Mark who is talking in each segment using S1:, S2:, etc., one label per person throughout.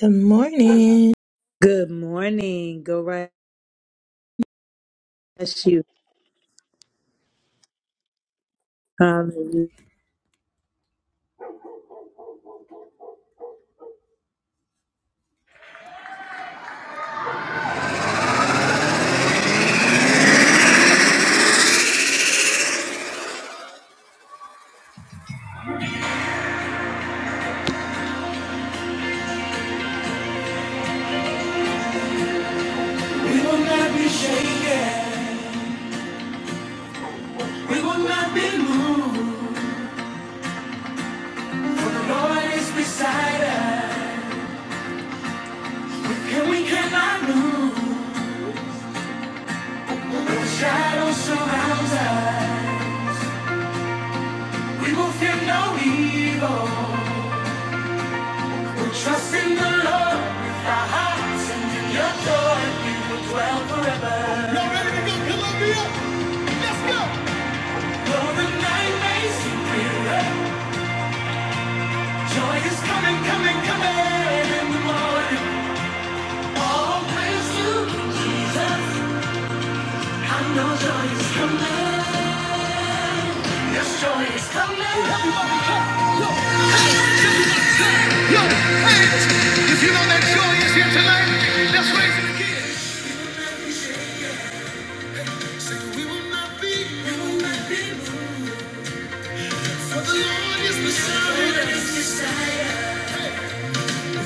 S1: Good morning.
S2: Good morning. Go right at you. Hallelujah.
S1: We will not be shaken. We will not be moved. For the Lord is beside us. With Him we cannot move. Though the shadow surrounds us. We will fear no evil. We'll trust in the Lord with our hearts and in your joy. We will dwell forever. Y'all ready to go? Come on, Bill. Let's go. Though the night may seem clearer. Joy is coming, coming, coming in the morning. All praise to Jesus. I know joy is coming. Yes, joy is coming. If you know that joy is here tonight, let's raise it again. Will not be, it will not be, for the Lord is the Savior.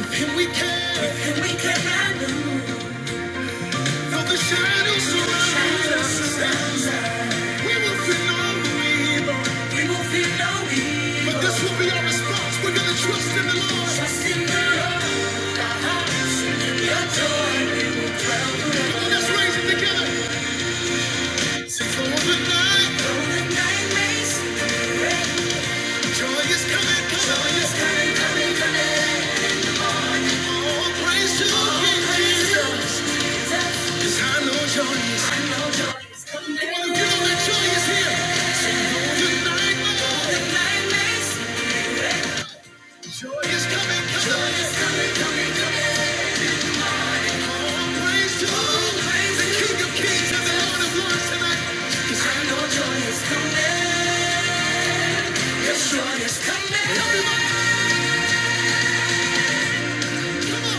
S1: And we can, and we can handle. Though the shadows surround, we will feel no evil. We will feel no evil. But this will be our response. We're gonna trust in the Lord. Joy is coming. Come on, praise to the King of Kings and the Lord of Lords tonight. 'Cause I know joy is coming. Yes, joy is coming. Everybody, come on.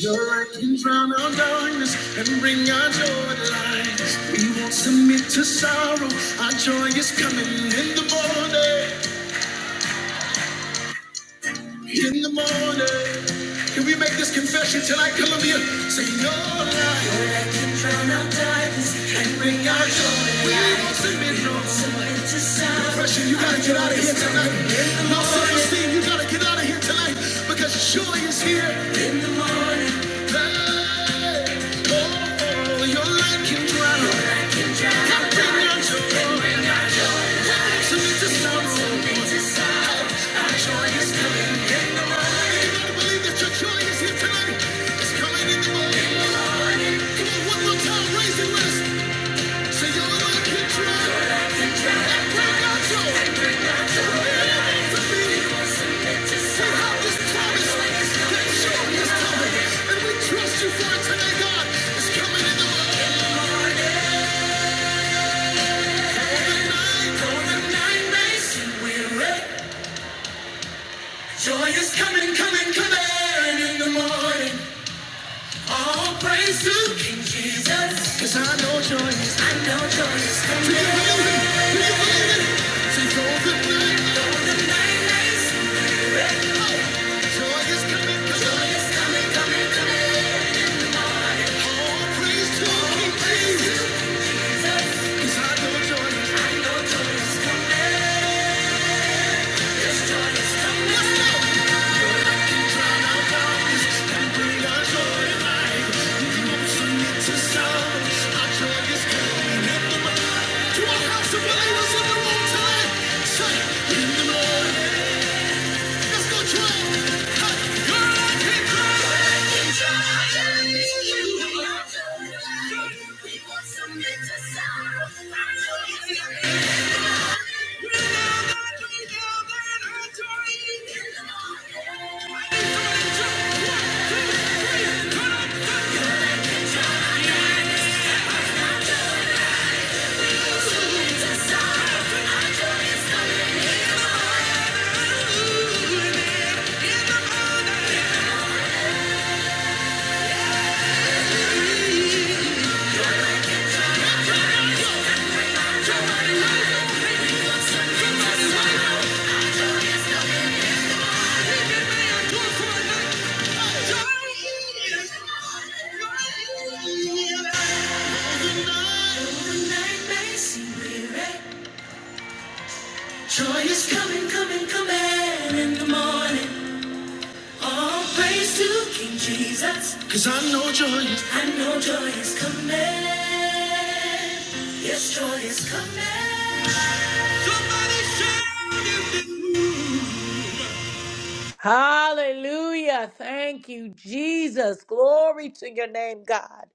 S1: Your light can drown our darkness and bring our joy to light. We won't submit to sorrow. Our joy is coming in the morning. In the morning. Can we make this confession tonight, Columbia? Say your light. Depression, you gotta get out of here tonight. Low self-esteem, you gotta get out of here tonight because joy is here. Hey, oh, your light can drown. God bring your joy. So you just know. Joy is coming. You gotta believe that your joy is here tonight. It's coming in the morning. Come on, one more time, raise it, with us. Joy is coming, coming, coming in the morning. All praise to King Jesus. I know joy is, I know joy is coming. Do the night, though night Joy is coming, joy is coming, coming, coming. All praise to our King Jesus. 'Cause I know joy I know joy is coming, joy is coming. Let's go. out darkness and bring our joy alive. Emotion into sound. Our joy is coming in our house believers in the room tonight. Say, in the morning. Yeah. Joy is coming, coming, coming in the morning. All praise to King Jesus. I know joy is coming. Yes, joy is coming. Somebody shout
S2: Hallelujah. Thank you, Jesus. Glory to your name, God.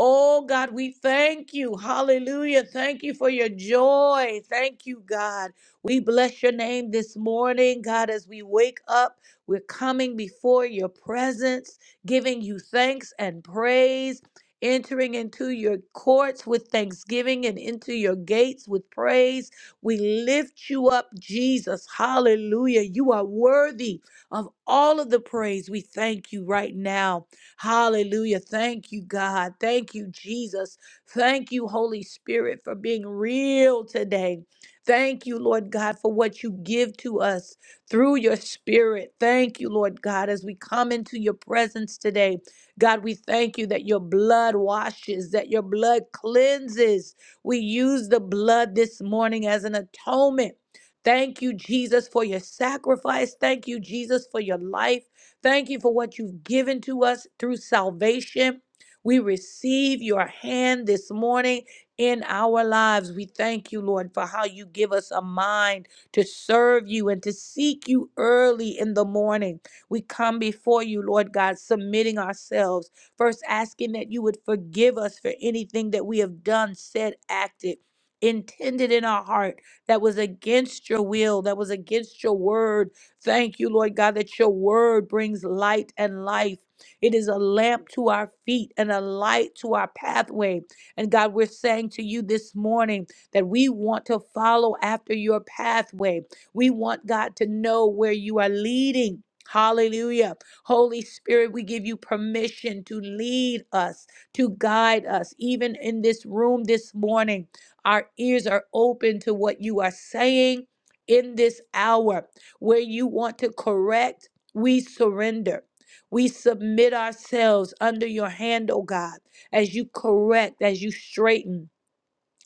S2: Oh, God, we thank you. Hallelujah. Thank you for your joy. Thank you, God. We bless your name this morning, God, as we wake up. We're coming before your presence, giving you thanks and praise, entering into your courts with thanksgiving and into your gates with praise. We lift you up, Jesus. Hallelujah. You are worthy of all of the praise. We thank you right now. Hallelujah. Thank you, God. Thank you, Jesus. Thank you, Holy Spirit, for being real today. Thank you, Lord God, for what you give to us through your spirit. Thank you, Lord God, as we come into your presence today. God, we thank you that your blood washes, that your blood cleanses. We use the blood this morning as an atonement Thank you, Jesus, for your sacrifice. Thank you, Jesus, for your life. Thank you for what you've given to us through salvation. We receive your hand this morning in our lives. We thank you, Lord, for how you give us a mind to serve you and to seek you early in the morning. We come before you, Lord God, submitting ourselves, first asking that you would forgive us for anything that we have done, said, acted, intended in our heart that was against your will, that was against your word. Thank you, Lord God, that your word brings light and life. It is a lamp to our feet and a light to our pathway. And God, we're saying to you this morning that we want to follow after your pathway. We want God to know where you are leading. Hallelujah. Holy Spirit, we give you permission to lead us, to guide us, even in this room this morning. Our ears are open to what you are saying in this hour where you want to correct. We surrender. We submit ourselves under your hand, oh God, as you correct, as you straighten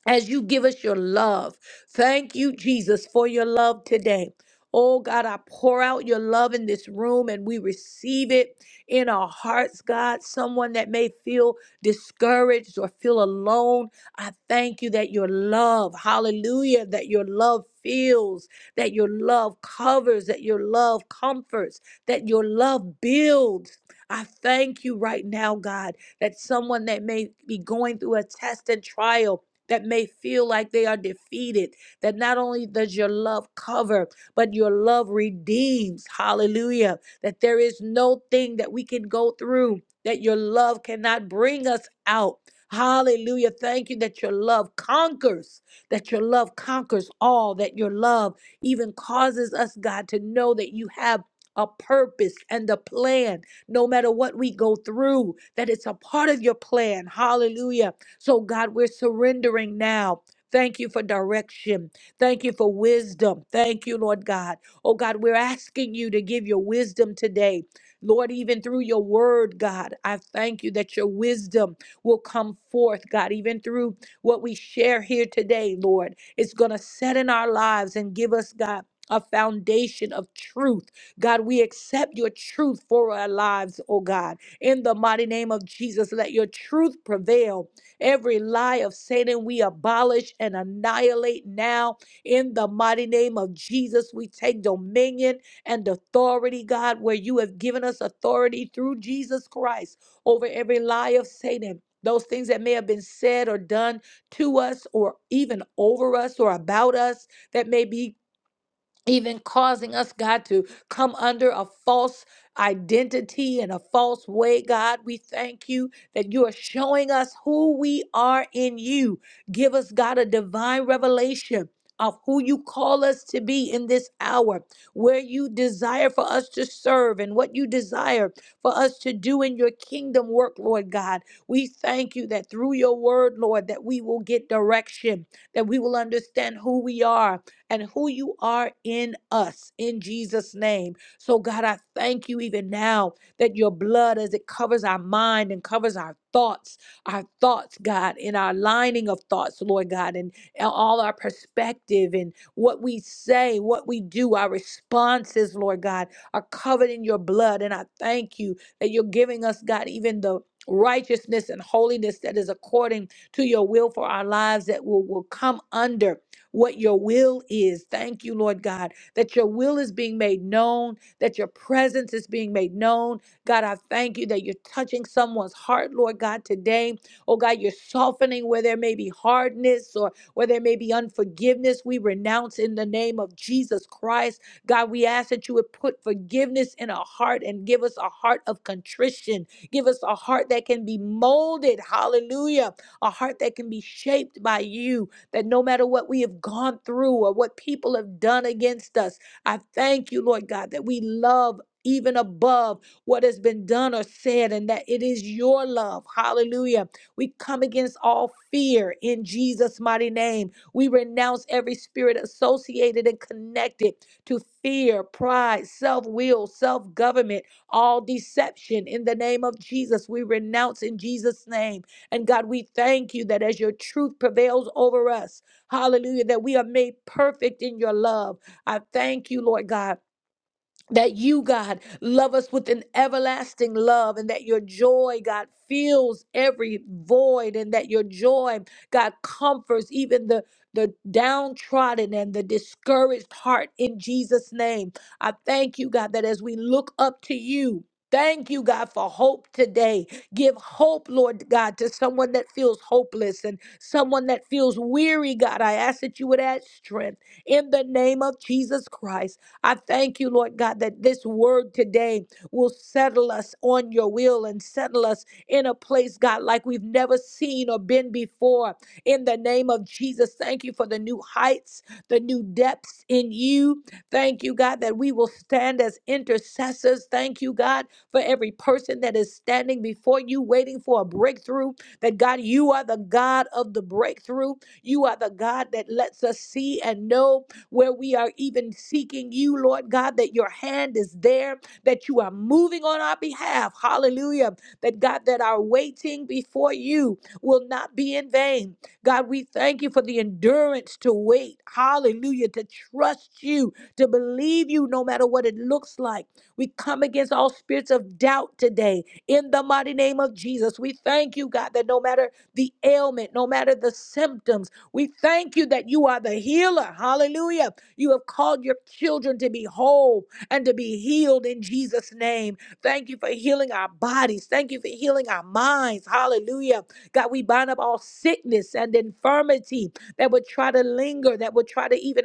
S2: as you give us your love. Thank you, Jesus, for your love today. Oh God, I pour out your love in this room and we receive it in our hearts, God. Someone that may feel discouraged or feel alone, I thank you that your love, hallelujah, that your love fills, that your love covers, that your love comforts, that your love builds. I thank you right now, God, that someone that may be going through a test and trial, that may feel like they are defeated, that not only does your love cover, but your love redeems. Hallelujah. That there is no thing that we can go through that your love cannot bring us out. Hallelujah. Thank you that your love conquers, that your love conquers all, that your love even causes us, God, to know that you have a purpose and a plan, no matter what we go through, that it's a part of your plan. Hallelujah so, God, we're surrendering now. Thank you for direction. Thank you for wisdom. Thank you, Lord God. Oh, God, we're asking you to give your wisdom today. Lord, even through your word, God, I thank you that your wisdom will come forth, God, even through what we share here today, Lord. It's going to set in our lives and give us, God, a foundation of truth. God, we accept your truth for our lives, oh God. In the mighty name of Jesus, let your truth prevail Every lie of Satan we abolish and annihilate now in the mighty name of Jesus. We take dominion and authority, God, where you have given us authority through Jesus Christ over every lie of Satan. Those things that may have been said or done to us, or even over us, or about us, that may be even causing us, God, to come under a false identity and a false way, God. We thank you that you are showing us who we are in you. Give us, God, a divine revelation. Of who you call us to be in this hour, where you desire for us to serve and what you desire for us to do in your kingdom work, Lord God. We thank you that through your word, Lord, that we will get direction, that we will understand who we are, and who you are in us in Jesus' name. So, God, I thank you even now that your blood, as it covers our mind and covers our thoughts, our thoughts, God, in our lining of thoughts, Lord God, and all our perspective and what we say, what we do, our responses, Lord God, are covered in your blood. And I thank you that you're giving us, God, even the righteousness and holiness that is according to your will for our lives that will, will come under what your will is. Thank you, Lord God, that your will is being made known, that your presence is being made known. God, I thank you that you're touching someone's heart, Lord God, today. Oh God, you're softening where there may be hardness or where there may be unforgiveness. We renounce in the name of Jesus Christ. God, we ask that you would put forgiveness in our heart and give us a heart of contrition. Give us a heart that can be molded. Hallelujah. A heart that can be shaped by you that no matter what we have gone through or what people have done against us, I thank you, Lord God, that we love even above what has been done or said, and that it is your love. Hallelujah. We come against all fear in Jesus' mighty name. We renounce every spirit associated and connected to fear, pride, self will, self government, all deception in the name of Jesus. We renounce in Jesus' name. And God, we thank you that as your truth prevails over us, hallelujah, that we are made perfect in your love. I thank you, Lord God that you, God, love us with an everlasting love and that your joy, God, fills every void and that your joy, God, comforts even the the downtrodden and the discouraged heart in Jesus' name. I thank you, God, that as we look up to you, thank you, God, for hope today. Give hope, Lord God, to someone that feels hopeless and someone that feels weary, God. I ask that you would add strength in the name of Jesus Christ. I thank you, Lord God, that this word today will settle us on your will and settle us in a place, God, like we've never seen or been before. In the name of Jesus, thank you for the new heights, the new depths in you. Thank you, God, that we will stand as intercessors. Thank you, God, for every person that is standing before you, waiting for a breakthrough. That, God, you are the God of the breakthrough. You are the God that lets us see and know where we are even seeking you, Lord God, that your hand is there, that you are moving on our behalf. Hallelujah. That God, that our waiting before you will not be in vain. God, we thank you for the endurance to wait. Hallelujah. To trust you, to believe you no matter what it looks like. We come against all spirits of doubt today in the mighty name of Jesus. We thank you, God, that no matter the ailment, no matter the symptoms, we thank you that you are the healer. Hallelujah. You have called your children to be whole and to be healed in Jesus' name. Thank you for healing our bodies. Thank you for healing our minds. Hallelujah. God, we bind up all sickness and infirmity that would try to linger, that would try to even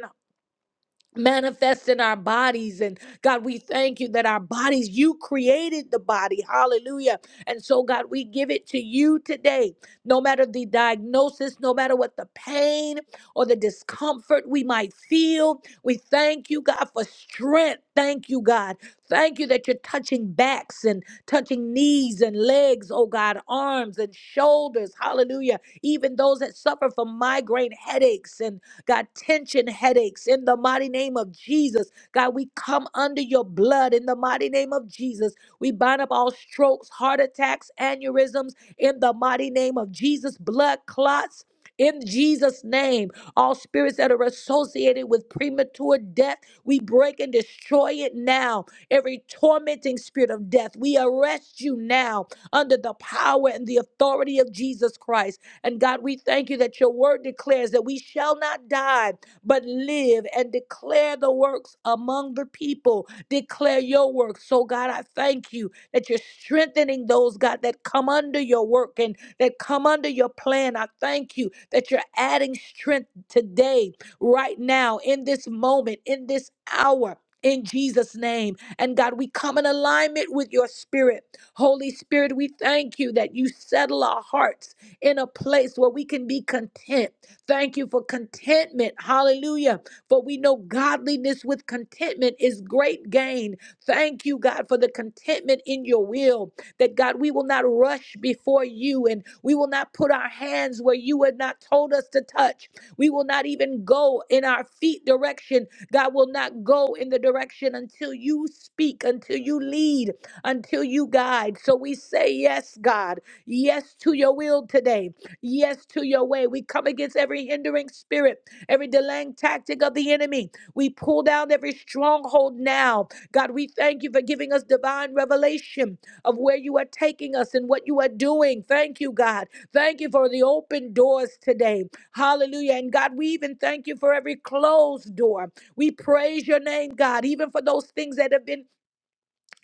S2: manifest in our bodies and God we thank you that our bodies you created the body hallelujah and so God we give it to you today no matter the diagnosis no matter what the pain or the discomfort we might feel we thank you God for strength thank you God thank you that you're touching backs and touching knees and legs oh God arms and shoulders hallelujah even those that suffer from migraine headaches and God, tension headaches in the mighty name of Jesus. God, we come under your blood in the mighty name of Jesus. We bind up all strokes, heart attacks, aneurysms in the mighty name of Jesus. Blood clots. In Jesus' name, all spirits that are associated with premature death, we break and destroy it now. Every tormenting spirit of death, we arrest you now under the power and the authority of Jesus Christ. And God, we thank you that your word declares that we shall not die, but live and declare the works among the people. Declare your works. So, God, I thank you that you're strengthening those, God, that come under your work and that come under your plan. I thank you that you're adding strength today, right now, in this moment, in this hour. In Jesus' name. And God, we come in alignment with your spirit. Holy Spirit, we thank you that you settle our hearts in a place where we can be content. Thank you for contentment. Hallelujah. For we know godliness with contentment is great gain. Thank you, God, for the contentment in your will. That, God, we will not rush before you and we will not put our hands where you had not told us to touch. We will not even go in our feet direction. God will not go in the direction until you speak, until you lead, until you guide. So we say, Yes, God. Yes to your will today. Yes to your way. We come against every hindering spirit, every delaying tactic of the enemy. We pull down every stronghold now. God, we thank you for giving us divine revelation of where you are taking us and what you are doing. Thank you, God. Thank you for the open doors today. Hallelujah. And God, we even thank you for every closed door. We praise your name, God, even for those things that have been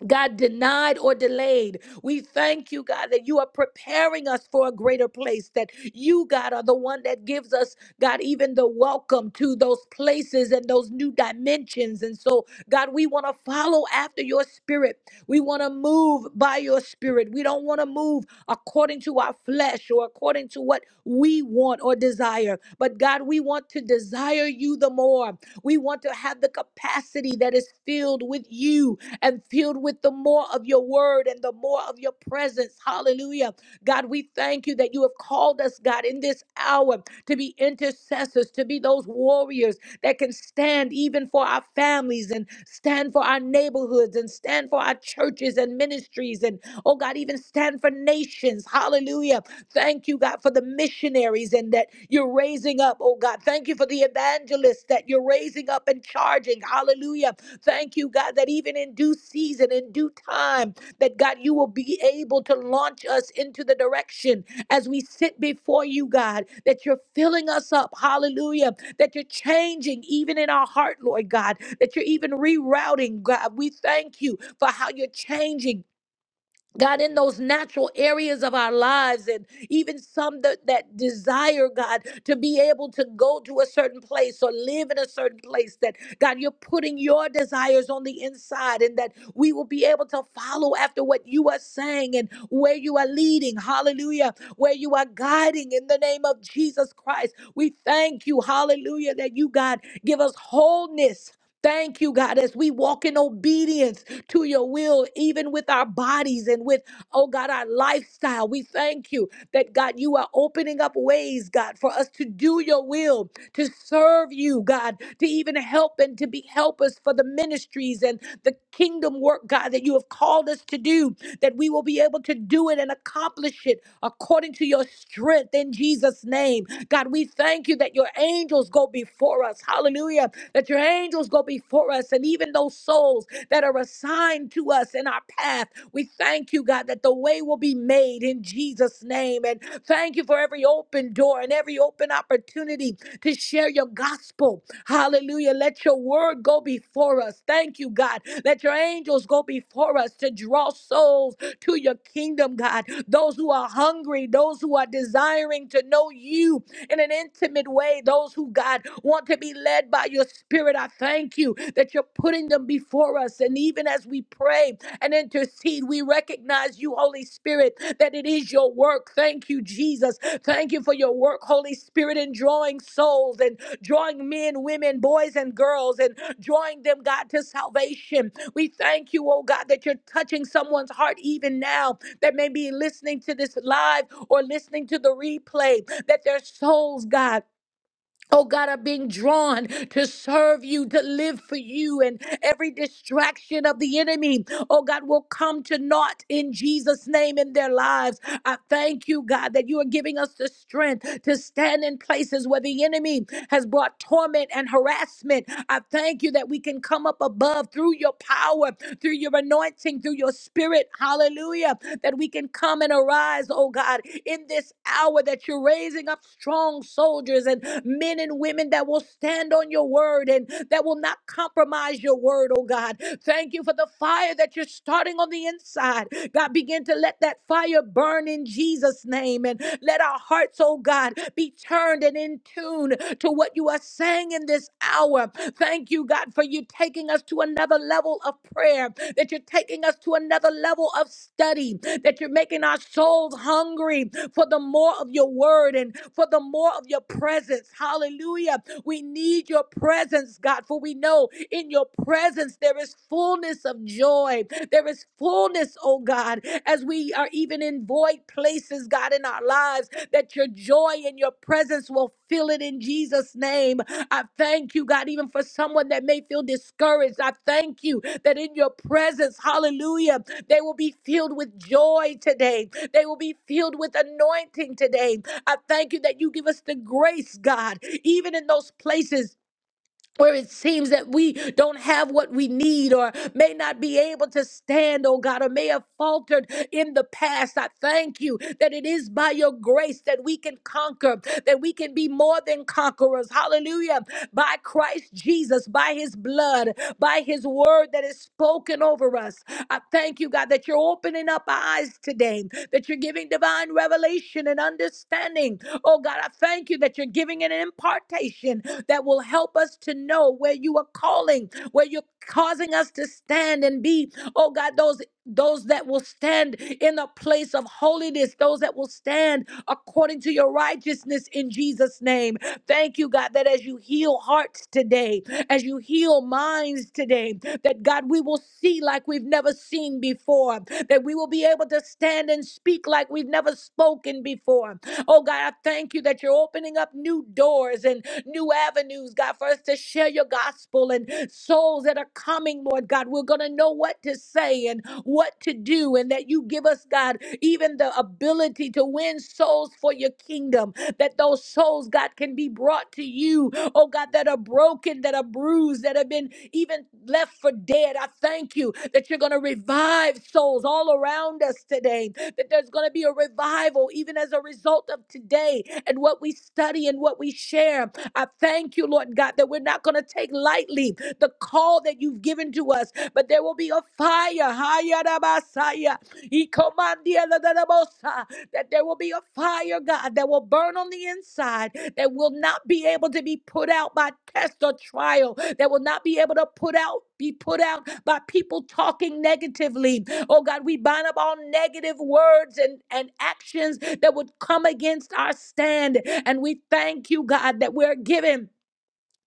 S2: God, denied or delayed. We thank you, God, that you are preparing us for a greater place, that you, God, are the one that gives us, God, even the welcome to those places and those new dimensions. And so, God, we want to follow after your spirit. We want to move by your spirit. We don't want to move according to our flesh or according to what we want or desire. But, God, we want to desire you the more. We want to have the capacity that is filled with you and filled with the more of your word and the more of your presence. Hallelujah. God, we thank you that you have called us, God, in this hour to be intercessors, to be those warriors that can stand even for our families and stand for our neighborhoods and stand for our churches and ministries and, oh God, even stand for nations. Hallelujah. Thank you, God, for the missionaries and that you're raising up, oh God. Thank you for the evangelists that you're raising up and charging. Hallelujah Thank you, God, that even in due season, in due time, that God, you will be able to launch us into the direction as we sit before you, God, that you're filling us up. Hallelujah. That you're changing even in our heart, Lord God, that you're even rerouting, God. We thank you for how you're changing God, in those natural areas of our lives, and even some that, that desire, God, to be able to go to a certain place or live in a certain place, that God, you're putting your desires on the inside, and that we will be able to follow after what you are saying and where you are leading. Hallelujah. Where you are guiding in the name of Jesus Christ. We thank you, hallelujah, that you, God, give us wholeness. Thank you, God, as we walk in obedience to your will, even with our bodies and with, oh God, our lifestyle. We thank you that, God, you are opening up ways, God, for us to do your will, to serve you, God, to even help and to be helpers for the ministries and the kingdom work, God, that you have called us to do, that we will be able to do it and accomplish it according to your strength in Jesus' name. God, we thank you that your angels go before us. Hallelujah. That your angels go before us and even those souls that are assigned to us in our path. We thank you, God, that the way will be made in Jesus' name. And thank you for every open door and every open opportunity to share your gospel. Hallelujah. Let your word go before us. Thank you, God. Let your angels go before us to draw souls to your kingdom, God. Those who are hungry, those who are desiring to know you, in an intimate way. Those who, God, want to be led by your spirit, I thank you that you're putting them before us. And even as we pray and intercede, we recognize you, Holy Spirit, that it is your work. Thank you, Jesus. Thank you for your work, Holy Spirit, in drawing souls and drawing men, women, boys, and girls, and drawing them, God, to salvation. We thank you, oh God, that you're touching someone's heart even now that may be listening to this live or listening to the replay, that their souls, God, Oh God, are being drawn to serve you, to live for you, and every distraction of the enemy, oh God, will come to naught in Jesus' name in their lives. I thank you, God, that you are giving us the strength to stand in places where the enemy has brought torment and harassment. I thank you that we can come up above through your power, through your anointing, through your spirit. Hallelujah. That we can come and arise, oh God, in this hour that you're raising up strong soldiers and men and women that will stand on your word word and that will not compromise your word, oh God. Thank you for the fire that you're starting on the inside. God, begin to let that fire burn in Jesus' name and let our hearts, oh God, be turned and in tune to what you are saying in this hour. Thank you, God, for you taking us to another level of prayer, that you're taking us to another level of study, that you're making our souls hungry for the more of your word and for the more of your presence. Hallelujah. We need your presence, God, for we know in your presence there is fullness of joy. There is fullness, oh God, as we are even in void places, God, in our lives, that your joy and your presence will fill it in Jesus' name. I thank you, God, even for someone that may feel discouraged. I thank you that in your presence, hallelujah, they will be filled with joy today. They will be filled with anointing today. I thank you that you give us the grace, God, even in those places where it seems that we don't have what we need or may not be able to stand, oh God, or may have faltered in the past. I thank you that it is by your grace that we can conquer, that we can be more than conquerors. Hallelujah. By Christ Jesus, by his blood, by his word that is spoken over us. I thank you, God, that you're opening up our eyes today, that you're giving divine revelation and understanding. Oh God, I thank you that you're giving an impartation that will help us to know where you are calling, where you're causing us to stand and be, oh God, those those that will stand in a place of holiness, those that will stand according to your righteousness in Jesus' name. Thank you, God, that as you heal hearts today, as you heal minds today, that God, we will see like we've never seen before, that we will be able to stand and speak like we've never spoken before, Oh God, I thank you that you're opening up new doors and new avenues, God, for us to share your gospel and souls that are coming, Lord God. We're going to know what to say and what to do, and that you give us, God, even the ability to win souls for your kingdom, that those souls, God, can be brought to you, oh God, that are broken, that are bruised, that have been even left for dead. I thank you that you're going to revive souls all around us today that there's going to be a revival even as a result of today and what we study and what we share. I thank you, Lord God, that we're not going to take lightly the call that you've given to us, but there will be a fire. Hayarabasaya, ikomandialadarabosa, That there will be a fire, God, that will burn on the inside, that will not be able to be put out by test or trial, that will not be able to put out. Be put out by people talking negatively, Oh God, we bind up all negative words and, and actions that would come against our stand. And we thank you, God, that we're given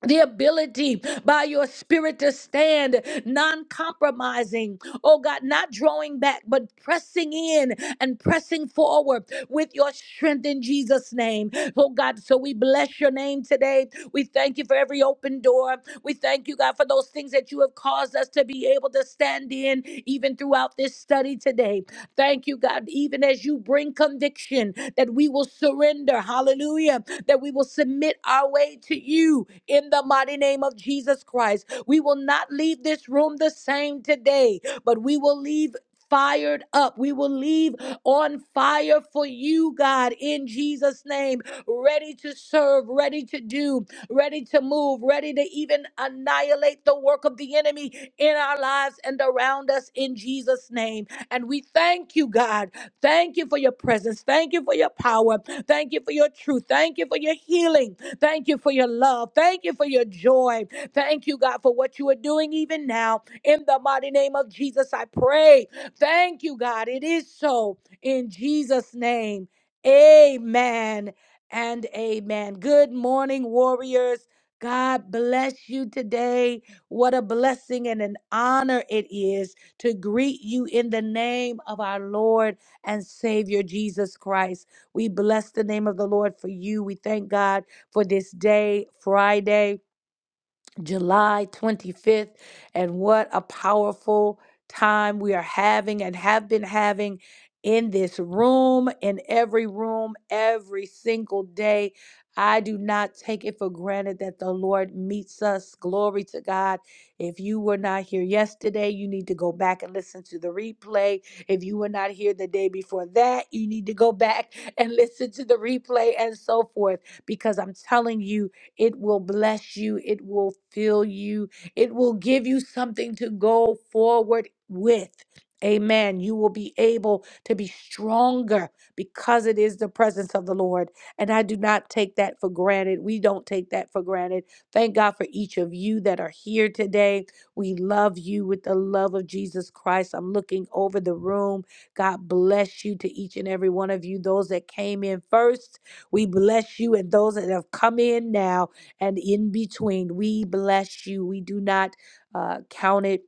S2: the ability by your spirit to stand non compromising. Oh God, not drawing back, but pressing in and pressing forward with your strength in Jesus' name. Oh God, so we bless your name today. We thank you for every open door. We thank you, God, for those things that you have caused us to be able to stand in even throughout this study today. Thank you, God, even as you bring conviction that we will surrender. Hallelujah that we will submit our way to you in the mighty name of Jesus Christ. We will not leave this room the same today, but we will leave. Fired up. We will leave on fire for you, God, in Jesus' name. Ready to serve, ready to do, ready to move, ready to even annihilate the work of the enemy in our lives and around us in Jesus' name. And we thank you, God. Thank you for your presence. Thank you for your power. Thank you for your truth. Thank you for your healing. Thank you for your love. Thank you for your joy. Thank you, God, for what you are doing even now. In the mighty name of Jesus, I pray. Thank you, God. It is so. In Jesus' name, amen and amen. Good morning, warriors. God bless you today. What a blessing and an honor it is to greet you in the name of our Lord and Savior Jesus Christ. We bless the name of the Lord for you. We thank God for this day, Friday. July 25th, and what a powerful time we are having and have been having in this room, in every room, every single day. I do not take it for granted that the Lord meets us. Glory to God. If you were not here yesterday, you need to go back and listen to the replay. If you were not here the day before that, you need to go back and listen to the replay and so forth, because I'm telling you, it will bless you. It will fill you. It will give you something to go forward with. Amen. You will be able to be stronger because it is the presence of the Lord. And I do not take that for granted. We don't take that for granted. Thank God for each of you that are here today. We love you with the love of Jesus Christ. I'm looking over the room. God bless you to each and every one of you. Those that came in first, we bless you. And those that have come in now, and in between. We bless you. We do not uh, count it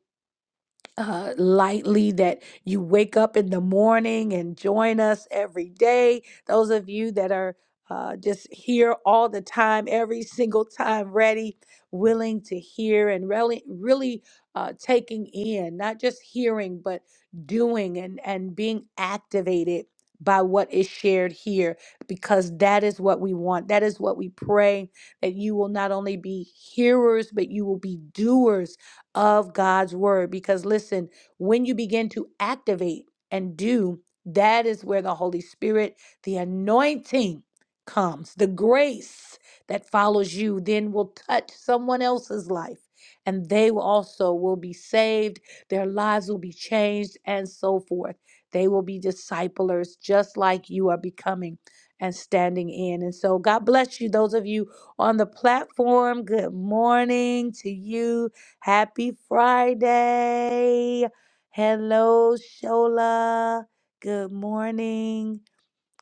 S2: uh, lightly that you wake up in the morning and join us every day. Those of you that are uh, just here all the time, every single time, ready, willing to hear, and really, really uh, taking in, not just hearing, but doing and, and being activated by what is shared here, because that is what we want. That is what we pray that you will not only be hearers, but you will be doers of God's word. Because listen, when you begin to activate and do, that is where the Holy Spirit, the anointing comes, the grace that follows you, then will touch someone else's life. And they will also will be saved, their lives will be changed, and so forth. They will be disciplers just like you are becoming and standing in. And so God bless you, those of you on the platform. Good morning to you. Happy Friday. Hello, Shola. Good morning.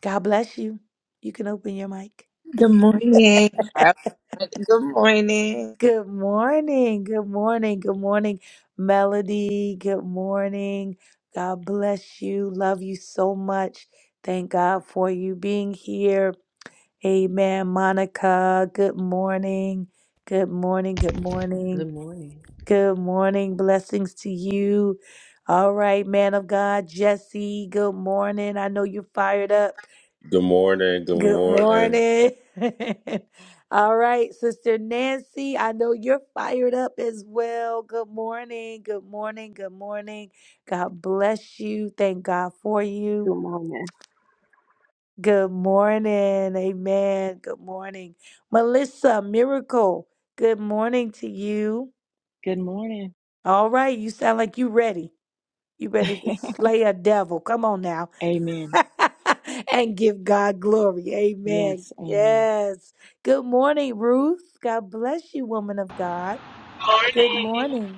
S2: God bless you. You can open your mic.
S1: Good morning. Good morning.
S2: Good morning. Good morning. Good morning, Melody. Good morning. God bless you. Love you so much. Thank God for you being here. Amen, Monica. Good morning. Good morning. Good morning.
S3: Good morning.
S2: Good morning. Blessings to you. All right, man of God, Jesse. Good morning. I know you're fired up.
S4: Good morning. Good
S2: Good
S4: morning.
S2: morning. All right, Sister Nancy. I know you're fired up as well. Good morning. Good morning. Good morning. God bless you. Thank God for you.
S5: Good morning.
S2: Good morning. Amen. Good morning. Melissa, miracle. Good morning to you.
S6: Good morning.
S2: All right. You sound like you ready. You ready to slay a devil. Come on now.
S6: amen.
S2: and give God glory. Amen.
S6: Yes, amen.
S2: Yes. Good morning, Ruth. God bless you, woman of God. Good
S7: Morning.
S2: morning.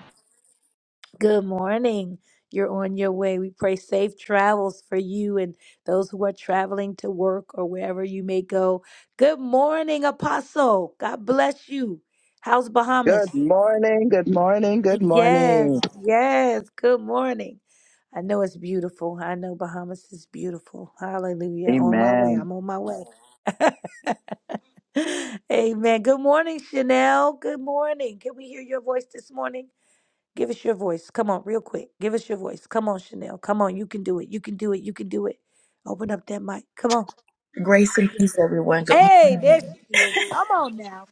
S2: Good morning. You're on your way. We pray safe travels for you and those who are traveling to work or wherever you may go. Good morning, Apostle. God bless you. How's Bahamas?
S8: Good morning, good morning, good
S2: Yes,
S8: morning.
S2: yes. Good morning. I know it's beautiful. I know Bahamas is beautiful. Hallelujah. On my way.
S8: Amen.
S2: I'm on my way. Amen. Good morning, Chanel. Good morning. Can we hear your voice this morning? Give us your voice. Come on, real quick. Give us your voice. Come on, Chanel. Come on. You can do it. You can do it. You can do it. Open up that mic. Come on.
S9: Grace and peace, everyone. Good
S2: Hey, there
S9: morning.
S2: she is. Come on now.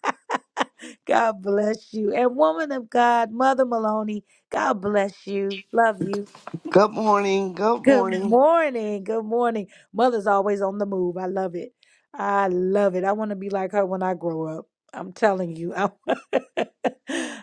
S2: God bless you. And woman of God, Mother Maloney, God bless you. Love you.
S10: Good morning. Good
S2: Good
S10: morning.
S2: morning. Good morning. Mother's always on the move. I love it. I love it. I want to be like her when I grow up. I'm telling you. I,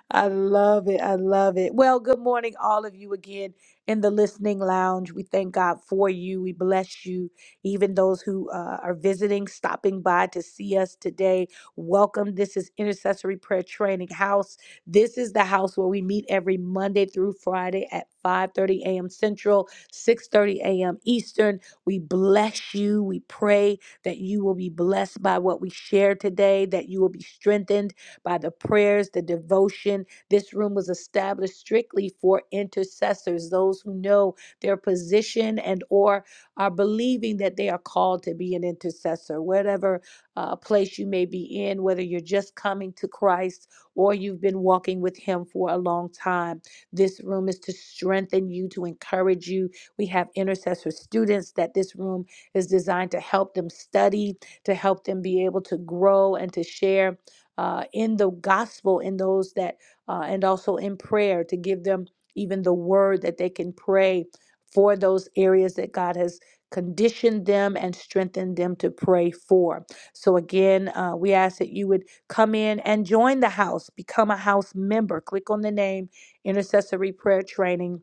S2: I love it. I love it. Well, good morning, all of you again in the listening lounge. We thank God for you. We bless you. Even those who uh, are visiting, stopping by to see us today, welcome. This is Intercessory Prayer Training House. This is the house where we meet every Monday through Friday at 5:30 a.m. Central. 6:30 a.m. Eastern. We bless you. We pray that you will be blessed by what we share today, that you will be strengthened by the prayers, the devotion. This room was established strictly for intercessors, those who know their position and or are believing that they are called to be an intercessor. Whatever uh, place you may be in, whether you're just coming to Christ or you've been walking with him for a long time, this room is to strengthen you, to encourage you, we have intercessor students that this room is designed to help them study, to help them be able to grow and to share uh, in the gospel, in those that, uh, and also in prayer, to give them even the word that they can pray for those areas that God has conditioned them and strengthened them to pray for. So, again, uh, we ask that you would come in and join the house, become a house member. Click on the name Intercessory Prayer Training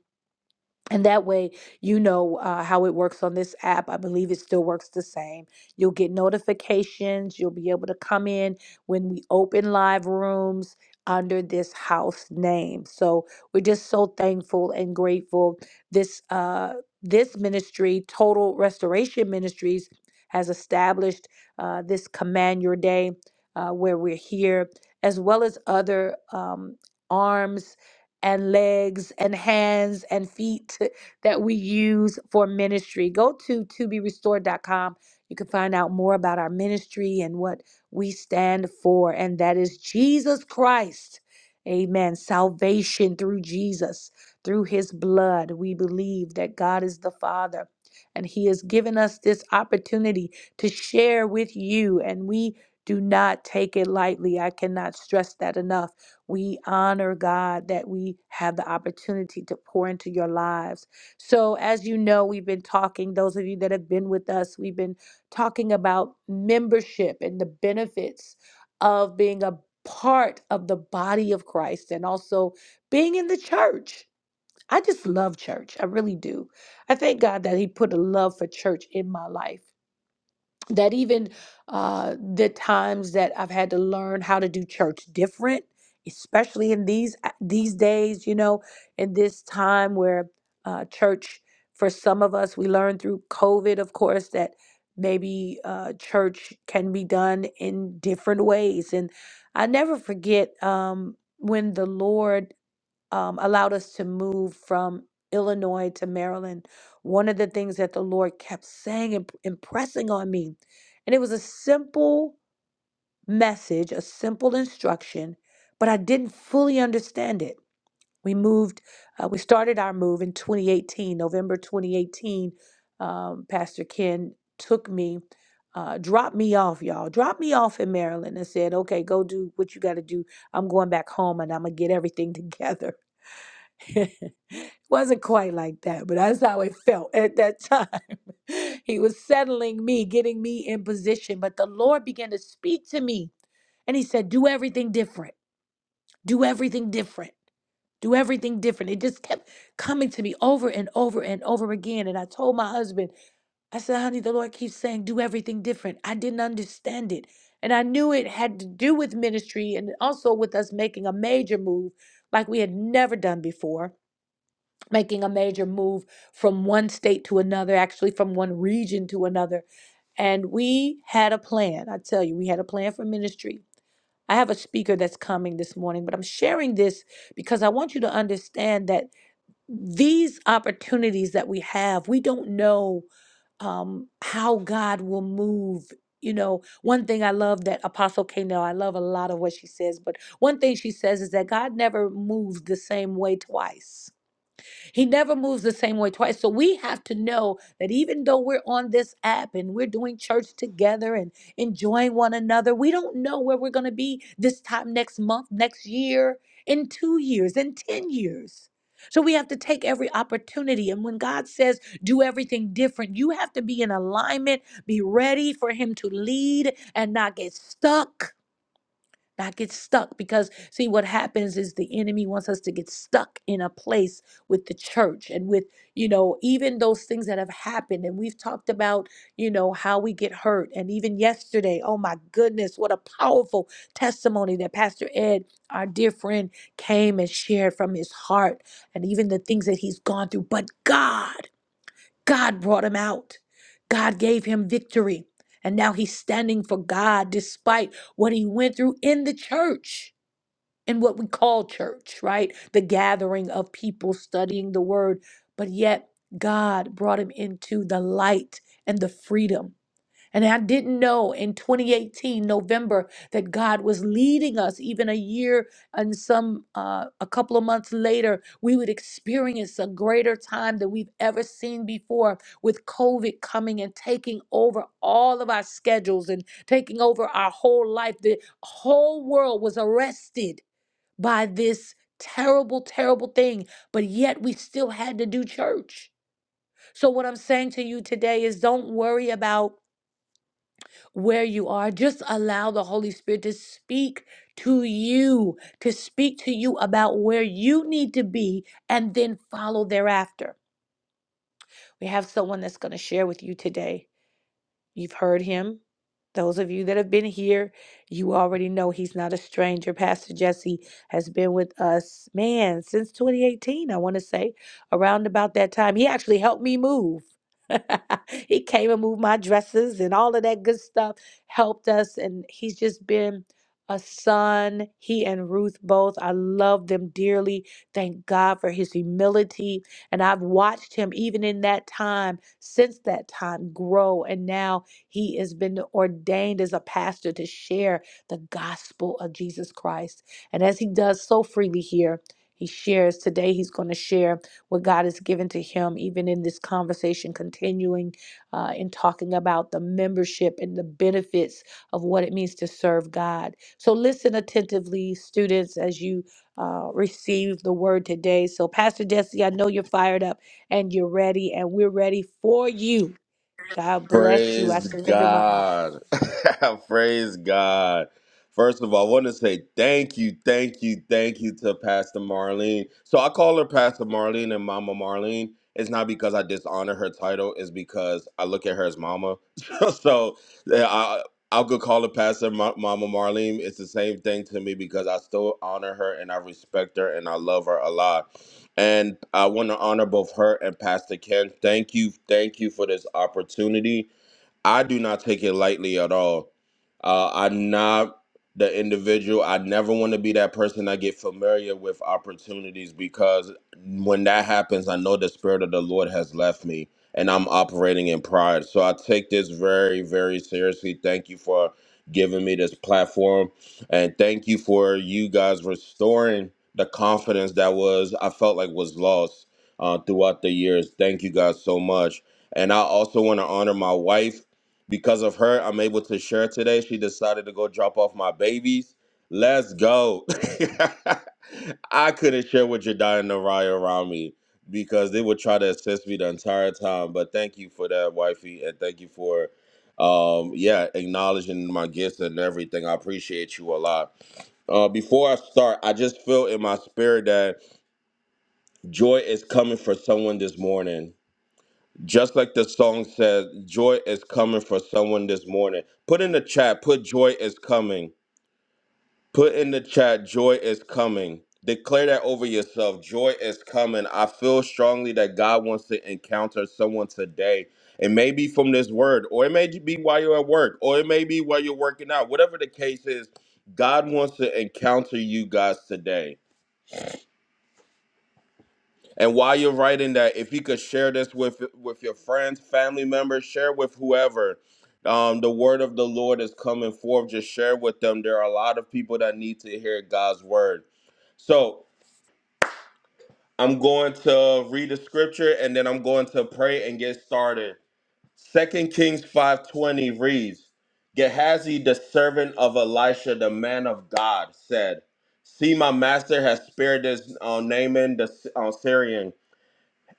S2: and that way, you know uh, how it works on this app. I believe it still works the same. You'll get notifications. You'll be able to come in when we open live rooms under this house name. So we're just so thankful and grateful. This uh, this ministry, Total Restoration Ministries, has established uh, this Command Your Day, uh, where we're here, as well as other um, arms and legs and hands and feet that we use for ministry. Go to to be restored dot com. You can find out more about our ministry and what we stand for, and that is Jesus Christ. Amen. Salvation through Jesus, through his blood. We believe that God is the Father, and he has given us this opportunity to share with you, and we do not take it lightly. I cannot stress that enough we honor God that we have the opportunity to pour into your lives. So, as you know, we've been talking, those of you that have been with us, we've been talking about membership and the benefits of being a part of the body of Christ and also being in the church. I just love church. I really do. I thank God that He put a love for church in my life that even uh, the times that I've had to learn how to do church different, especially in these uh, these days, you know, in this time where uh, church for some of us we learned through COVID, of course, that maybe uh, church can be done in different ways, and I never forget um, when the Lord um, allowed us to move from Illinois to Maryland, one of the things that the Lord kept saying and impressing on me, and it was a simple message, a simple instruction, but I didn't fully understand it. We moved, uh, we started our move in 2018, November 2018. Um, Pastor Ken took me, uh, dropped me off, y'all, dropped me off in Maryland and said, okay, go do what you got to do. I'm going back home and I'm going to get everything together wasn't quite like that, but that's how it felt at that time. he was settling me, getting me in position. But the Lord began to speak to me and he said, Do everything different. Do everything different. Do everything different. It just kept coming to me over and over and over again. And I told my husband, I said, honey, the Lord keeps saying, do everything different. I didn't understand it. And I knew it had to do with ministry and also with us making a major move like we had never done before making a major move from one state to another, actually from one region to another. And we had a plan. I tell you, we had a plan for ministry. I have a speaker that's coming this morning, but I'm sharing this because I want you to understand that these opportunities that we have, we don't know um, how God will move. You know, one thing I love that Apostle K. I love a lot of what she says, but one thing she says is that God never moves the same way twice. He never moves the same way twice. So we have to know that even though we're on this app and we're doing church together and enjoying one another, we don't know where we're going to be this time next month, next year, in two years, in 10 years. So we have to take every opportunity. And when God says, do everything different, you have to be in alignment, be ready for Him to lead and not get stuck not get stuck because see what happens is the enemy wants us to get stuck in a place with the church and with you know even those things that have happened and we've talked about you know how we get hurt and even yesterday oh my goodness what a powerful testimony that pastor ed our dear friend came and shared from his heart and even the things that he's gone through but god God brought him out. God gave him victory. And now he's standing for God despite what he went through in the church, in what we call church, right? The gathering of people studying the word. But yet, God brought him into the light and the freedom. And I didn't know in 2018, November, that God was leading us even a year and some, uh, a couple of months later, we would experience a greater time than we've ever seen before with COVID coming and taking over all of our schedules and taking over our whole life. The whole world was arrested by this terrible, terrible thing, but yet we still had to do church. So, what I'm saying to you today is don't worry about where you are. Just allow the Holy Spirit to speak to you, to speak to you about where you need to be, and then follow thereafter. We have someone that's going to share with you today. You've heard him. Those of you that have been here, you already know he's not a stranger. Pastor Jesse has been with us, man, since 2018, I want to say, around about that time. He actually helped me move. he came and moved my dresses and all of that good stuff, helped us, and he's just been a son. He and Ruth both, I love them dearly. Thank God for his humility. And I've watched him, even in that time, since that time, grow. And now, he has been ordained as a pastor to share the gospel of Jesus Christ. And as he does so freely here, he shares today, he's going to share what God has given to him, even in this conversation, continuing uh, in talking about the membership and the benefits of what it means to serve God. So, listen attentively, students, as you uh, receive the word today. So, Pastor Jesse, I know you're fired up and you're ready, and we're ready for you. God bless you.
S4: Praise
S2: I surrender my mind.
S4: God. Praise God. First of all, I want to say thank you, thank you, thank you to Pastor Marlene. So I call her Pastor Marlene and Mama Marlene. It's not because I dishonor her title, it's because I look at her as Mama. so yeah, I, I'll go call her Pastor Ma- Mama Marlene. It's the same thing to me because I still honor her and I respect her and I love her a lot. And I want to honor both her and Pastor Ken. Thank you. Thank you for this opportunity. I do not take it lightly at all. Uh, I'm not the individual. I never want to be that person that get familiar with opportunities because when that happens, I know the spirit of the Lord has left me and I'm operating in pride. So I take this very, very seriously. Thank you for giving me this platform and thank you for you guys restoring the confidence that was I felt like was lost uh, throughout the years. Thank you guys so much. And I also want to honor my wife because of her, I'm able to share today. She decided to go drop off my babies. Let's go. I couldn't share with Jedi and Naraya around me because they would try to assist me the entire time. But thank you for that, wifey, and thank you for um yeah, acknowledging my gifts and everything. I appreciate you a lot. Uh before I start, I just feel in my spirit that joy is coming for someone this morning just like the song said, joy is coming for someone this morning. Put in the chat, put joy is coming. Put in the chat, joy is coming. Declare that over yourself. Joy is coming. I feel strongly that God wants to encounter someone today. It may be from this word, or it may be while you're at work, or it may be while you're working out. Whatever the case is, God wants to encounter you guys today. And while you're writing that, if you could share this with with your friends, family members, share with whoever. Um, the word of the Lord is coming forth. Just share with them. There are a lot of people that need to hear God's word. So I'm going to read the scripture and then I'm going to pray and get started. Second Kings 5:20 reads, Gehazi, the servant of Elisha, the man of God, said, See, my master has spared this uh, Naaman the uh, Syrian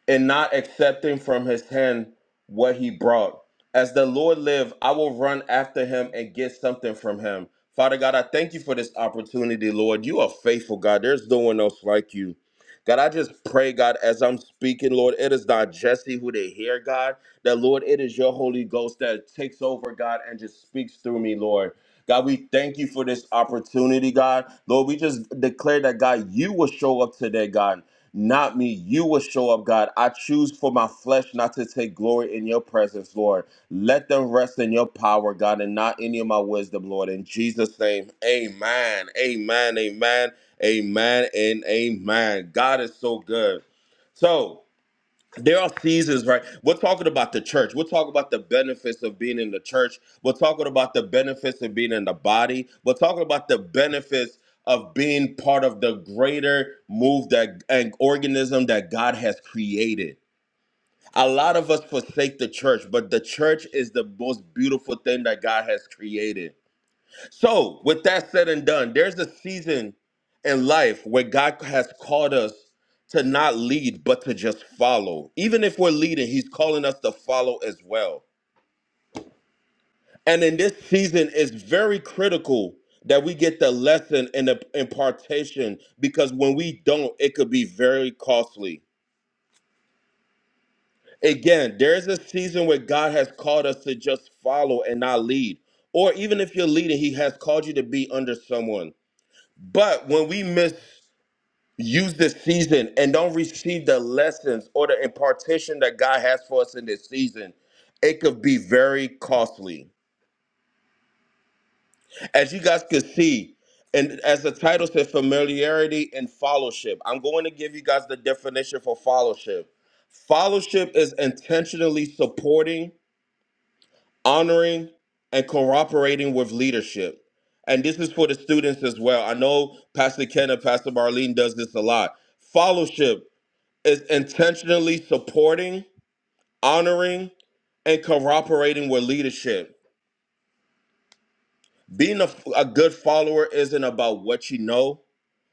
S4: and not accepting from his hand what he brought. As the Lord live, I will run after him and get something from him. Father God, I thank you for this opportunity, Lord. You are faithful, God. There's no one else like you. God, I just pray, God, as I'm speaking, Lord, it is not Jesse who they hear, God, that, Lord, it is your Holy Ghost that takes over, God, and just speaks through me, Lord. God, we thank you for this opportunity, God. Lord, we just declare that, God, you will show up today, God. Not me. You will show up, God. I choose for my flesh not to take glory in your presence, Lord. Let them rest in your power, God, and not any of my wisdom, Lord. In Jesus' name, amen. Amen. Amen. Amen. And amen. God is so good. So, there are seasons, right? We're talking about the church. We're talking about the benefits of being in the church. We're talking about the benefits of being in the body. We're talking about the benefits of being part of the greater move that and organism that God has created. A lot of us forsake the church, but the church is the most beautiful thing that God has created. So, with that said and done, there's a season in life where God has called us to not lead, but to just follow. Even if we're leading, He's calling us to follow as well. And in this season, it's very critical that we get the lesson and the impartation because when we don't, it could be very costly. Again, there's a season where God has called us to just follow and not lead. Or even if you're leading, He has called you to be under someone. But when we miss use this season and don't receive the lessons or the impartation that God has for us in this season, it could be very costly. As you guys could see, and as the title says, familiarity and fellowship. I'm going to give you guys the definition for fellowship. Fellowship is intentionally supporting, honoring, and cooperating with leadership. And this is for the students as well. I know Pastor Ken and Pastor Marlene does this a lot. Fellowship is intentionally supporting, honoring, and cooperating with leadership. Being a, a good follower isn't about what you know,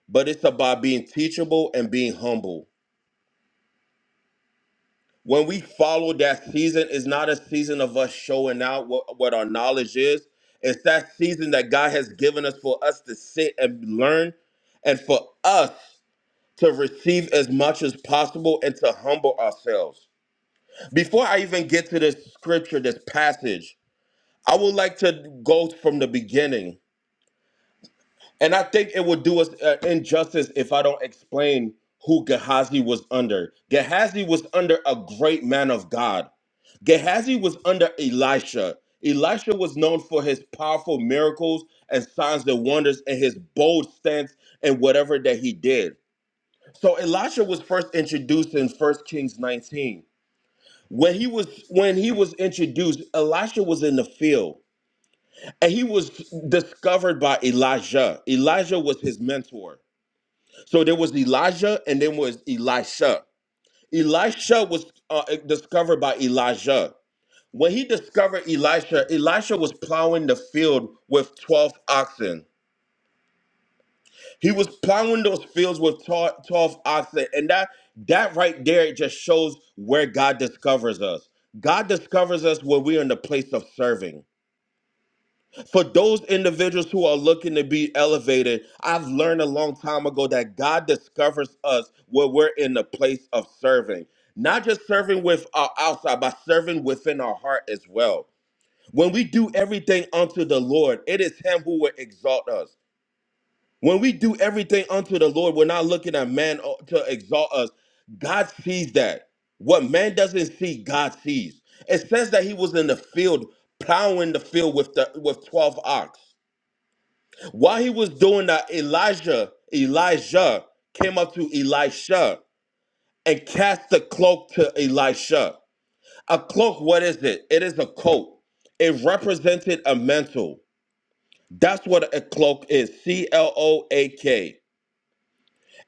S4: but it's about being teachable and being humble. When we follow that season, it's not a season of us showing out what, what our knowledge is. It's that season that God has given us for us to sit and learn and for us to receive as much as possible and to humble ourselves. Before I even get to this scripture, this passage, I would like to go from the beginning. And I think it would do us uh, injustice if I don't explain who Gehazi was under. Gehazi was under a great man of God. Gehazi was under Elisha. Elisha was known for his powerful miracles and signs and wonders and his bold stance and whatever that he did. So Elisha was first introduced in First Kings 19. When he was when he was introduced, Elisha was in the field. And he was discovered by Elijah. Elijah was his mentor. So there was Elijah and then was Elisha. Elisha was uh, discovered by Elijah. When he discovered Elisha, Elisha was plowing the field with 12 oxen. He was plowing those fields with 12 12 oxen. And that that right there just shows where God discovers us. God discovers us when we're in the place of serving. for those individuals who are looking to be elevated, I've learned a long time ago that God discovers us where we're in the place of serving. Not just serving with our outside, but serving within our heart as well. When we do everything unto the Lord, it is Him who will exalt us. When we do everything unto the Lord, we're not looking at man uh, to exalt us. God sees that. What man doesn't see, God sees. It says that he was in the field plowing the field with the with 12 ox. While he was doing that, Elijah, Elijah came up to Elisha and cast the cloak to Elisha. A cloak, what is it? It is a coat. It represented a mantle. That's what a cloak is. C L O A K.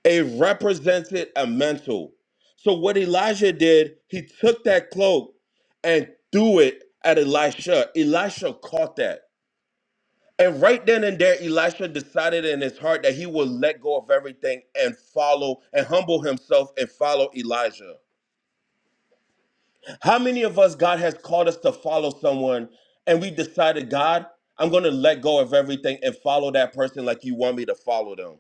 S4: It represented a mantle. So what Elijah did, he took that cloak and threw it at Elisha. Elisha caught that. And right then and there, Elisha decided in his heart that he would let go of everything and follow and humble himself and follow Elijah. How many of us, God has called us to follow someone and we decided, God, I'm going to let go of everything and follow that person like you want me to follow them?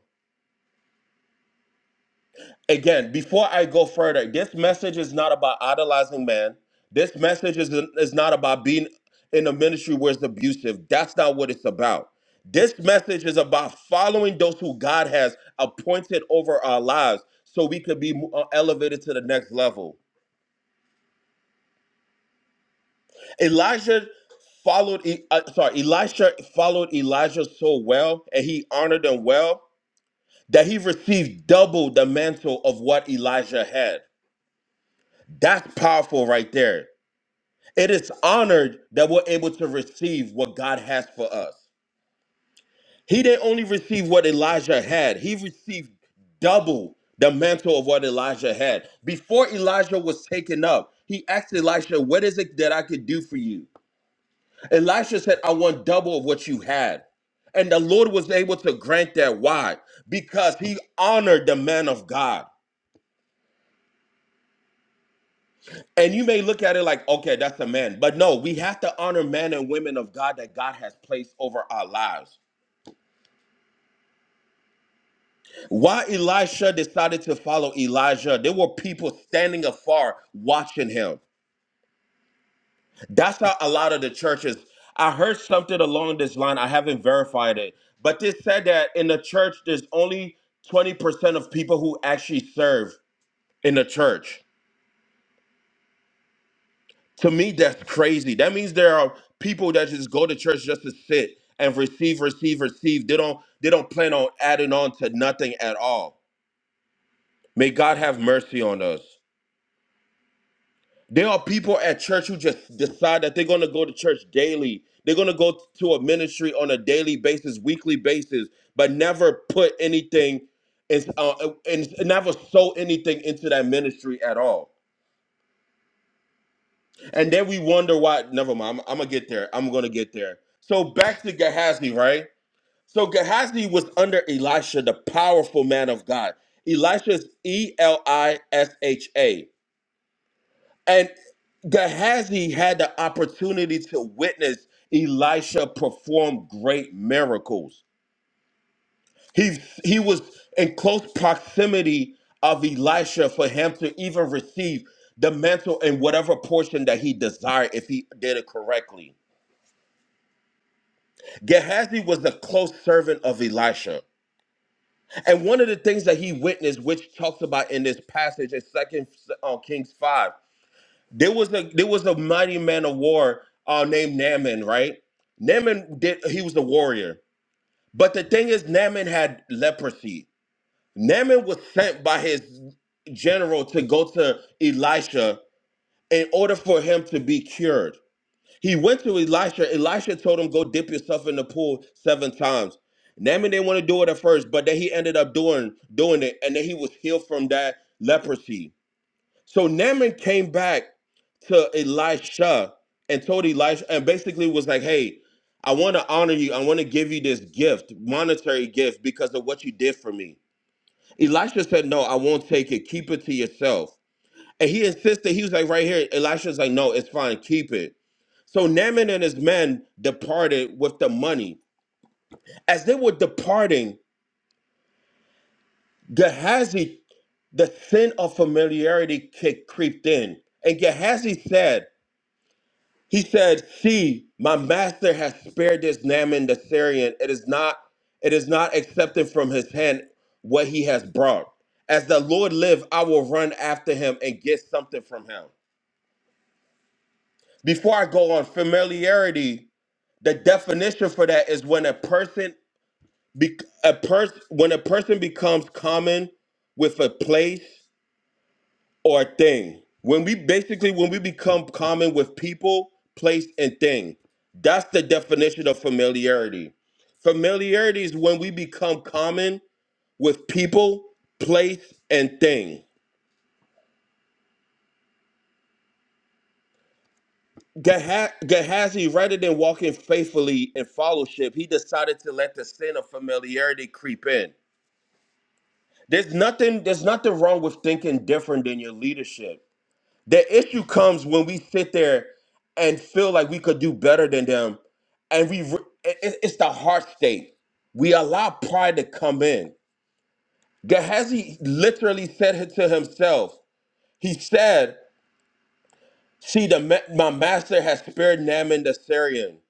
S4: again, before I go further, this message is not about idolizing man. This message is, is not about being in a ministry where it's abusive. That's not what it's about. This message is about following those who God has appointed over our lives so we could be uh, elevated to the next level. Elijah followed, E- uh, sorry, Elisha followed Elijah so well and he honored him well that he received double the mantle of what Elijah had. That's powerful right there. It is honored that we're able to receive what God has for us. He didn't only receive what Elijah had, he received double the mantle of what Elijah had. Before Elijah was taken up, he asked Elisha, What is it that I could do for you? Elisha said, I want double of what you had. And the Lord was able to grant that. Why? Because he honored the man of God. And you may look at it like, okay, that's a man. But no, we have to honor men and women of God that God has placed over our lives. Why Elisha decided to follow Elijah, there were people standing afar watching him. That's how a lot of the churches. I heard something along this line, I haven't verified it, but they said that in the church, there's only 20% of people who actually serve in the church. To me, that's crazy. That means there are people that just go to church just to sit and receive, receive, receive. They don't they don't plan on adding on to nothing at all. May God have mercy on us. There are people at church who just decide that they're going to go to church daily. They're going to go to a ministry on a daily basis, weekly basis, but never put anything and, uh, and never sow anything into that ministry at all. And then we wonder why. Never mind. I'm, I'm going to get there. I'm going to get there. So back to Gehazi, right? So Gehazi was under Elisha, the powerful man of God. Elisha is E L I S H A. And Gehazi had the opportunity to witness Elisha perform great miracles. He, he was in close proximity of Elisha for him to even receive the mantle and whatever portion that he desired if he did it correctly. Gehazi was a close servant of Elisha. And one of the things that he witnessed, which talks about in this passage in 2 Kings 5, There was a there was a mighty man of war uh, named Naaman, right? Naaman did he was a warrior. But the thing is, Naaman had leprosy. Naaman was sent by his general to go to Elisha in order for him to be cured. He went to Elisha. Elisha told him, Go dip yourself in the pool seven times. Naaman didn't want to do it at first, but then he ended up doing doing it, and then he was healed from that leprosy. So Naaman came back to Elisha and told Elisha and basically was like, "Hey, I want to honor you. I want to give you this gift, monetary gift, because of what you did for me." Elisha said, "No, I won't take it. Keep it to yourself." And he insisted. He was like, "Right here." Elisha's like, "No, it's fine. Keep it." So Naaman and his men departed with the money. As they were departing, Gehazi, the sin of familiarity kick creeped in, and Gehazi said. He said, See, my master has spared this Naaman the Syrian. It is not, it is not accepted from his hand what he has brought. As the Lord live, I will run after him and get something from him. Before I go on, familiarity, the definition for that is when a person be, a person when a person becomes common with a place, or thing. When we basically when we become common with people, place, and thing, that's the definition of familiarity. Familiarity is when we become common with people, place, and thing. Geha- Gehazi, rather than walking faithfully in fellowship, he decided to let the sin of familiarity creep in. There's nothing. There's nothing wrong with thinking different than your leadership. The issue comes when we sit there and feel like we could do better than them, and we re- it- it- it's the heart state. We allow pride to come in. Gehazi literally said it to himself. He said, "See, the ma- my master has spared Naaman the Syrian."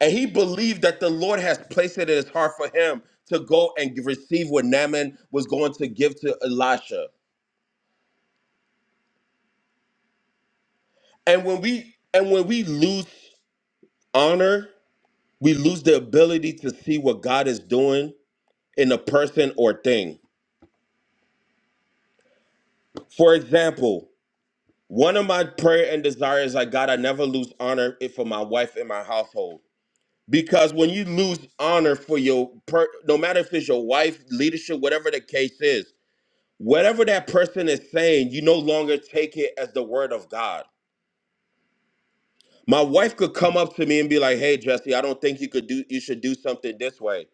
S4: And he believed that the Lord has placed it in his heart for him to go and receive what Naaman was going to give to Elisha. And when we and when we lose honor we lose the ability to see what God is doing in a person or thing. For example, one of my prayer and desires is like God, I never lose honor for my wife and my household. Because when you lose honor for your, per, no matter if it's your wife, leadership, whatever the case is, whatever that person is saying, you no longer take it as the word of God. My wife could come up to me and be like, "Hey, Jesse, I don't think you could do, you should do something this way."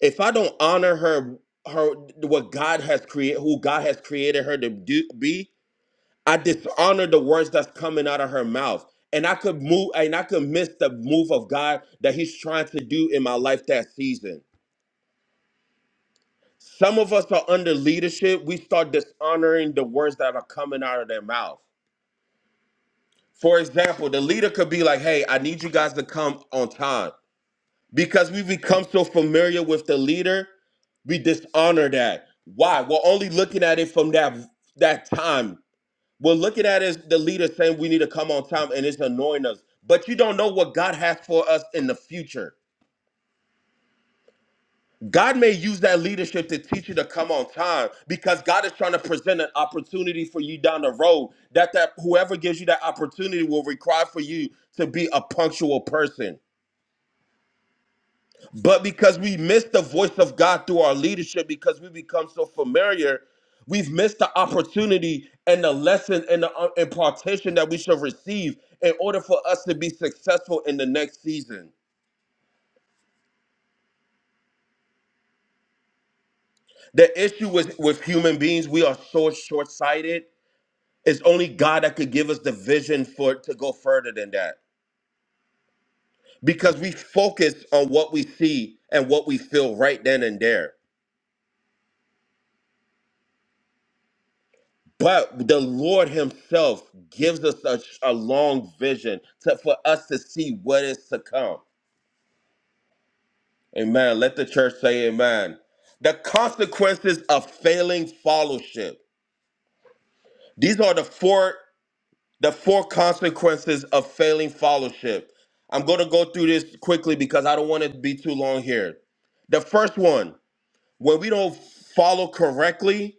S4: if I don't honor her, her what God has created, who God has created her to do, be, I dishonor the words that's coming out of her mouth, and I could move, and I could miss the move of God that He's trying to do in my life that season. Some of us are under leadership. We start dishonoring the words that are coming out of their mouth. For example, the leader could be like, "Hey, I need you guys to come on time." because we become so familiar with the leader we dishonor that why we're only looking at it from that that time we're looking at it as the leader saying we need to come on time and it's annoying us but you don't know what god has for us in the future god may use that leadership to teach you to come on time because god is trying to present an opportunity for you down the road that that whoever gives you that opportunity will require for you to be a punctual person But because we miss the voice of God through our leadership, because we become so familiar, we've missed the opportunity and the lesson and the uh, impartation that we should receive in order for us to be successful in the next season. The issue with, with human beings, we are so short sighted. It's only God that could give us the vision for to go further than that because we focus on what we see and what we feel right then and there. But the Lord Himself gives us a, a long vision to, for us to see what is to come. Amen. Let the church say amen. The consequences of failing fellowship. These are the four the four consequences of failing fellowship. I'm going to go through this quickly because I don't want it to be too long here. The first one, when we don't follow correctly,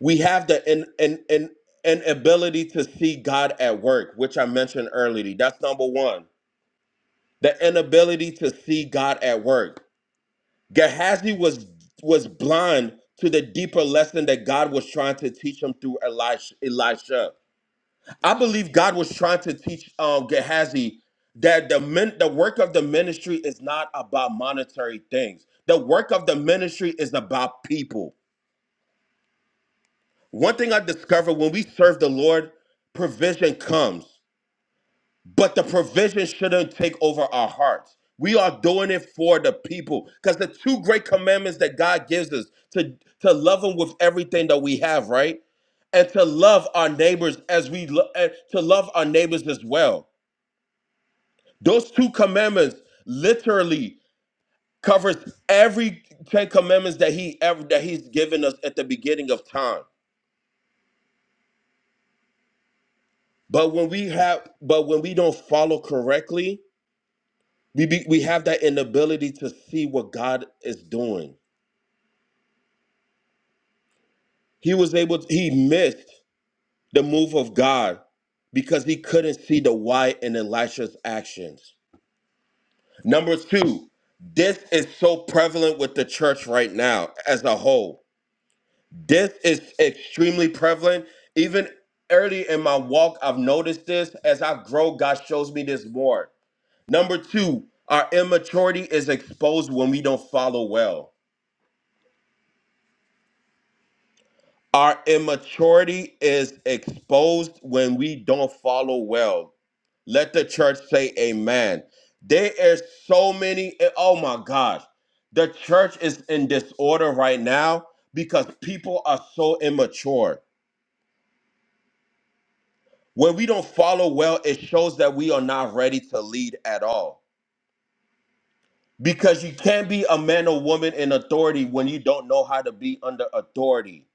S4: we have the an, an, an, an ability to see God at work, which I mentioned earlier. That's number one. The inability to see God at work. Gehazi was was blind to the deeper lesson that God was trying to teach him through Elisha. Elisha. I believe God was trying to teach um, Gehazi that the min- the work of the ministry is not about monetary things. The work of the ministry is about people. One thing I discovered when we serve the Lord, provision comes, but the provision shouldn't take over our hearts. We are doing it for the people because the two great commandments that God gives us to, to love Him with everything that we have, right? And to love our neighbors as we lo- and to love our neighbors as well. Those two commandments literally covers every ten commandments that He ever that He's given us at the beginning of time. But when we have, but when we don't follow correctly, we be, we have that inability to see what God is doing. He was able, to, he missed the move of God because he couldn't see the why in Elisha's actions. Number two, this is so prevalent with the church right now as a whole. This is extremely prevalent. Even early in my walk, I've noticed this. As I grow, God shows me this more Number two, our immaturity is exposed when we don't follow well. Our immaturity is exposed when we don't follow well. Let the church say amen. There are so many, oh my gosh. The church is in disorder right now because people are so immature. When we don't follow well, it shows that we are not ready to lead at all because you can't be a man or woman in authority when you don't know how to be under authority.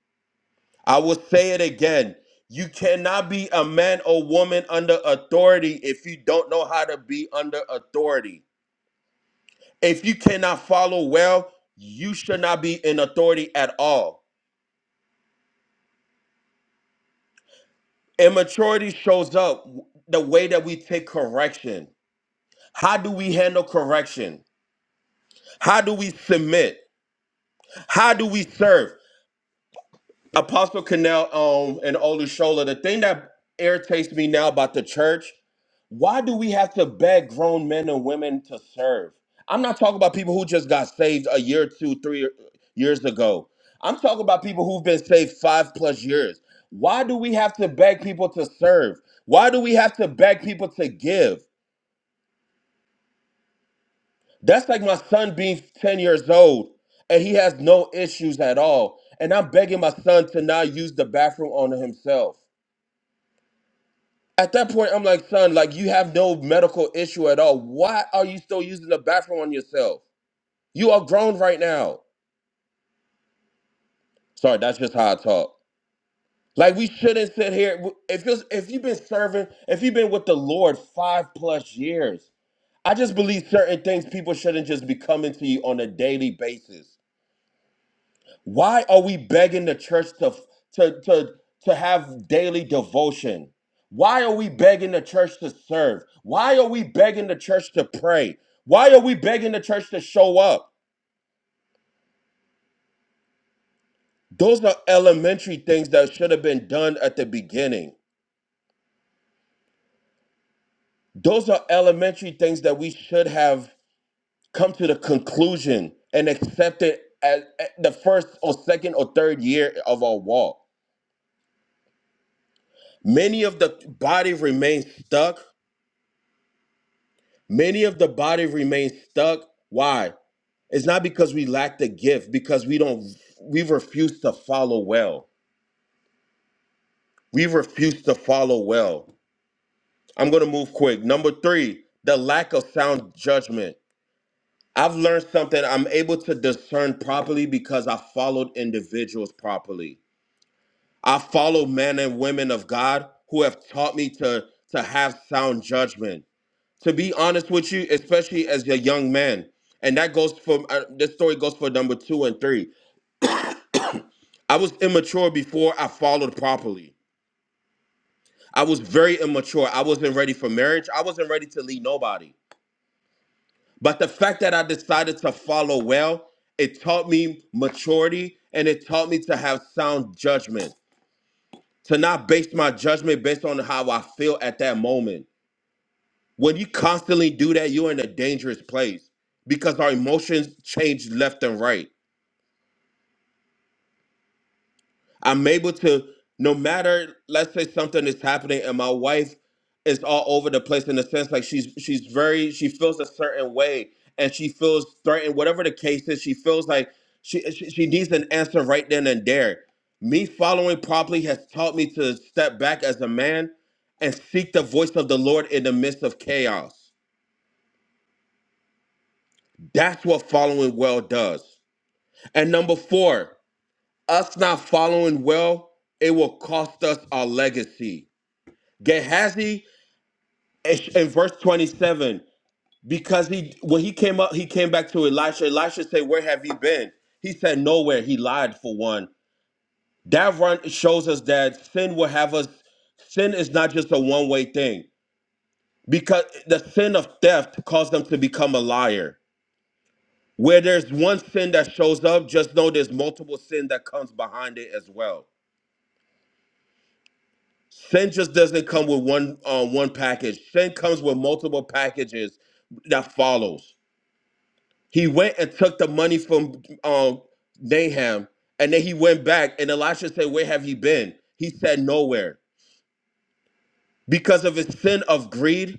S4: I will say it again. You cannot be a man or woman under authority if you don't know how to be under authority. If you cannot follow well, you should not be in authority at all. Immaturity shows up w- the way that we take correction. How do we handle correction? How do we submit? How do we serve? Apostle Canal um, and Olushola, the thing that irritates me now about the church Why do we have to beg grown men and women to serve? I'm not talking about people who just got saved a year, two, three years ago. I'm talking about people who've been saved five plus years. Why do we have to beg people to serve? Why do we have to beg people to give? That's like my son being 10 years old and he has no issues at all. And I'm begging my son to not use the bathroom on himself. At that point, I'm like, son, like you have no medical issue at all. Why are you still using the bathroom on yourself? You are grown right now. Sorry, that's just how I talk. Like we shouldn't sit here. If you if you've been serving, if you've been with the Lord five plus years, I just believe certain things people shouldn't just be coming to you on a daily basis. Why are we begging the church to to to to have daily devotion? Why are we begging the church to serve? Why are we begging the church to pray? Why are we begging the church to show up? Those are elementary things that should have been done at the beginning. those are elementary things that we should have come to the conclusion and accepted as at the first or second or third year of our walk. Many of the body remains stuck. Many of the body remains stuck. Why? It's not because we lack the gift, because we don't we refuse to follow well. We refuse to follow well. I'm gonna move quick. Number three, the lack of sound judgment. I've learned something. I'm able to discern properly because I followed individuals properly. I follow men and women of God who have taught me to to have sound judgment. To be honest with you, especially as a young man, and that goes for uh, this story goes for number two and three. I was immature before I followed properly. I was very immature. I wasn't ready for marriage. I wasn't ready to lead nobody. But the fact that I decided to follow well, it taught me maturity and it taught me to have sound judgment, to not base my judgment based on how I feel at that moment. When you constantly do that, you're in a dangerous place because our emotions change left and right. I'm able to, no matter, let's say something is happening and my wife is all over the place in the sense like she's she's very she feels a certain way and she feels threatened, whatever the case is, she feels like she she, she needs an answer right then and there. Me following properly has taught me to step back as a man and seek the voice of the Lord in the midst of chaos. That's what following well does. And number four, us not following well, it will cost us our legacy Gehazi in verse 27, because he when he came up, he came back to Elisha. Elisha said, Where have you been? He said, Nowhere. He lied for one. That run shows us that sin will have us, sin is not just a one-way thing. Because the sin of theft caused them to become a liar. Where there's one sin that shows up, just know there's multiple sin that comes behind it as well. Sin just doesn't come with one uh, one package. Sin comes with multiple packages that follows. He went and took the money from um, Naham, and then he went back. And Elisha said, "Where have you been?" He said, "Nowhere." Because of his sin of greed,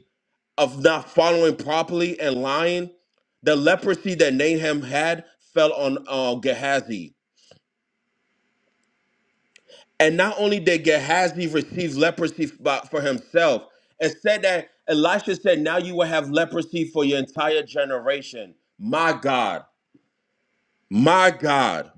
S4: of not following properly and lying, the leprosy that Naham had fell on uh, Gehazi. And not only did Gehazi receive leprosy f- for himself, it said that Elisha said, "Now you will have leprosy for your entire generation." My God, my God.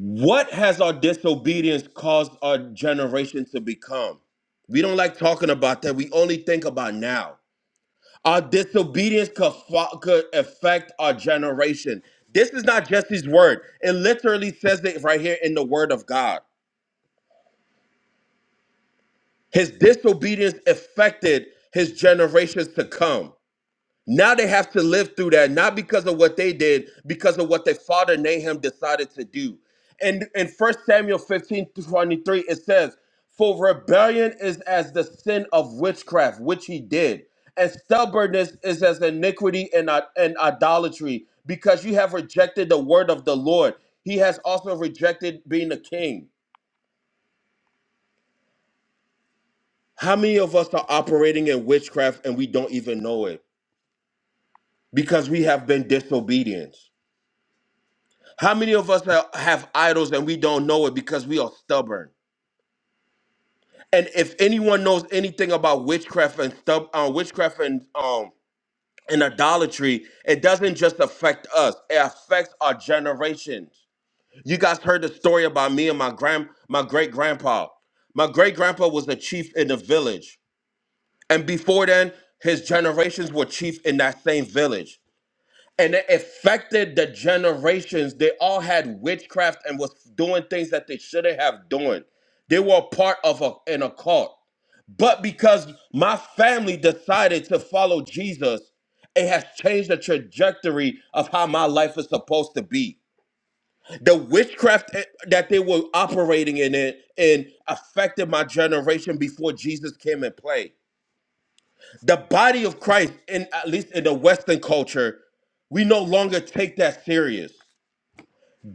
S4: What has our disobedience caused our generation to become? We don't like talking about that. We only think about now. Our disobedience could, fa- could affect our generation. This is not just his word. It literally says it right here in the word of God. His disobedience affected his generations to come. Now they have to live through that, not because of what they did, because of what their father Nahum decided to do. And in First Samuel 15 to 23, it says, For rebellion is as the sin of witchcraft, which he did, and stubbornness is as iniquity and, i- and idolatry, because you have rejected the word of the Lord. He has also rejected being a king. How many of us are operating in witchcraft and we don't even know it because we have been disobedient? How many of us ha- have idols and we don't know it because we are stubborn? And if anyone knows anything about witchcraft and stub, uh, witchcraft and um and idolatry, it doesn't just affect us; it affects our generations. You guys heard the story about me and my grand, my great grandpa. My great grandpa was a chief in the village, and before then, his generations were chief in that same village. and it affected the generations. They all had witchcraft and was doing things that they shouldn't have done. They were part of a, an occult. But because my family decided to follow Jesus, it has changed the trajectory of how my life is supposed to be. The witchcraft that they were operating in it and affected my generation before Jesus came in play. The body of Christ, in at least in the Western culture, we no longer take that serious.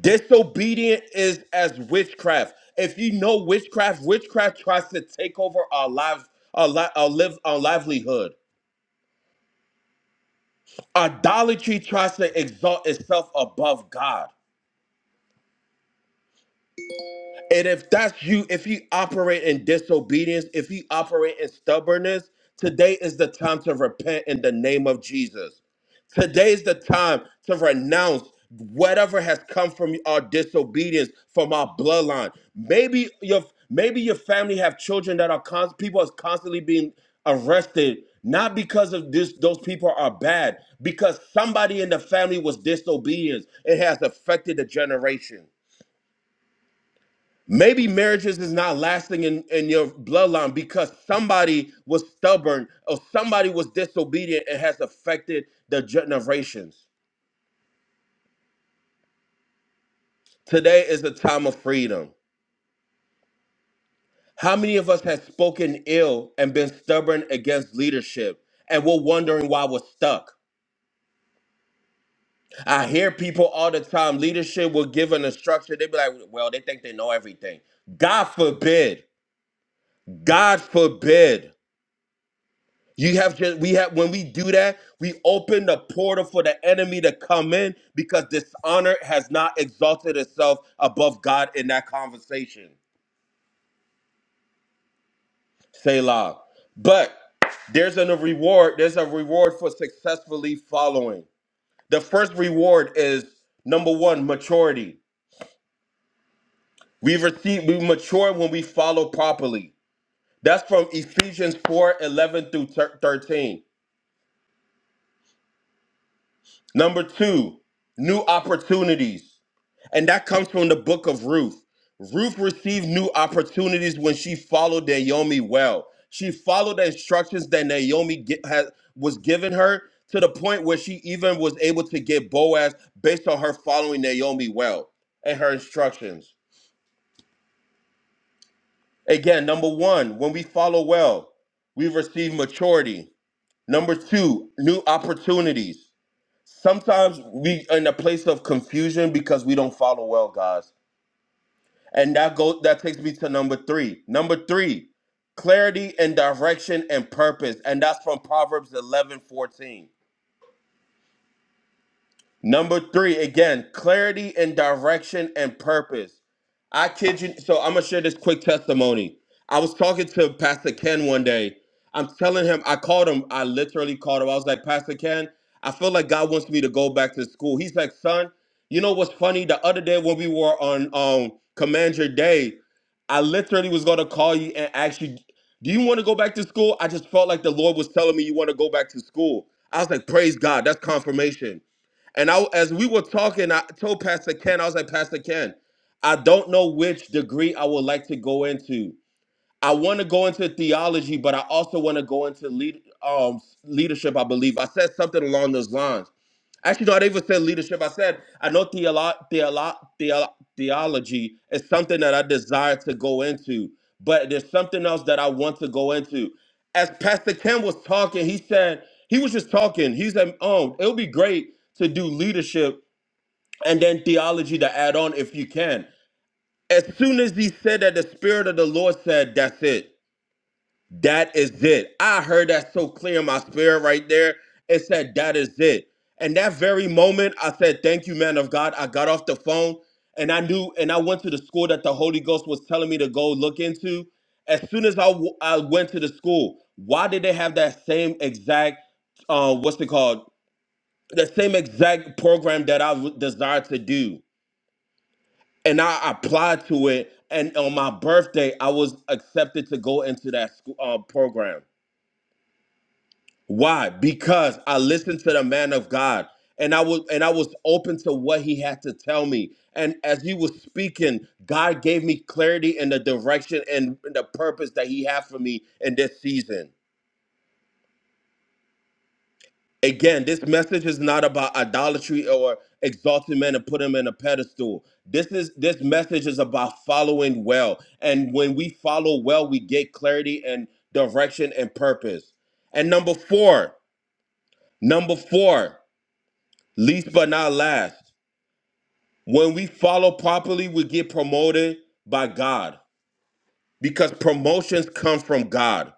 S4: Disobedient is as witchcraft. If you know witchcraft, witchcraft tries to take over our lives, our, li- our live, our livelihood. Idolatry tries to exalt itself above God. And if that's you, if you operate in disobedience, if you operate in stubbornness, today is the time to repent in the name of Jesus. Today is the time to renounce whatever has come from our disobedience, from our bloodline. Maybe your maybe your family have children that are const- people are constantly being arrested not because of this those people are bad because somebody in the family was disobedient it has affected the generation Maybe marriages is not lasting in, in your bloodline because somebody was stubborn or somebody was disobedient and has affected the generations. Today is a time of freedom. How many of us have spoken ill and been stubborn against leadership and we're wondering why we're stuck? I hear people all the time, leadership will give an instruction. They be like, well, they think they know everything. God forbid. God forbid. You have just we have when we do that, we open the portal for the enemy to come in because dishonor has not exalted itself above God in that conversation. Selah. But there's a reward, there's a reward for successfully following. The first reward is number one, maturity. We receive we mature when we follow properly. That's from Ephesians 4 11 through 13. Number two, new opportunities. And that comes from the book of Ruth. Ruth received new opportunities when she followed Naomi well. She followed the instructions that Naomi gi- had, was giving her to the point where she even was able to get Boaz based on her following Naomi well and her instructions. Again, number one, when we follow well, we receive maturity. Number two, new opportunities. Sometimes we in a place of confusion because we don't follow well, guys And that goes that takes me to number three. Number three, clarity and direction and purpose. And that's from Proverbs eleven fourteen. Number three, again, clarity and direction and purpose. I kid you. So I'm gonna share this quick testimony. I was talking to Pastor Ken one day. I'm telling him, I called him, I literally called him. I was like, Pastor Ken, I feel like God wants me to go back to school. He's like, son, you know what's funny? The other day when we were on um Command Your Day, I literally was gonna call you and ask you, do you want to go back to school? I just felt like the Lord was telling me you want to go back to school. I was like, praise God, that's confirmation. And I, as we were talking, I told Pastor Ken, I was like, Pastor Ken, I don't know which degree I would like to go into. I want to go into theology, but I also want to go into lead, um, leadership. I believe I said something along those lines. Actually, no, I didn't even say leadership. I said, I know theolo- theolo- theolo- theology is something that I desire to go into, but there's something else that I want to go into. As Pastor Ken was talking, he said, he was just talking. He said, oh, it'll be great to do leadership and then theology to add on if you can. As soon as he said that, the Spirit of the Lord said, that's it. That is it. I heard that so clear in my spirit right there. It said, That is it. And that very moment, I said, Thank you, man of God. I got off the phone and I knew, and I went to the school that the Holy Ghost was telling me to go look into. As soon as I, w- I went to the school, why did they have that same exact, uh, what's it called? The same exact program that I w- desired to do. And I applied to it. And on my birthday, I was accepted to go into that school, uh, program Why? Because I listened to the man of God and I was and I was open to what he had to tell me. And as he was speaking, God gave me clarity in the direction and the purpose that he had for me in this season. Again, this message is not about idolatry or exalting men and put them in a pedestal. This is this message is about following well. And when we follow well, we get clarity and direction and purpose. And number 4, number 4. Least but not last, when we follow properly, we get promoted by God because promotions come from God.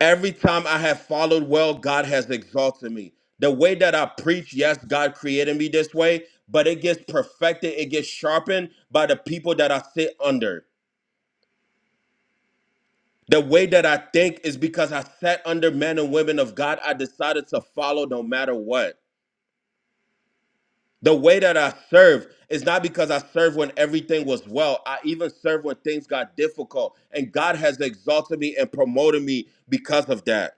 S4: Every time I have followed well, God has exalted me. The way that I preach, yes, God created me this way, but it gets perfected, it gets sharpened by the people that I sit under. The way that I think is because I sat under men and women of God. I decided to follow no matter what. The way that I serve is not because I serve when everything was well. I even serve when things got difficult. And God has exalted me and promoted me because of that.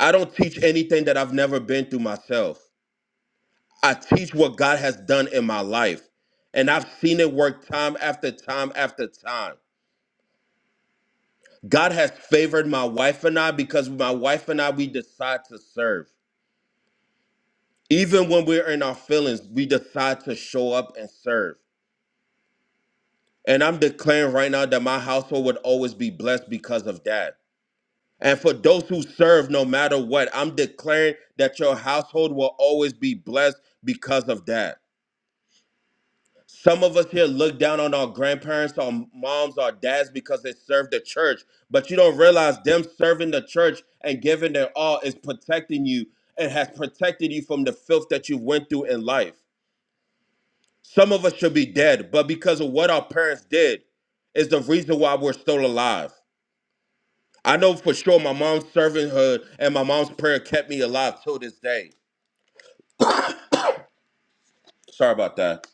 S4: I don't teach anything that I've never been through myself. I teach what God has done in my life. And I've seen it work time after time after time. God has favored my wife and I because my wife and I, we decide to serve. Even when we're in our feelings, we decide to show up and serve. And I'm declaring right now that my household would always be blessed because of that. And for those who serve, no matter what, I'm declaring that your household will always be blessed because of that. Some of us here look down on our grandparents, our moms, our dads because they served the church, but you don't realize them serving the church and giving their all is protecting you and has protected you from the filth that you went through in life. Some of us should be dead, but because of what our parents did is the reason why we're still alive. I know for sure my mom's servanthood and my mom's prayer kept me alive till this day. Sorry about that.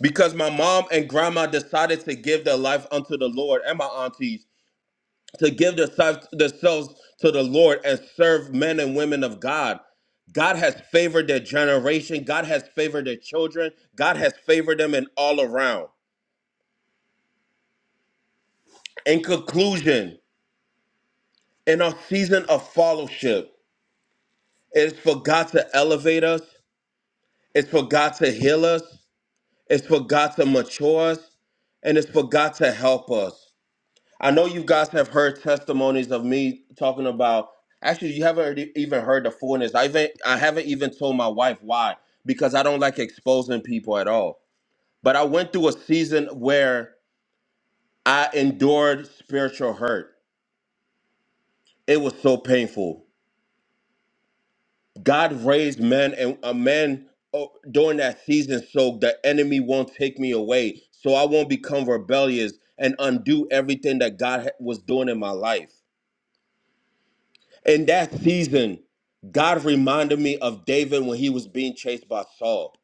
S4: Because my mom and grandma decided to give their life unto the Lord and my aunties to give theirself- themselves to the Lord and serve men and women of God. God has favored their generation. God has favored their children. God has favored them in all around. In conclusion, in our season of fellowship, it's for God to elevate us. It's for God to heal us. It's for God to mature us and it's for God to help us. I know you guys have heard testimonies of me talking about actually you haven't already even heard the fullness. I even I haven't even told my wife why because I don't like exposing people at all. But I went through a season where I endured spiritual hurt. It was so painful. God raised men and a man oh, during that season so the enemy won't take me away, so I won't become rebellious and undo everything that God ha- was doing in my life. In that season, God reminded me of David when he was being chased by Saul.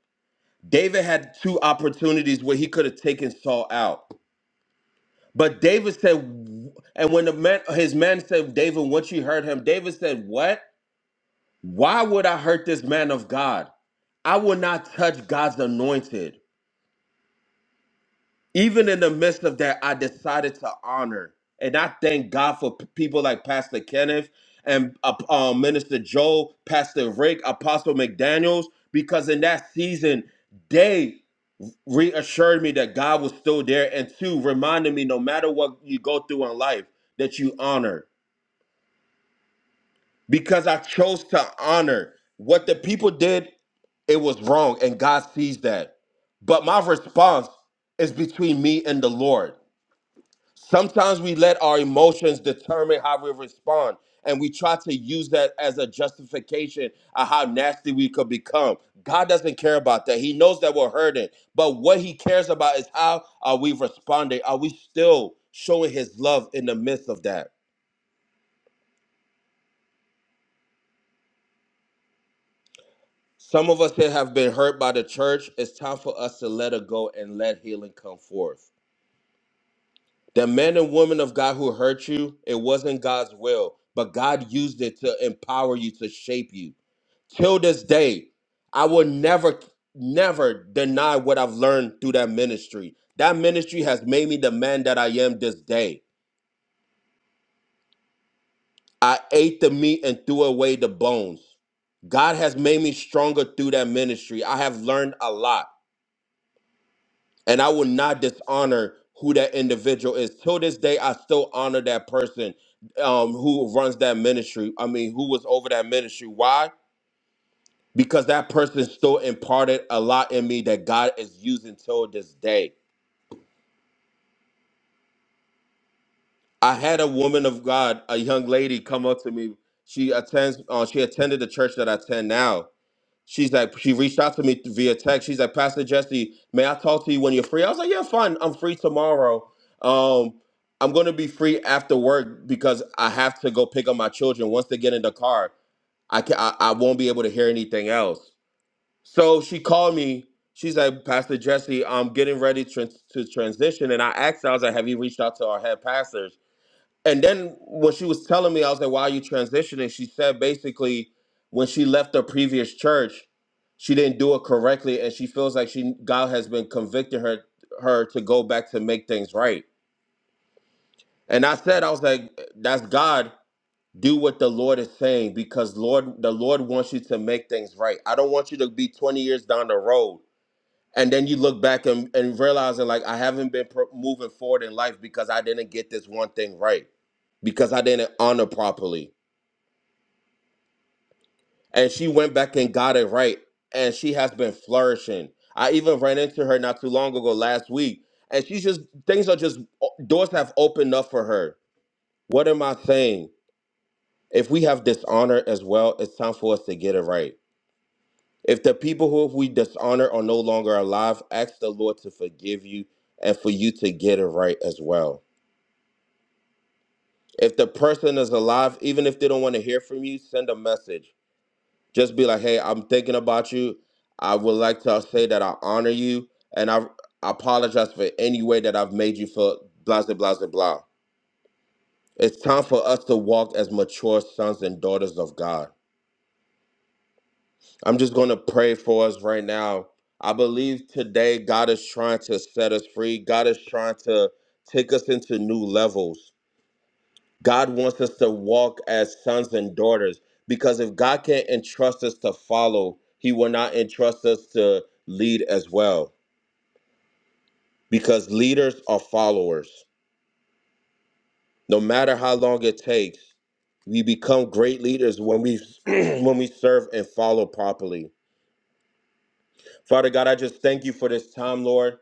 S4: David had two opportunities where he could have taken Saul out. But David said, and when the man, his man said, David, what you heard him, David said, What? Why would I hurt this man of God? I will not touch God's anointed. Even in the midst of that, I decided to honor. And I thank God for p- people like Pastor Kenneth and uh, um, Minister Joe, Pastor Rick, Apostle McDaniels, because in that season, they reassured me that God was still there. And two, reminded me no matter what you go through in life, that you honor. Because I chose to honor what the people did It was wrong, and God sees that. But my response is between me and the Lord. Sometimes we let our emotions determine how we respond, and we try to use that as a justification of how nasty we could become. God doesn't care about that. He knows that we're hurting, but what He cares about is how are we responding? Are we still showing His love in the midst of that? Some of us here have been hurt by the church. It's time for us to let it go and let healing come forth. The men and women of God who hurt you, it wasn't God's will, but God used it to empower you, to shape you. Till this day, I will never, never deny what I've learned through that ministry. That ministry has made me the man that I am this day. I ate the meat and threw away the bones. God has made me stronger through that ministry. I have learned a lot. and I will not dishonor who that individual is. Till this day, I still honor that person um, who runs that ministry. I mean, who was over that ministry. Why? Because that person still imparted a lot in me that God is using till this day. I had a woman of God, a young lady, come up to me. She attends. Uh, she attended the church that I attend now, She's like, she reached out to me via text. She's like, Pastor Jesse, may I talk to you when you're free? I was like, yeah, fine. I'm free tomorrow. Um, I'm going to be free after work because I have to go pick up my children. Once they get in the car, I, can, I, I won't be able to hear anything else. So she called me. She's like, Pastor Jesse, I'm getting ready to, to transition. And I asked her, I was like, have you reached out to our head pastors? And then when she was telling me, I was like, "Why are you transitioning?" She said basically, when she left the previous church, she didn't do it correctly, and she feels like she God has been convicting her her to go back to make things right. And I said, I was like, "That's God. Do what the Lord is saying, because Lord, the Lord wants you to make things right. I don't want you to be 20 years down the road and then you look back and, and realizing like i haven't been pro- moving forward in life because i didn't get this one thing right because i didn't honor properly and she went back and got it right and she has been flourishing i even ran into her not too long ago last week and she's just things are just doors have opened up for her what am i saying if we have dishonor as well it's time for us to get it right If the people who we dishonor are no longer alive, ask the Lord to forgive you and for you to get it right as well. If the person is alive, even if they don't want to hear from you, send a message. Just be like, hey, I'm thinking about you. I would like to say that I honor you and I I apologize for any way that I've made you feel blah, blah, blah, blah. blah." It's time for us to walk as mature sons and daughters of God. I'm just going to pray for us right now. I believe today God is trying to set us free. God is trying to take us into new levels. God wants us to walk as sons and daughters because if God can't entrust us to follow, He will not entrust us to lead as well because leaders are followers. No matter how long it takes, we become great leaders when we when we serve and follow properly. Father God, I just thank you for this time, Lord.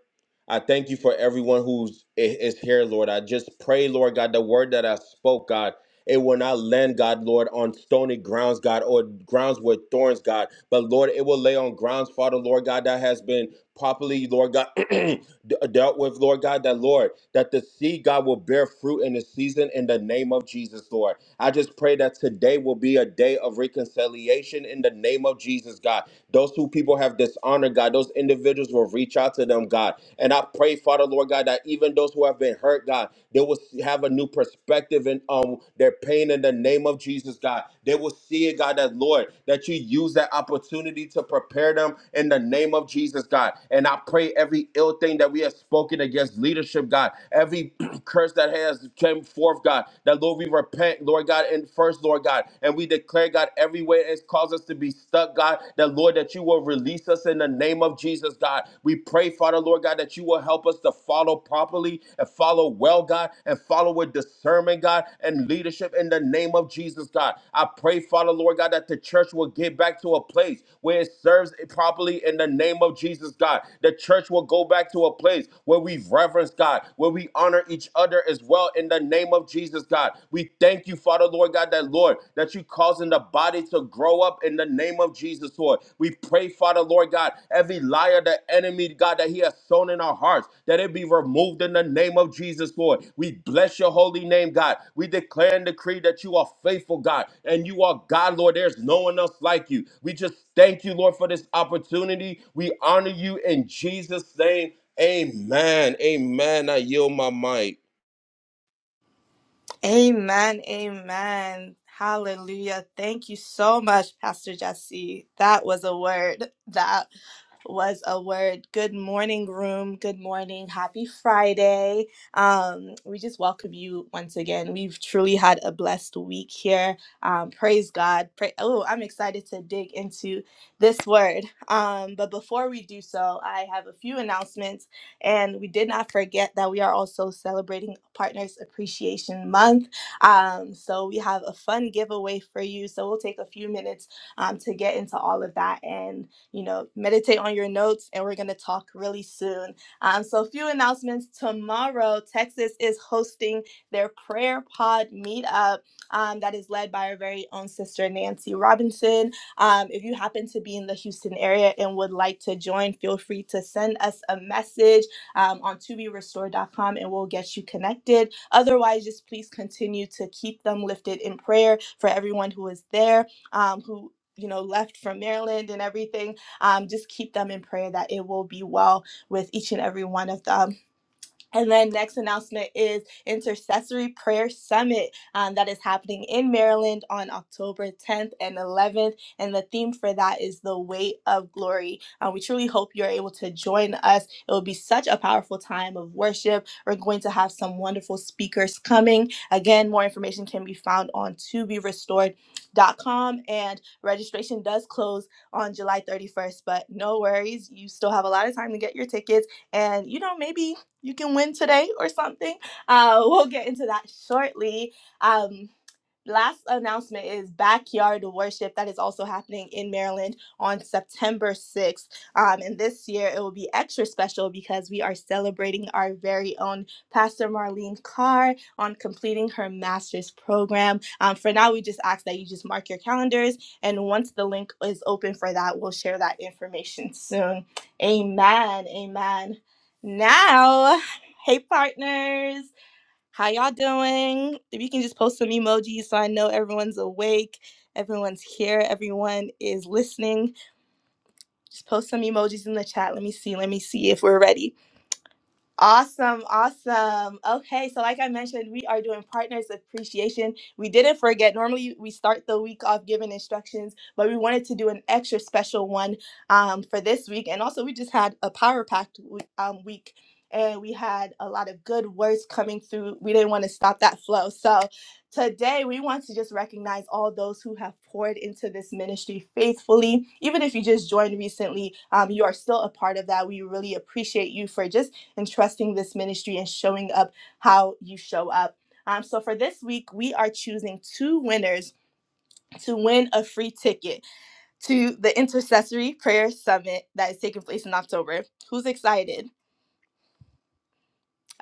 S4: I thank you for everyone who's i- is here, Lord. I just pray, Lord God, the word that I spoke, God, it will not land, God, Lord, on stony grounds, God, or grounds with thorns, God. But Lord, it will lay on grounds, Father, Lord God, that has been properly, Lord God. d- dealt with, Lord God, that Lord, that the seed, God, will bear fruit in the season in the name of Jesus, Lord. I just pray that today will be a day of reconciliation in the name of Jesus, God. Those who people have dishonored, God, those individuals will reach out to them, God. And I pray, Father, Lord God, that even those who have been hurt, God, they will have a new perspective in um, their pain in the name of Jesus, God. They will see it, it, God, that Lord, that you use that opportunity to prepare them in the name of Jesus, God. And I pray every ill thing that we have spoken against leadership, God, every curse that has came forth, God, that Lord, we repent, Lord God, and first, Lord God, and we declare, God, every way it's caused us to be stuck, God, that Lord, that you will release us in the name of Jesus, God. We pray, Father, Lord God, that you will help us to follow properly and follow well, God, and follow with discernment, God, and leadership in the name of Jesus, God. I pray, Father, Lord God, that the church will get back to a place where it serves it properly in the name of Jesus, God. The church will go back to a place where we reverence God, where we honor each other as well in the name of Jesus, God. We thank you, Father, Lord God, that Lord, that you causing the body to grow up in the name of Jesus, Lord. We pray, Father, Lord God, every liar, the enemy, God, that he has sown in our hearts, that it be removed in the name of Jesus, Lord. We bless your holy name, God. We declare and decree that you are faithful, God, and you are God, Lord. There's no one else like you. We just thank you, Lord, for this opportunity. We honor you in Jesus' name. Amen. Amen. I yield my mic.
S1: Amen. Amen. Hallelujah. Thank you so much, Pastor Jesse. That was a word. That was a word. Good morning, room. Good morning. Happy Friday. Um, we just welcome you once again. We've truly had a blessed week here. Um, praise God. Pray- oh, I'm excited to dig into this word. Um, but before we do so, I have a few announcements. And we did not forget that we are also celebrating Partners Appreciation Month. Um, so we have a fun giveaway for you. So we'll take a few minutes um, to get into all of that and, you know, meditate on your notes. And we're going to talk really soon. Um, so, a few announcements. Tomorrow, Texas is hosting their prayer pod meetup um, that is led by our very own sister, Nancy Robinson. Um, if you happen to be in the Houston area and would like to join, feel free to send us a message um, on to be restored dot com, and we'll get you connected. Otherwise, just please continue to keep them lifted in prayer for everyone who is there, um, who you know left from Maryland and everything. Um, just keep them in prayer that it will be well with each and every one of them and then next announcement is Intercessory Prayer Summit um, that is happening in Maryland on October 10th and 11th. And the theme for that is the weight of glory. Uh, we truly hope you're able to join us. It will be such a powerful time of worship. We're going to have some wonderful speakers coming. Again, more information can be found on to be restored. dot com, and registration does close on July 31st, but no worries. You still have a lot of time to get your tickets and you know, maybe you can win today or something. Uh, we'll get into that shortly. Um, Last announcement is Backyard Worship that is also happening in Maryland on September 6th. Um, and this year it will be extra special because we are celebrating our very own Pastor Marlene Carr on completing her master's program. Um, for now, we just ask that you just mark your calendars. And once the link is open for that, we'll share that information soon. Amen. Amen. Now, hey, partners. How y'all doing? If you can just post some emojis so I know everyone's awake, everyone's here, everyone is listening. Just post some emojis in the chat. Let me see. Let me see if we're ready. Awesome, awesome. Okay, so like I mentioned, we are doing partners appreciation. We didn't forget, normally we start the week off giving instructions, but we wanted to do an extra special one um, for this week. And also, we just had a power packed we- um, week and we had a lot of good words coming through. We didn't want to stop that flow. So today, we want to just recognize all those who have poured into this ministry faithfully. Even if you just joined recently, um, you are still a part of that. We really appreciate you for just and trusting this ministry and showing up how you show up. Um, so for this week, we are choosing two winners to win a free ticket to the Intercessory Prayer Summit that is taking place in October. Who's excited?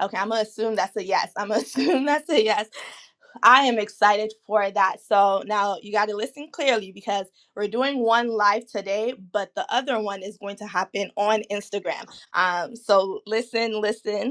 S1: Okay, I'm gonna assume that's a yes. I'm gonna assume that's a yes. I am excited for that. So now you got to listen clearly because we're doing one live today, but the other one is going to happen on Instagram. Um, so listen, listen.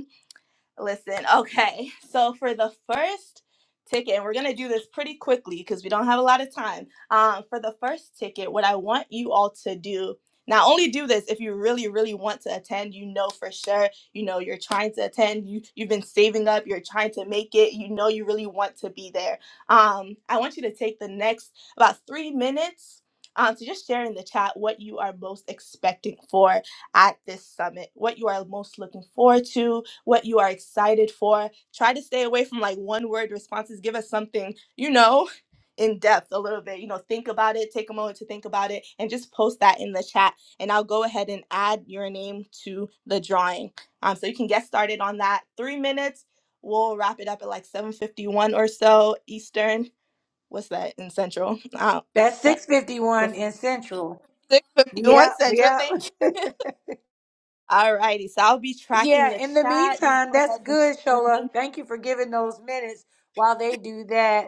S1: Listen, okay. So for the first ticket, and we're gonna do this pretty quickly because we don't have a lot of time. Um, for the first ticket, what I want you all to do. Now, only do this if you really, really want to attend. You know for sure. You know you're trying to attend. You you've been saving up. You're trying to make it. You know you really want to be there. Um, I want you to take the next about three minutes um, to just share in the chat what you are most expecting for at this summit, what you are most looking forward to, what you are excited for. Try to stay away from like one word responses. Give us something, you know, in depth a little bit. You know, think about it, take a moment to think about it, and just post that in the chat. And I'll go ahead and add your name to the drawing. Um, so you can get started on that. Three minutes. We'll wrap it up at like 7:51 or so Eastern. What's that in Central? Uh,
S2: That's
S1: that
S2: 651
S1: before
S2: in Central. Yeah,
S1: 6:51 Central.
S2: yeah.
S1: Thank you. All righty. So I'll be tracking
S2: yeah,
S1: the
S2: in the
S1: chat. Just
S2: meantime,
S1: go
S2: that's
S1: ahead
S2: good,
S1: and.
S2: Shola. Thank you for giving those minutes while they do that.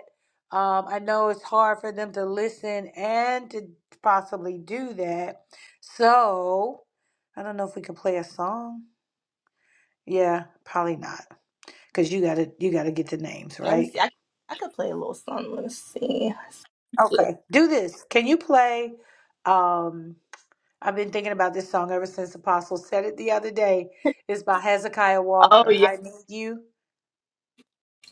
S2: Um, I know it's hard for them to listen and to possibly do that. So, I don't know if we can play a song. Yeah, probably not. Cuz you got to you got to get the names,
S1: Let me
S2: right?
S1: see. I I could play a little song. Let me see.
S2: Okay. Do this. Can you play um I've been thinking about this song ever since Apostle said it the other day. It's by Hezekiah
S1: Oh
S2: Walker.
S1: yeah,
S2: I need you.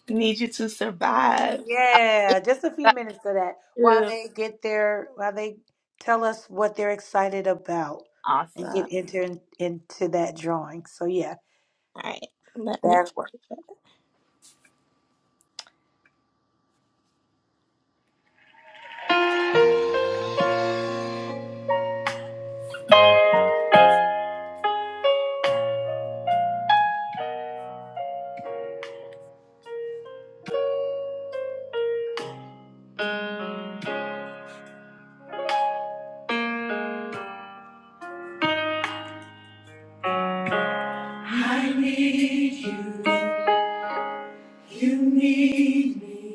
S1: need you to survive.
S2: Yeah, just a few minutes of that while
S1: Ooh,
S2: they get their while they tell us what they're excited about and get
S1: awesome.
S2: into into that drawing. So yeah,
S1: All right, let me.
S2: that's work.
S1: I need you. You need me.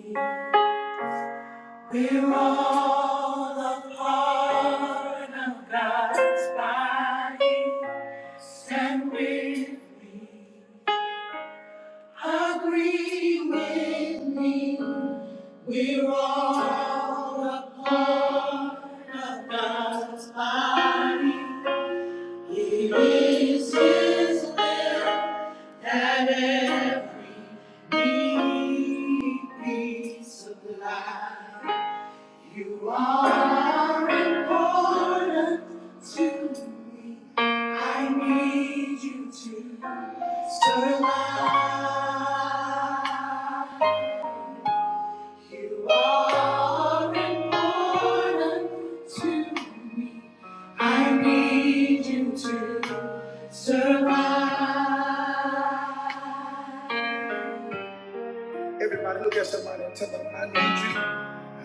S1: We're all a part of God's body. Stand with, agree with me. We're all deeply You are important to me. I need you to survive. You are important to me. I need you to survive.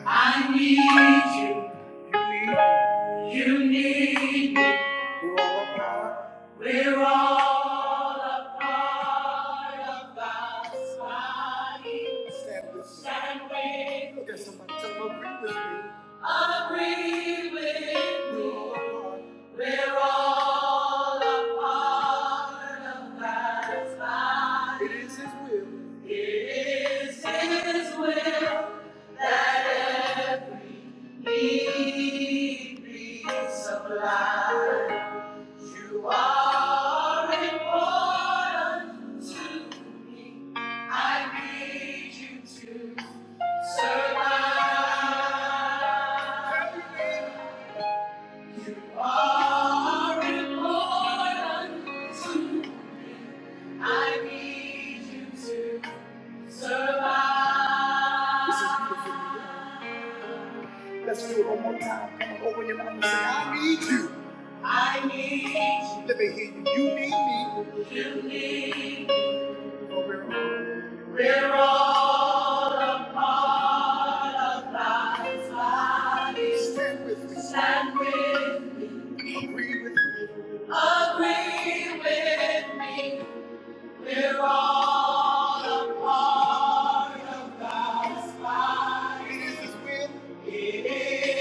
S1: I need you. You need me. We're all a part of God's body. Stand with me. Stand with me. Look at somebody. Tell them, agree with me. Agree with me. We're all a part of God's body. It is His will. It is His will that every need be supplied. You are important to I need you to survive. You are important to I need you to survive. You need it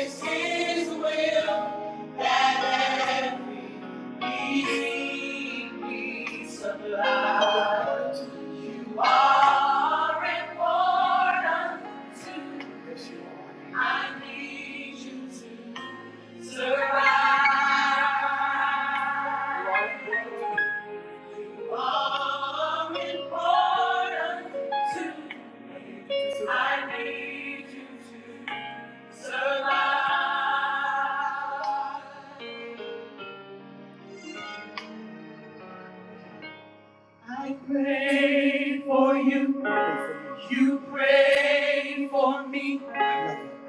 S1: is his will that every need be supplied. More important to Yes, you are. I need you to survive. More important to To I need you to survive. I pray for you, you pray for me.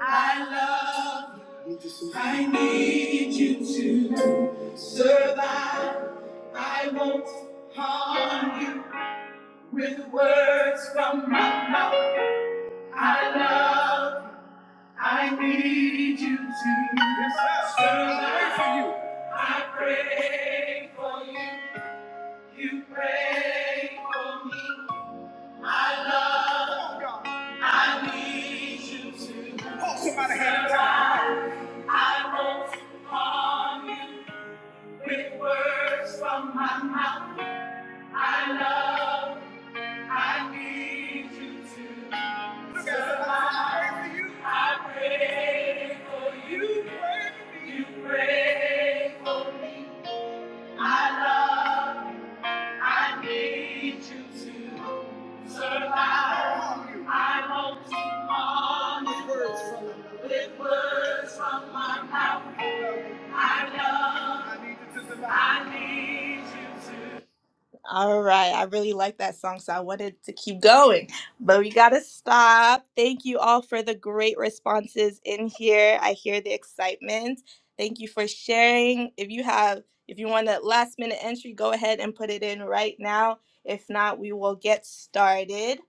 S1: I love. I need you to survive. I won't harm you with words from my mouth. I love. I need you to Yes, survive. I pray for you. You pray for me. I love. I need you to oh, survive. I won't harm you to survive. I need you to survive. Words from my mouth. I love. I need you to survive. I need you to. All right. I really like that song, so I wanted to keep going, but we got to stop. Thank you all for the great responses in here. I hear the excitement. Thank you for sharing. If you have, if you want a last minute entry, go ahead and put it in right now. If not, we will get started.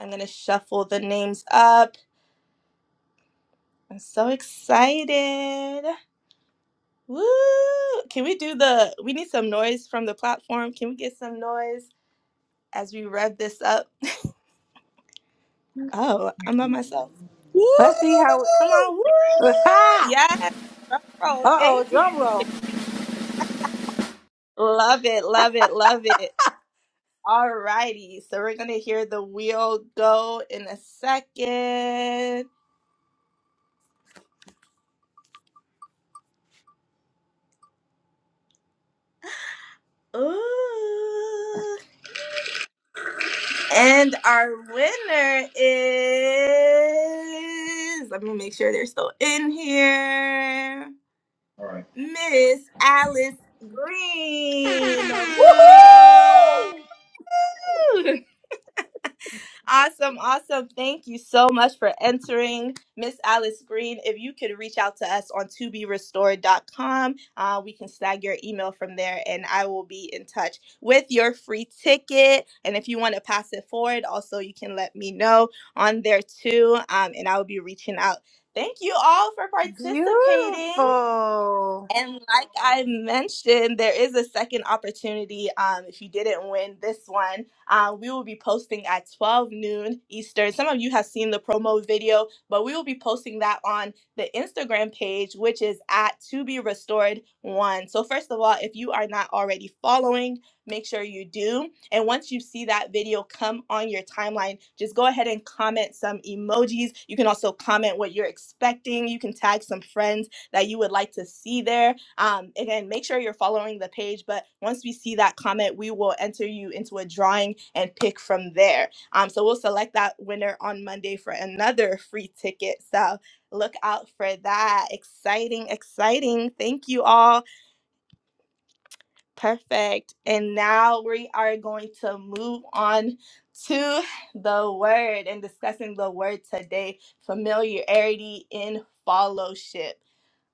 S1: I'm going to shuffle the names up. I'm so excited. Woo! Can we do the, we need some noise from the platform. Can we get some noise as we rev this up? Oh, I'm by myself.
S2: Let's see how.
S1: Come on. Woo!
S2: Ha!
S1: Yes. drum roll.
S2: Uh oh,
S1: Thank you.
S2: drum roll.
S1: Love it. Love it. Love it. Alrighty. So we're going to hear the wheel go in a second. Ooh. And our winner is, let me make sure they're still in here,
S11: All
S1: Miss Alice Green.
S2: Woohoo!
S1: Woo! Awesome, awesome. Thank you so much for entering, Miss Alice Green. If you could reach out to us on toberestored.com, uh, we can snag your email from there and I will be in touch with your free ticket. And if you want to pass it forward, also you can let me know on there too, um, and I will be reaching out. Thank you all for participating.
S2: Beautiful.
S1: And like I mentioned, there is a second opportunity. Um, if you didn't win this one, um, we will be posting at 12 noon Eastern. Some of you have seen the promo video, but we will be posting that on the Instagram page, which is at to be restored one. So, first of all, if you are not already following, make sure you do. And once you see that video come on your timeline, just go ahead and comment some emojis. You can also comment what you're expecting, you can tag some friends that you would like to see there. Um, again, make sure you're following the page. But once we see that comment, we will enter you into a drawing and pick from there. Um, so we'll select that winner on Monday for another free ticket. So look out for that. Exciting, exciting. Thank you all. Perfect. And now we are going to move on to the word and discussing the word today familiarity in fellowship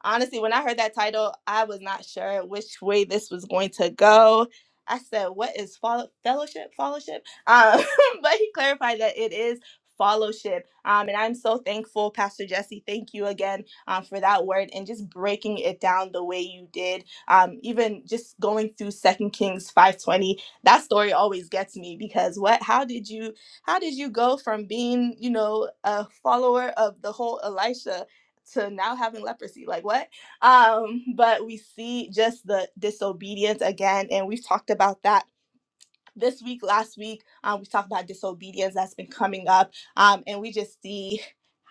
S1: honestly, when I heard that title, I was not sure which way this was going to go. I said, "What is follow- fellowship? Fellowship?" Um, but he clarified that it is fellowship, um, and I'm so thankful, Pastor Jesse. Thank you again um, for that word and just breaking it down the way you did um, even just going through second kings 520 that story always gets me because what how did you how did you go from being you know a follower of the whole elisha to now having leprosy like what um but we see just the disobedience again and we've talked about that this week, last week, um, we talked about disobedience that's been coming up, um, and we just see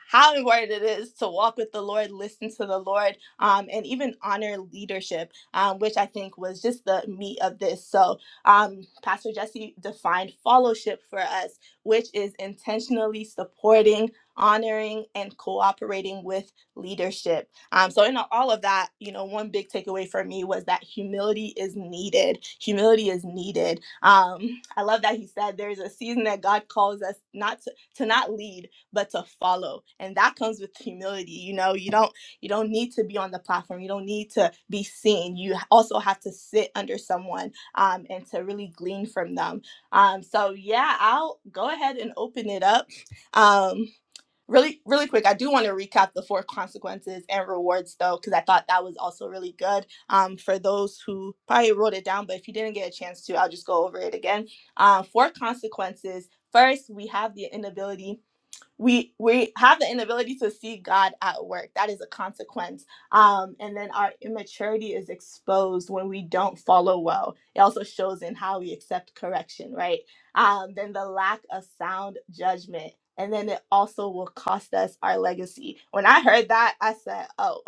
S1: how important it is to walk with the Lord, listen to the Lord, um, and even honor leadership, um, which I think was just the meat of this. So, um, Pastor Jesse defined fellowship for us, which is intentionally supporting, honoring, and cooperating with leadership. Um, so, in all of that, you know, one big takeaway for me was that humility is needed. Humility is needed. Um, I love that he said there's a season that God calls us not to, to not lead, but to follow, and that comes with humility. You know, you don't you don't need to be on the platform. You don't need to be seen. You also have to sit under someone um, and to really glean from them. Um, so, yeah, I'll go ahead and open it up. Um, Really, really quick, I do want to recap the four consequences and rewards though, because I thought that was also really good um, for those who probably wrote it down. But if you didn't get a chance to, I'll just go over it again. Uh, four consequences. First, we have the inability we we have the inability to see God at work. That is a consequence. Um, and then our immaturity is exposed when we don't follow well. It also shows in how we accept correction, right? Um, then the lack of sound judgment. And then it also will cost us our legacy. When I heard that, I said, oh,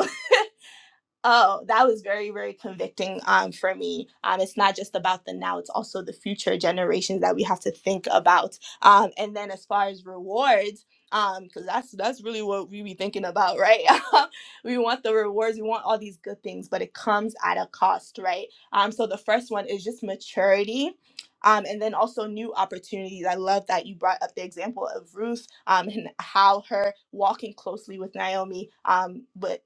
S1: Oh, that was very, very convicting um, for me. Um, it's not just about the now, it's also the future generations that we have to think about. Um, and then as far as rewards, um, because that's that's really what we be thinking about, right? we want the rewards, we want all these good things, but it comes at a cost, right? Um, so the first one is just maturity. Um, and then also new opportunities. I love that you brought up the example of Ruth um, and how her walking closely with Naomi um, but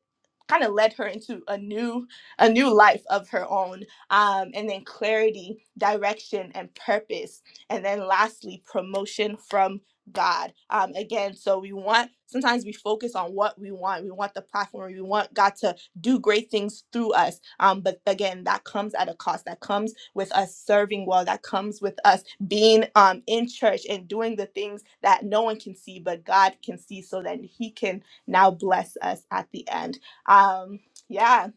S1: kind of led her into a new a new life of her own um, and then clarity direction and purpose and then lastly promotion from god um, again so we want sometimes we focus on what we want we want the platform we want god to do great things through us um, but again that comes at a cost that comes with us serving well that comes with us being um, in church and doing the things that no one can see but god can see so that he can now bless us at the end um yeah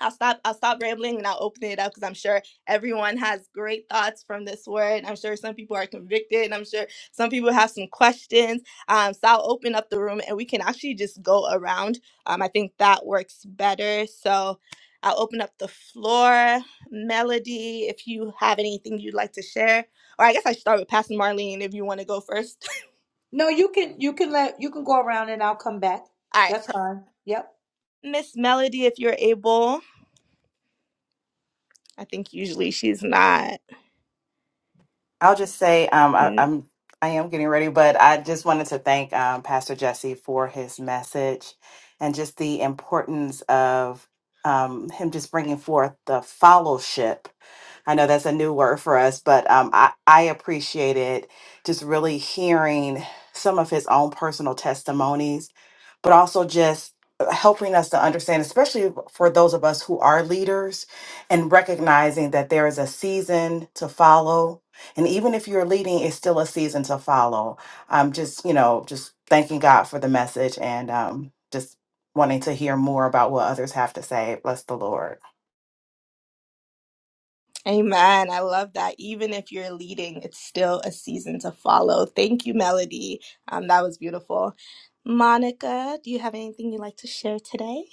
S1: i'll stop i'll stop rambling and i'll open it up because i'm sure everyone has great thoughts from this word i'm sure some people are convicted i'm sure some people have some questions um so i'll open up the room and we can actually just go around um i think that works better so i'll open up the floor melody if you have anything you'd like to share or i guess i should start with pastor marlene if you want to go first
S2: No, you can you can let you can go around and I'll come back.
S1: all right
S2: That's
S1: per-
S2: fine. Yep.
S1: miss melody if you're able i think usually she's not
S12: I'll just say um, I, I'm I am getting ready, but I just wanted to thank um, Pastor Jesse for his message and just the importance of um, him just bringing forth the fellowship. I know that's a new word for us, but um, I I appreciated just really hearing some of his own personal testimonies, but also just uh, helping us to understand, especially for those of us who are leaders, and recognizing that there is a season to follow and even if you're leading, it's still a season to follow. I'm just, you know, just thanking God for the message and um, just wanting to hear more about what others have to say. Bless the Lord.
S1: Amen. I love that. Even if you're leading, it's still a season to follow. Thank you, Melody. Um, that was beautiful. Monica, do you have anything you'd like to share today?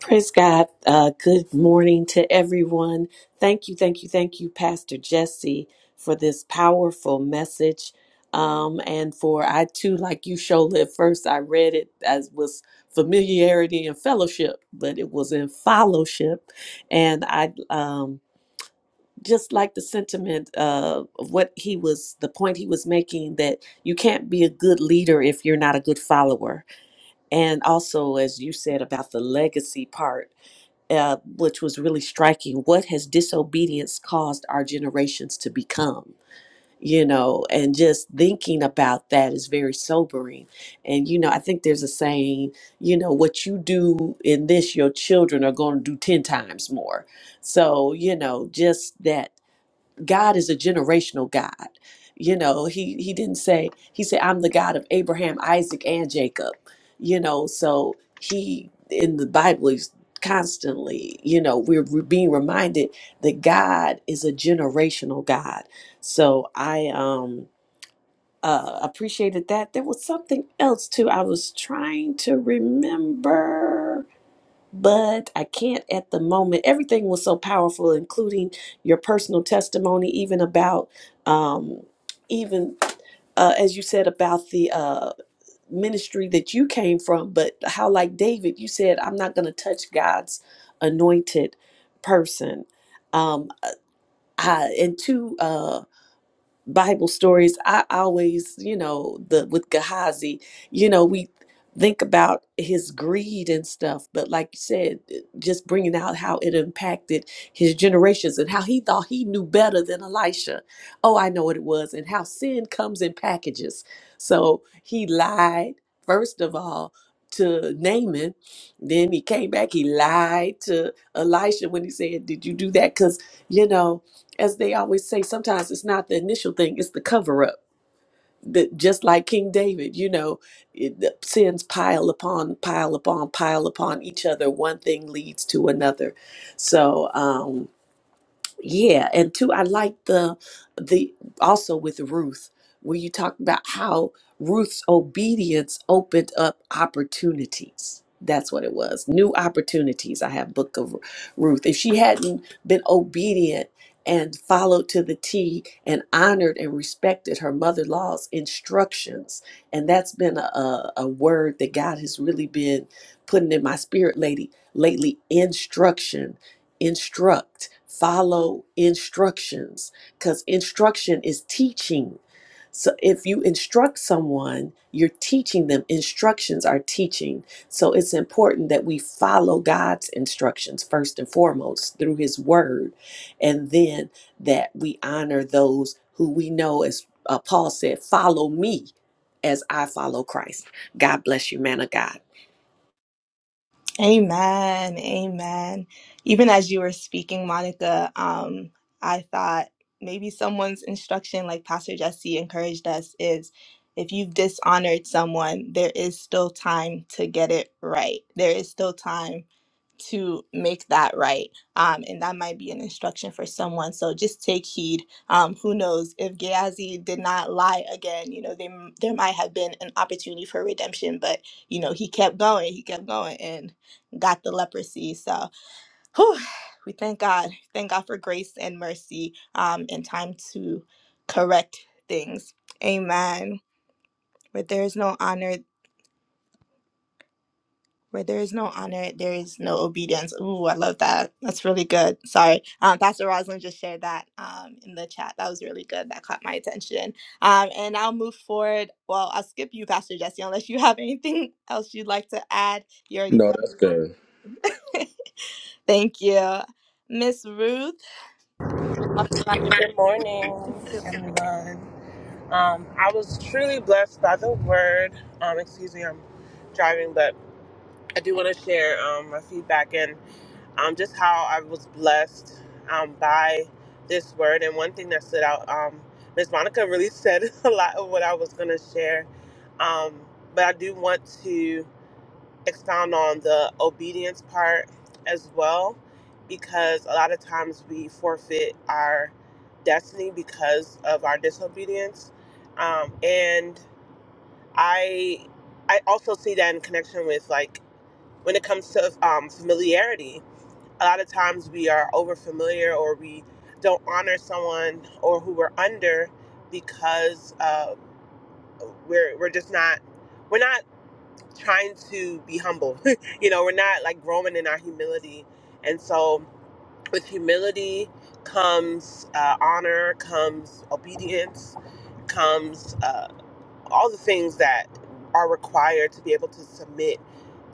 S3: Praise God. Uh, good morning to everyone. Thank you, thank you, thank you, Pastor Jesse, for this powerful message. Um, and for I too, like you, Shola, at first I read it as was familiarity and fellowship, but it was in fellowship. And I um, just like the sentiment uh, of what he was, the point he was making that you can't be a good leader if you're not a good follower and also as you said about the legacy part uh, which was really striking what has disobedience caused our generations to become you know and just thinking about that is very sobering and you know i think there's a saying you know what you do in this your children are going to do 10 times more so you know just that God is a generational God. You know, he he didn't say he said I'm the God of Abraham, Isaac, and Jacob. You know, so he in the Bible is constantly, you know, we're, we're being reminded that God is a generational God. So I um uh appreciated that. There was something else too. I was trying to remember but I can't at the moment. Everything was so powerful, including your personal testimony, even about, um, even uh, as you said about the uh, ministry that you came from, but how, like David, you said, I'm not going to touch God's anointed person. Um, I, and two. uh. Bible stories, I always, you know, the with Gehazi, you know, we think about his greed and stuff, but like you said, it- just bringing out how it impacted his generations and how he thought he knew better than Elisha. Oh, I know what it was, and how sin comes in packages. So he lied first of all to Naaman, then he came back. He lied to Elisha when he said, "Did you do that?" Because you know as they always say, sometimes it's not the initial thing, it's the cover up. That just like King David, you know, it, the sins pile upon, pile upon, pile upon each other. One thing leads to another. So, um, yeah, and two, I like the the also with Ruth, where you talked about how Ruth's obedience opened up opportunities. That's what it was. New opportunities. I have Book of Ruth. If she hadn't been obedient and followed to the T and honored and respected her mother-in-law's instructions, and that's been a, a, a word that God has really been putting in my spirit lady lately, instruction instruct, follow instructions, because instruction is teaching. So if you instruct someone, you're teaching them. Instructions are teaching. So it's important that we follow God's instructions first and foremost through His Word, and then that we honor those who we know, as uh, Paul said, follow me as I follow Christ. God bless you, man of God.
S1: Amen. Amen. Even as you were speaking, Monica, um, I thought maybe someone's instruction, like Pastor Jesse encouraged us, is if you've dishonored someone, there is still time to get it right. There is still time to make that right. Um, and that might be an instruction for someone. So just take heed. Um, who knows if Gehazi did not lie again? You know, they, there might have been an opportunity for redemption, but you know, he kept going, he kept going, and got the leprosy. So, whew, we thank God, thank God for grace and mercy, um, and time to correct things. Amen. Where there is no honor, Where there is no honor, there is no obedience. Ooh, I love that. That's really good. Sorry. Um, Pastor Rosalind just shared that um, in the chat. That was really good. That caught my attention. Um, and I'll move forward. Well, I'll skip you, Pastor Jesse, unless you have anything else you'd like to add. You already
S4: No,
S1: blessed.
S4: that's good.
S1: Thank you. Miss Ruth, we're talking about
S7: Good morning,
S1: your.
S7: everyone. Um, I was truly blessed by the word. Um, excuse me, I'm driving, but I do want to share um, my feedback and um, just how I was blessed um, by this word. And one thing that stood out, um, Miss Monica really said a lot of what I was going to share. Um, but I do want to. expound on the obedience part as well because a lot of times we forfeit our destiny because of our disobedience um, and i i also see that in connection with like when it comes to um, familiarity a lot of times we are over familiar or we don't honor someone or who we're under because uh, we're we're just not we're not trying to be humble. you know, we're not like growing in our humility. And so with humility comes uh, honor, comes obedience, comes uh, all the things that are required to be able to submit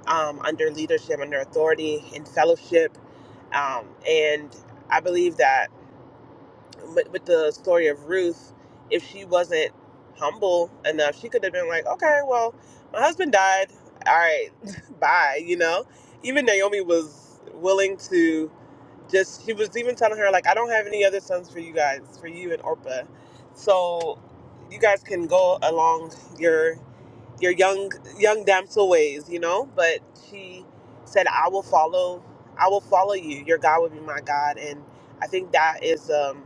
S7: um, under leadership, under authority, in fellowship. Um, and I believe that with, with the story of Ruth, if she wasn't humble enough, she could have been like, okay, well, my husband died. All right, bye. You know, even Naomi was willing to just, she was even telling her, like, I don't have any other sons for you guys, for you and Orpah. So you guys can go along your your young young damsel ways, you know? But she said, I will follow I will follow you. Your God will be my God. And I think that is um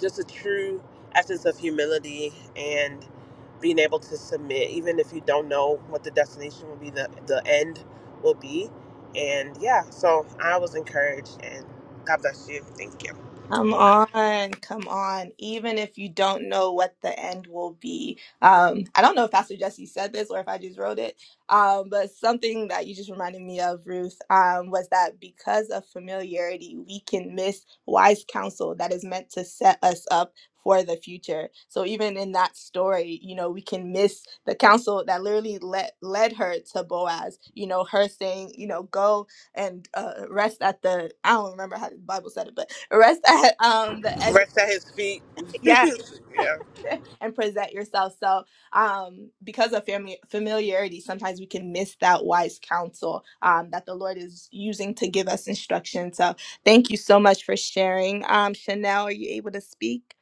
S7: just a true essence of humility and being able to submit, even if you don't know what the destination will be, the the end will be. And yeah, so I was encouraged, and God bless you. Thank you.
S1: Come on, come on. Even if you don't know what the end will be, um, I don't know if Pastor Jesse said this or if I just wrote it, um, but something that you just reminded me of, Ruth, um, was that because of familiarity, we can miss wise counsel that is meant to set us up for the future. So even in that story, you know, we can miss the counsel that literally led led her to Boaz. You know, her saying, you know, go and uh, rest at the I don't remember how the Bible said it, but rest at um the edge. Of,
S7: Rest at His feet.
S1: yeah,
S7: yeah.
S1: and present yourself. So um because of family familiarity, sometimes we can miss that wise counsel um that the Lord is using to give us instruction. So thank you so much for sharing. Um, Chanel, are you able to speak?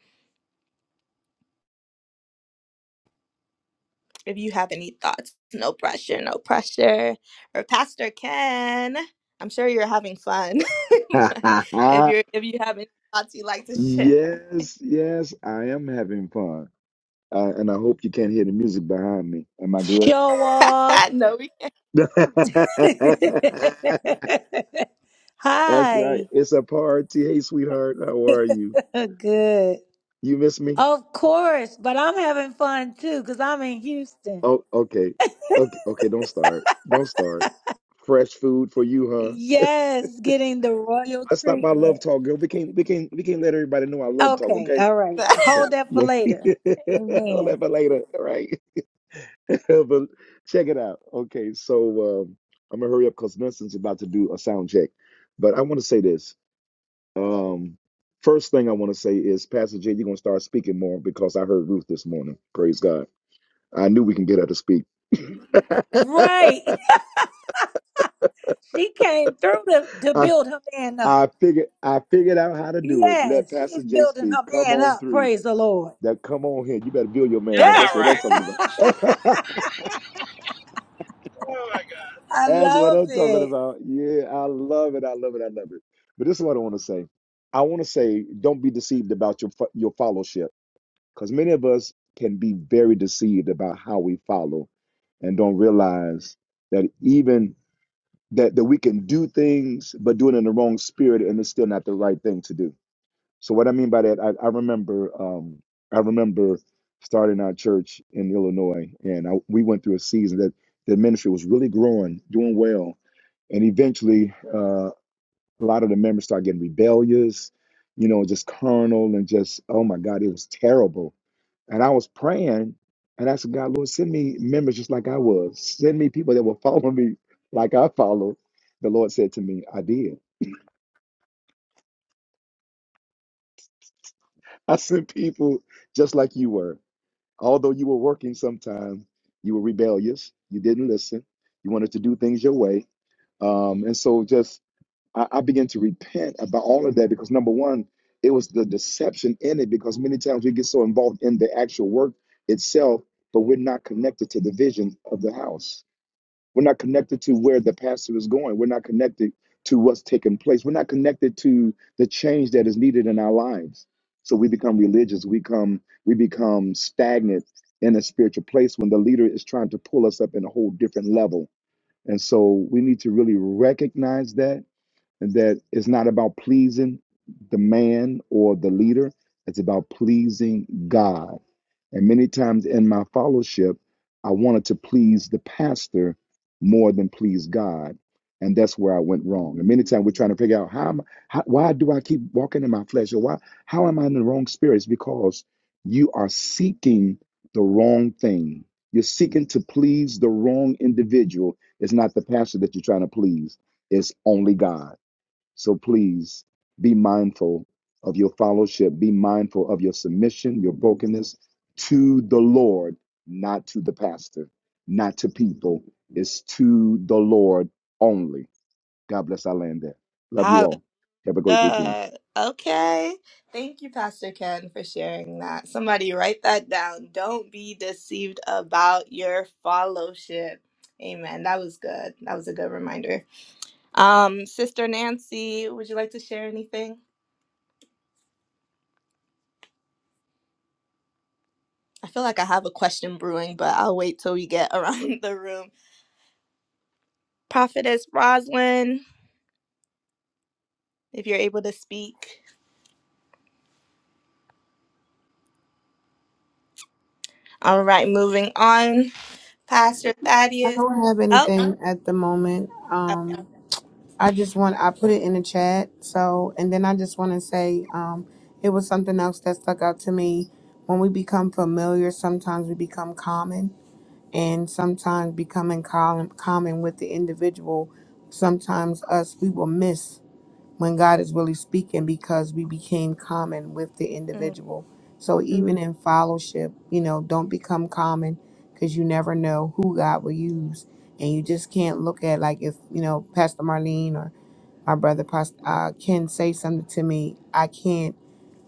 S1: If you have any thoughts, no pressure, no pressure. Or Pastor Ken, I'm sure you're having fun. but if
S11: right.
S1: you're if you have any thoughts you'd like to share.
S11: Yes, yes, I am having fun. Uh, and I hope you can't hear the music behind me. Am I good?
S2: Show off.
S1: no, we
S11: That's right.
S2: Hi.
S11: It's a party. Hey, sweetheart, how are you?
S2: Good.
S11: You miss me?
S2: Of course, but I'm having fun too because I'm in Houston.
S11: Oh, okay. Okay, okay, don't start. Don't start. Fresh food for you, huh?
S2: Yes, getting the royal
S11: Let's stop by Love
S2: treatment.
S11: Talk, girl. We can't we can't we can't let everybody know I love talk,
S2: Okay,
S11: okay?
S2: all right.
S1: can't.
S2: Hold
S11: So
S2: that for
S11: yeah.
S2: later.
S11: I'll
S2: Amen.
S11: have it later. All right. but check it out. Okay, so um, I'm gonna hurry up because Nelson's about to do a sound check. But I want to say this. Um, first thing I want to say is, Pastor J, you're gonna start speaking more because I heard Ruth this morning. Praise God. I knew we can get her to speak.
S2: Right. she came through to, to
S11: I,
S2: build her man up.
S11: I figured I figured out how to do it. Let
S2: Yes,
S11: Pastor
S2: she's
S11: J
S2: building her
S11: speak. Come
S2: man
S11: on
S2: up.
S11: through.
S2: Praise the Lord.
S11: That come on here. You better build your man
S7: Y'all
S11: up. That's
S7: not
S11: what I'm
S7: right.
S11: talking
S2: I
S11: about.
S7: Oh my
S11: That's what
S2: love
S11: I'm talking
S2: it.
S11: about. Yeah, I love it. I love it. I love it. But this is what I want to say. I want to say, don't be deceived about your fo- your fellowship, because many of us can be very deceived about how we follow, and don't realize that even that that we can do things, but do it in the wrong spirit, and it's still not the right thing to do. So what I mean by that, I, I remember um, I remember starting our church in Illinois, and I, we went through a season that the ministry was really growing, doing well, and eventually uh, a lot of the members started getting rebellious, you know, just carnal and just oh my God, it was terrible. And I was praying, and I said, God, Lord, send me members just like I was. Send me people that will follow me like I followed. The Lord said to me, I did. I sent people just like you were. Although you were working sometime, you were rebellious. You didn't listen. You wanted to do things your way. Um, and so just I, I began to repent about all of that because number one, it was the deception in it because many times we get so involved in the actual work itself, but we're not connected to the vision of the house. We're not connected to where the pastor is going. We're not connected to what's taking place. We're not connected to the change that is needed in our lives. So we become religious. We come we become stagnant in a spiritual place when the leader is trying to pull us up in a whole different level. And so we need to really recognize that and that it's not about pleasing the man or the leader. It's about pleasing God and many times in my fellowship, I wanted to please the pastor more than please God. And that's where I went wrong. And many times we're trying to figure out how, am, how why do I keep walking in my flesh or why how am I in the wrong spirit? It's because you are seeking the wrong thing. You're seeking to please the wrong individual. It's not the pastor that you're trying to please. It's only God. So please be mindful of your fellowship, be mindful of your submission, your brokenness to the Lord, not to the pastor, not to people. It's to the Lord only. God bless our land there. Love you all. Have a great weekend.
S1: Hallelujah. Okay. Thank you, Pastor Ken, for sharing that. Somebody write that down. Don't be deceived about your fellowship. Amen. That was good. That was a good reminder. Um, Sister Nancy, would you like to share anything? I feel like I have a question brewing, but I'll wait till we get around the room. Prophetess Roslyn, if you're able to speak. All right, moving on. Pastor
S13: I
S1: Thaddeus.
S13: don't have
S1: Oh,
S13: anything at the moment. Um, I just want I put it in the chat. So, and then I just want to say, um, it was something else that stuck out to me. When we become familiar, sometimes we become common, and sometimes becoming common common with the individual, sometimes us we will miss when God is really speaking because we became common with the
S1: okay.
S13: individual. So even in fellowship, you know, don't become common because you never know who God will
S1: Yeah.
S13: use. And you just can't look at like if, you know, Pastor Marlene or my brother Pastor uh, Ken say something to me, I can't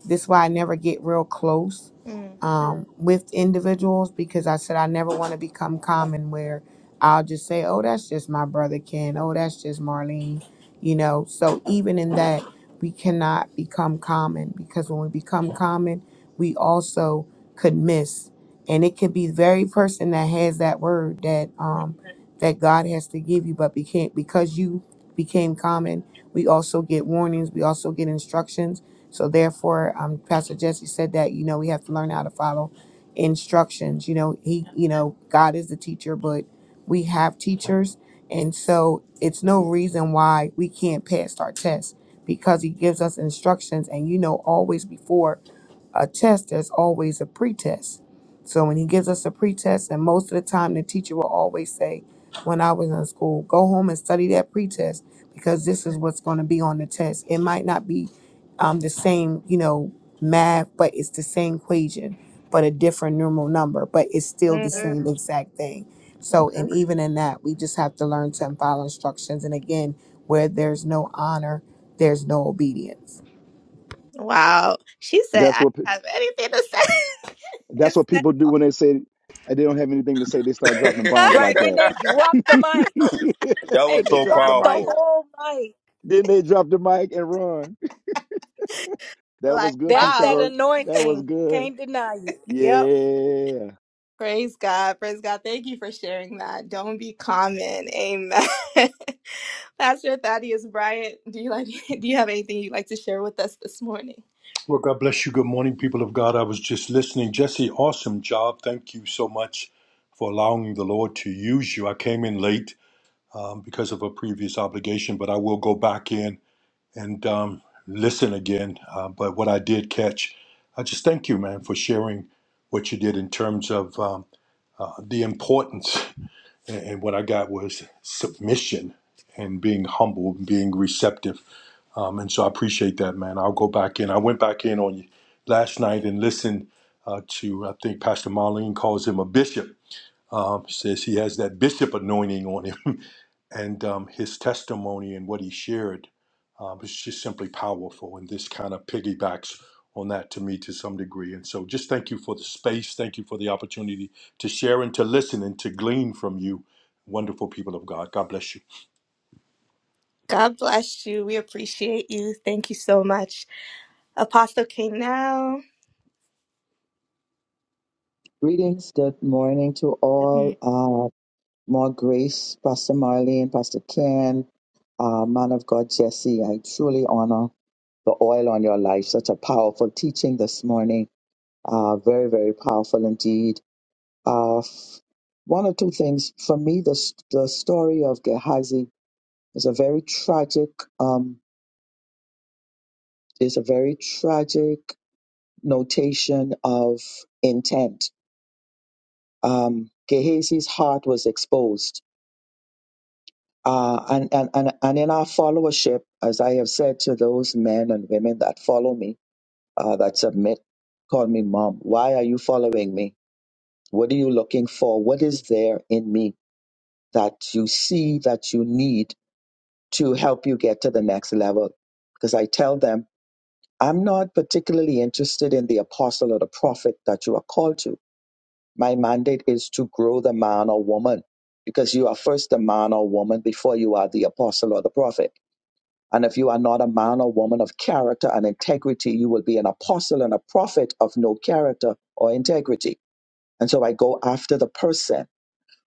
S13: this is why I never get real close
S1: Mm.
S13: um, with individuals because I said I never want to become common where I'll just say, oh, that's just my brother Ken. Oh, that's just Marlene. You know, so even in that, we cannot become common because when we become common, we also could miss. And it could be the very person that has that word that
S1: Mm.
S13: um, that God has to give you, but became because you became common, we also get warnings, we also get instructions so therefore, um, Pastor Jesse said that you know we have to learn how to follow instructions. You know, he,
S1: Yeah.
S13: you know, God is the teacher, but we have teachers, and so it's no reason why we can't pass our tests because He gives us instructions, and you know always before a test, there's always a pretest. So when he gives us a pretest, and most of the time the teacher will always say, when I was in school, go home and study that pretest because this is what's going to be on the test. It might not be um, the same, you know, math, but it's the same equation, but a different numeral number, but it's still the Mm,
S1: Mm.
S13: same Mm. exact thing. So,
S1: Okay.
S13: and even in that, we just have to learn to follow instructions. And again, where there's no honor, there's no obedience.
S1: Wow. She said,
S11: That's
S1: I didn't
S11: what pe-
S1: have anything to say.
S11: that's
S1: It's-
S11: what people do when they say they don't have anything to say. They start dropping bombs
S2: Right.
S11: like
S2: Then
S11: that.
S2: they
S4: that
S2: dropped the
S11: then
S2: mic.
S4: was
S2: They
S11: they
S4: so
S11: drop the
S2: dropped the
S11: mic.
S4: powerful.
S2: whole mic.
S11: Then they drop the mic and run. That
S1: like,
S11: was good
S2: That's
S11: piece of
S2: that
S1: wow.
S11: work. That was
S2: anointing.
S11: good.
S2: Can't deny it. Yep.
S11: Yeah.
S1: Praise God. Praise God. Thank you for sharing that. Don't be common. Amen. Pastor Thaddeus Bryant, do you like do you have anything you'd like to share with us this morning?
S14: Well, God bless you. Good morning, people of God. I was just listening. Jesse, awesome job. Thank you so much for allowing the Lord to use you. I came in late um, because of a previous obligation, but I will go back in and um, listen again. Uh, but what I did catch, I just thank you, man, for sharing what you did in terms of um, uh, the importance. And, and what I got was submission and being humble, being receptive um, and so I appreciate that, man. I'll go back in. I went back in on you last night and listened uh, to, I think Pastor Marlene calls him a bishop. Um, says he has that bishop anointing on him. and um, his testimony and what he shared um, is just simply powerful. And this kind of piggybacks on that to me to some degree. And so just thank you for the space. Thank you for the opportunity to share and to listen and to glean from you, wonderful people of God. God bless you.
S1: God bless you. We appreciate you. Thank you so much. Apostle K now.
S8: Greetings, good morning to all. Uh, more grace, Pastor Marlene, Pastor Ken, uh, man of God, Jesse. I truly honor the oil on your life. Such a powerful teaching this morning. Uh, very, very powerful indeed. Uh, f- one or two things. For me, the, s- the story of Gehazi is a very tragic, um, is a very tragic notation of intent. Um, Gehazi's heart was exposed. Uh, and, and, and, and in our followership, as I have said to those men and women that follow me, uh, that submit, call me mom, why are you following me? What are you looking for? What is there in me that you see that you need to help you get to the next level? Because I tell them, I'm not particularly interested in the apostle or the prophet that you are called to. My mandate is to grow the man or woman because you are first the man or woman before you are the apostle or the prophet. And if you are not a man or woman of character and integrity, you will be an apostle and a prophet of no character or integrity. And so I go after the person.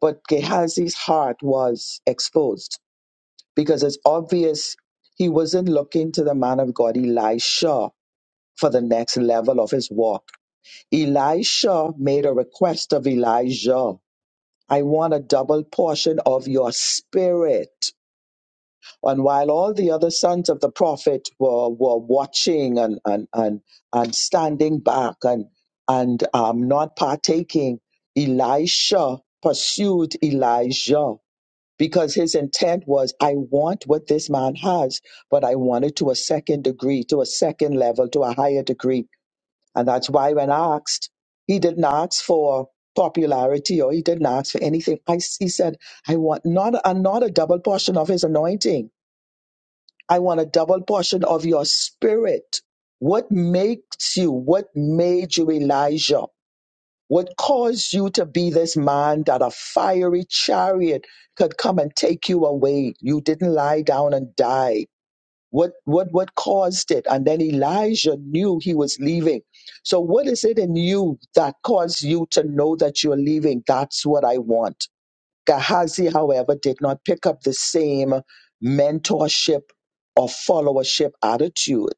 S8: But Gehazi's heart was exposed because it's obvious he wasn't looking to the man of God, Elisha, for the next level of his walk. Elisha made a request of Elijah I want a double portion of your spirit. And while all the other sons of the prophet were, were watching and, and, and, and standing back and, and um, not partaking, Elisha pursued Elijah because his intent was, I want what this man has, but I want it to a second degree, to a second level, to a higher degree. And that's why when asked, he didn't ask for popularity or he didn't ask for anything. I, he said, I want not, a, not a double portion of his anointing. I want a double portion of your spirit. What makes you? What made you Elijah? What caused you to be this man that a fiery chariot could come and take you away? You didn't lie down and die what what what caused it? And then Elijah knew he was leaving. So what is it in you that caused you to know that you're leaving? That's what I want. Gehazi, however, did not pick up the same mentorship or followership attitude.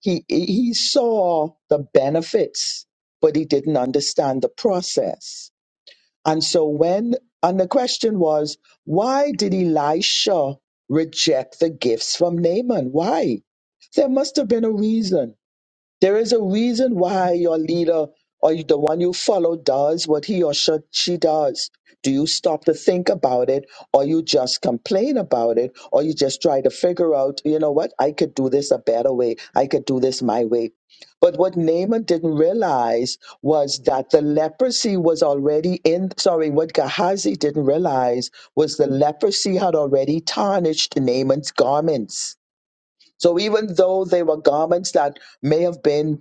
S8: He he he saw the benefits, but he didn't understand the process. And so when, and the question was, why did Elisha reject the gifts from Naaman? Why? There must have been a reason. There is a reason why your leader or the one you follow does what he or sh- she does. Do you stop to think about it, or you just complain about it, or you just try to figure out, you know what, I could do this a better way, I could do this my way? But what Naaman didn't realize was that the leprosy was already in, sorry, what Gehazi didn't realize was the leprosy had already tarnished Naaman's garments. So even though they were garments that may have been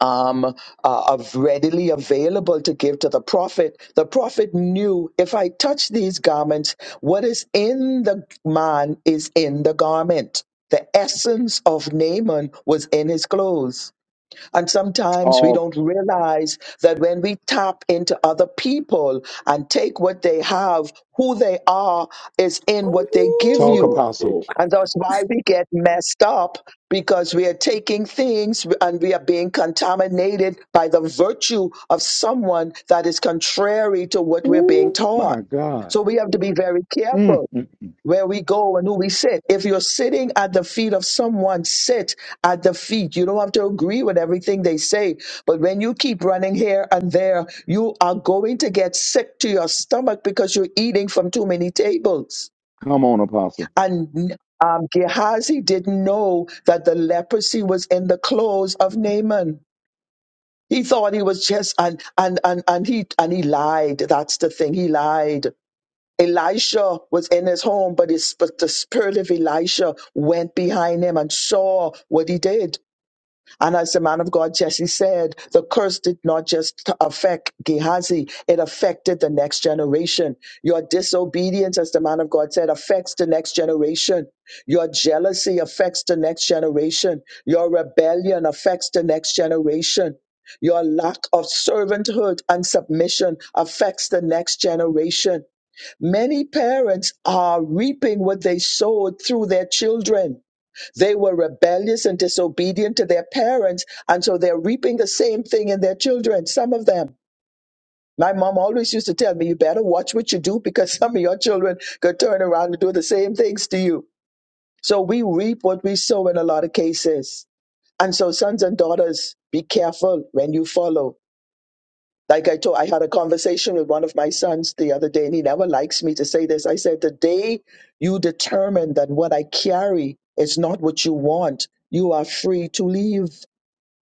S8: um, uh, of readily available to give to the prophet. The prophet knew if I touch these garments, what is in the man is in the garment. The essence of Naaman was in his clothes. And sometimes we
S11: Talk,
S8: don't realize that when we tap into other people and take what they have, who they are is in what they give
S11: talk,
S8: you
S2: Ooh,
S11: Apostle.
S8: and that's why we get messed up because we are taking things and we are being contaminated by the virtue of someone that is contrary to what we're being
S11: Oh
S8: taught.
S11: my God.
S8: So we have to be very
S11: Mm,
S8: careful
S11: mm, mm.
S8: where we go and who we sit. If you're sitting at the feet of someone, sit at the feet. You don't have to agree with everything they say. But when you keep running here and there, you are going to get sick to your stomach because you're eating from too many tables.
S11: Come on, Apostle.
S8: And um, Gehazi didn't know that the leprosy was in the clothes of Naaman. He thought he was just and and and and he and he lied. That's the thing. He lied. Elisha was in his home, but, his, but the spirit of Elisha went behind him and saw what he did. And as the man of God Jesse said, the curse did not just affect Gehazi, it affected the next generation. Your disobedience, as the man of God said, affects the next generation. Your jealousy affects the next generation. Your rebellion affects the next generation. Your lack of servanthood and submission affects the next generation. Many parents are reaping what they sowed through their children. They were rebellious and disobedient to their parents, and so they're reaping the same thing in their children, some of them. My mom always used to tell me, you better watch what you do because some of your children could turn around and do the same things to you. So we reap what we sow in a lot of cases. And so, sons and daughters, be careful when you follow like I told, I had a conversation with one of my sons the other day, and he never likes me to say this. I said, The day you determine that what I carry is not what you want, you are free to leave.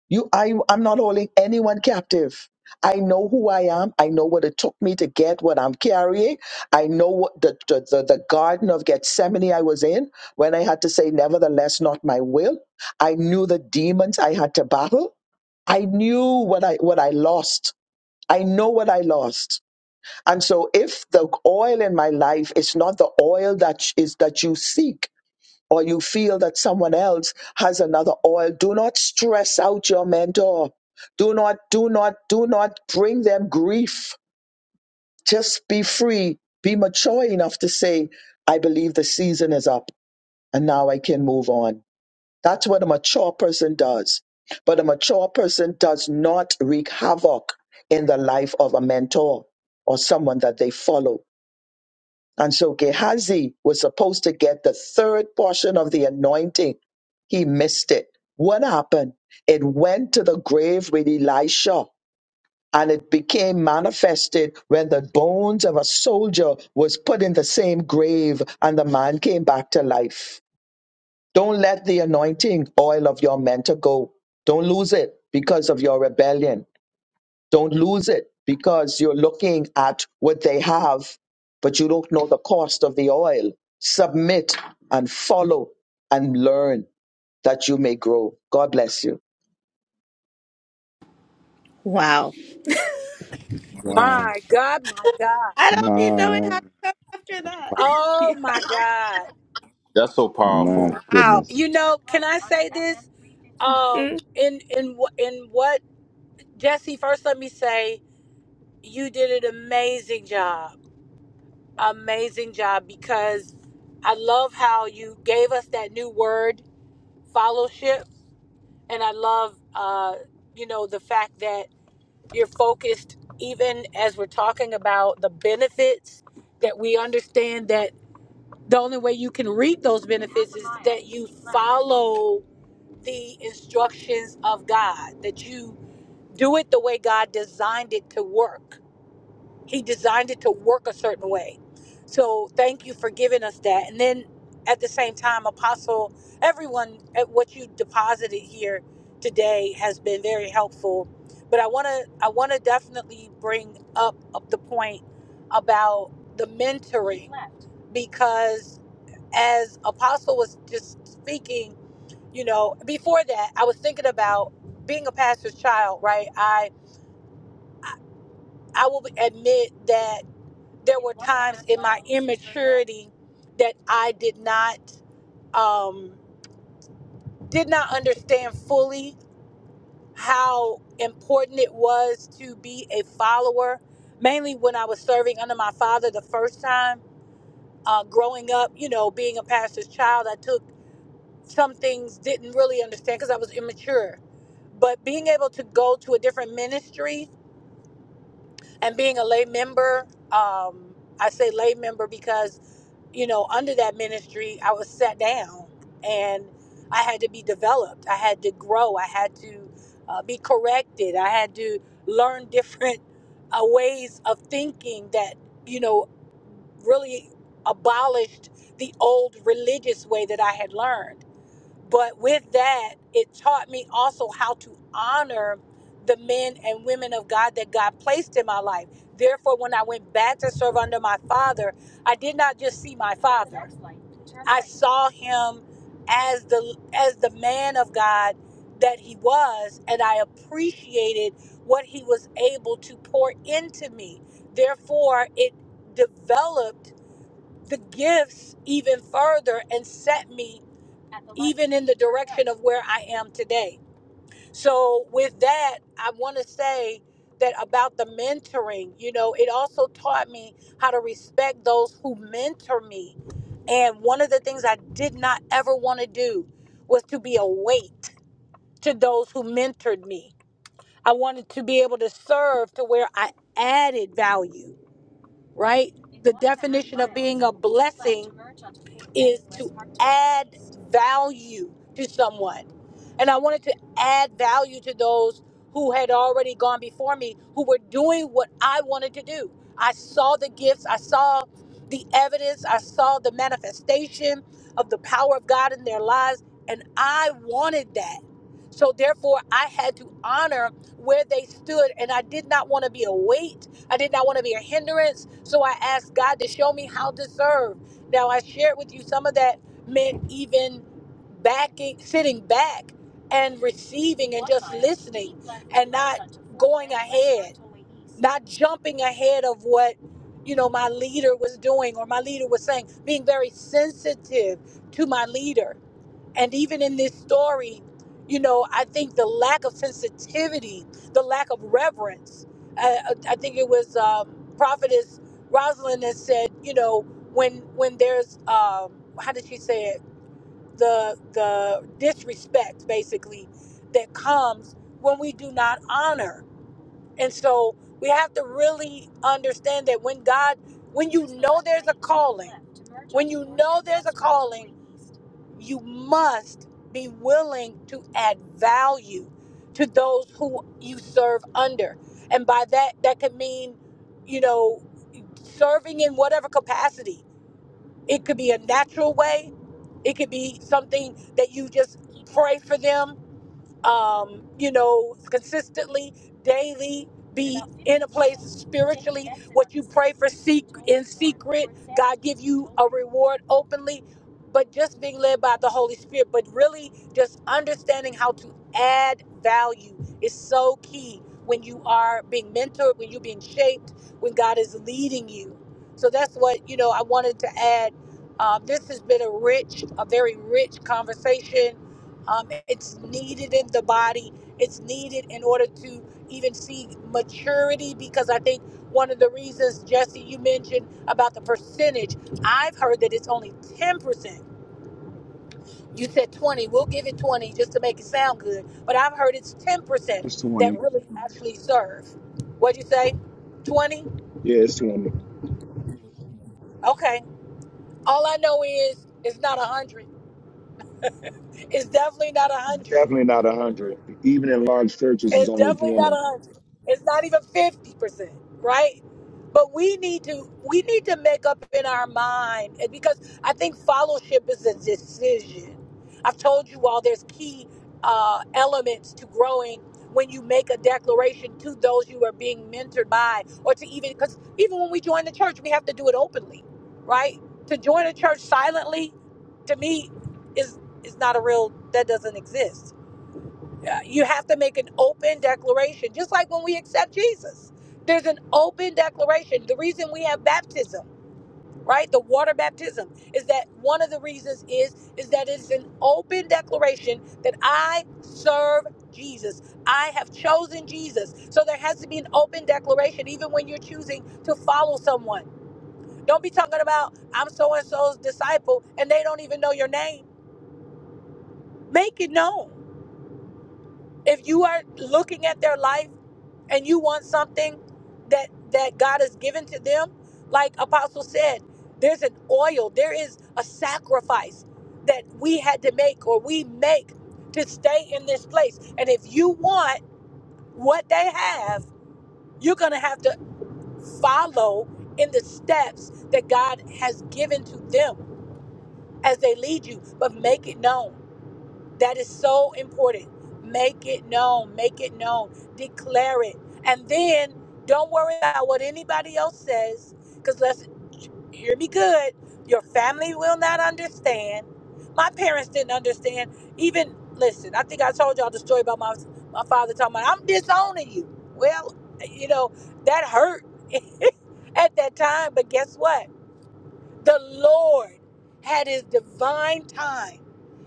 S8: You, I, I'm not holding anyone captive. I know who I am. I know what it took me to get what I'm carrying. I know what the, the, the, the garden of Gethsemane I was in when I had to say, Nevertheless, not my will. I knew the demons I had to battle. I knew what I what I lost I know what I lost. And so if the oil in my life is not the oil that sh- is that you seek or you feel that someone else has another oil, do not stress out your mentor. Do not do not do not bring them grief. Just be free. Be mature enough to say, I believe the season is up and now I can move on. That's what a mature person does. But a mature person does not wreak havoc in the life of a mentor or someone that they follow. And so Gehazi was supposed to get the third portion of the anointing. He missed it. What happened? It went to the grave with Elisha and it became manifested when the bones of a soldier was put in the same grave and the man came back to life don't let the anointing oil of your mentor go. Don't lose it because of your rebellion. Don't lose it because you're looking at what they have, but you don't know the cost of the oil. Submit and follow and learn that you may grow. God bless you.
S1: Wow.
S11: Wow.
S2: my God, my God.
S1: I don't be knowing
S11: My,
S1: how to come after that.
S11: my,
S2: Oh
S1: yeah.
S2: my God.
S4: That's so
S1: Ooh,
S11: my
S4: powerful.
S1: Wow.
S11: goodness.
S2: You know, can I say this? Um,
S1: Mm.
S2: in in wh- in what Jesse? First, let me say you did an amazing job. Amazing job because I love how you gave us that new word, fellowship, and I love uh, you know the fact that. You're focused, even as we're talking about the benefits, that we understand that the only way you can reap those benefits is that you follow the instructions of God, that you do it the way God designed it to work he designed it to work a certain way. So thank you for giving us that. And then at the same time, Apostle, everyone, at what you deposited here today has been very helpful. But I want to I want to definitely bring up, up the point about the mentoring because as Apostle was just speaking, you know, before that, I was thinking about being a pastor's child, right? I I will admit that there were times in my immaturity that I did not um, did not understand fully how important it was to be a follower. Mainly when I was serving under my father the first time, uh, growing up, you know, being a pastor's child, I took some things didn't really understand because I was immature. But being able to go to a different ministry and being a lay member, um, I say lay member because you know, under that ministry, I was set down and I had to be developed. I had to grow. I had to uh, be corrected. I had to learn different uh, ways of thinking that, you know, really abolished the old religious way that I had learned but with that, it taught me also how to honor the men and women of God that God placed in my life. Therefore, when I went back to serve under my father, I did not just see my father. I saw him as the as the man of God that he was, and I appreciated what he was able to pour into me. Therefore, it developed the gifts even further and set me even in the direction of where I am today. So, with that, I want to say that about the mentoring, you know, it also taught me how to respect those who mentor me. And one of the things I did not ever want to do was to be a weight to those who mentored me. I wanted to be able to serve to where I added value right? The definition of being a blessing is to add value to someone. And I wanted to add value to those who had already gone before me, who were doing what I wanted to do. I saw the gifts, I saw the evidence, I saw the manifestation of the power of God in their lives, and I wanted that. So therefore, I had to honor where they stood, and I did not want to be a weight I did not want to be a hindrance. So I asked God to show me how to serve. Now I shared with you some of that meant even backing, sitting back and receiving and just listening and not going ahead, not jumping ahead of what you know my leader was doing or my leader was saying, being very sensitive to my leader. And even in this story, you know, I think the lack of sensitivity, the lack of reverence. I, I think it was um, prophetess Rosalind that said, you know, when when there's um, how did she say it? The the disrespect basically that comes when we do not honor. And so we have to really understand that when God, when you know there's a calling, when you know there's a calling, you must be willing to add value to those who you serve under. And by that, that could mean, you know, serving in whatever capacity. It could be a natural way, it could be something that you just pray for them um, you know, consistently, daily, be in a place spiritually. What you pray for seek in secret, God give you a reward openly. But just being led by the Holy Spirit, but really just understanding how to add value is so key when you are being mentored, when you're being shaped, when God is leading you. So that's what you know. I wanted to add. Um, this has been a rich, a very rich conversation um, it's needed in the body. It's needed in order to even see maturity because I think one of the reasons, Jesse, you mentioned about the percentage, I've heard that it's only 10%. You said 20. We'll give it 20 just to make it sound good. But I've heard it's
S11: It's
S2: 10% that
S11: 20.
S2: really actually serve. What'd you say? 20?
S11: Yeah, it's 20.
S2: Okay. All I know is it's not 100. It's definitely not 100.
S11: Definitely not 100. Even in large churches, it's
S2: It's
S11: only
S2: definitely not a
S11: 20.
S2: hundred. It's not even fifty percent, right? But we need to we need to make up in our mind and because I think fellowship is a decision. I've told you all there's key uh, elements to growing when you make a declaration to those you are being mentored by, or to even because even when we join the church, we have to do it openly, right? To join a church silently, to me, is is not a real that doesn't exist uh, you have to make an open declaration, just like when we accept Jesus. There's an open declaration. The reason we have baptism, right? The water baptism is that one of the reasons is is that it's an open declaration that I serve Jesus. I have chosen Jesus. So there has to be an open declaration, even when you're choosing to follow someone. Don't be talking about I'm so and so's disciple and they don't even know your name. Make it known. If you are looking at their life and you want something that that God has given to them, like Apostle said, there's an oil, there is a sacrifice that we had to make or we make to stay in this place. And if you want what they have, you're gonna have to follow in the steps that God has given to them as they lead you, but make it known. That is so important. Make it known, make it known, declare it. And then don't worry about what anybody else says, because let's hear me good. Your family will not understand. My parents didn't understand. Even listen, I think I told y'all the story about my my father talking about I'm disowning you. Well, you know, that hurt at that time, but guess what? The Lord had his divine time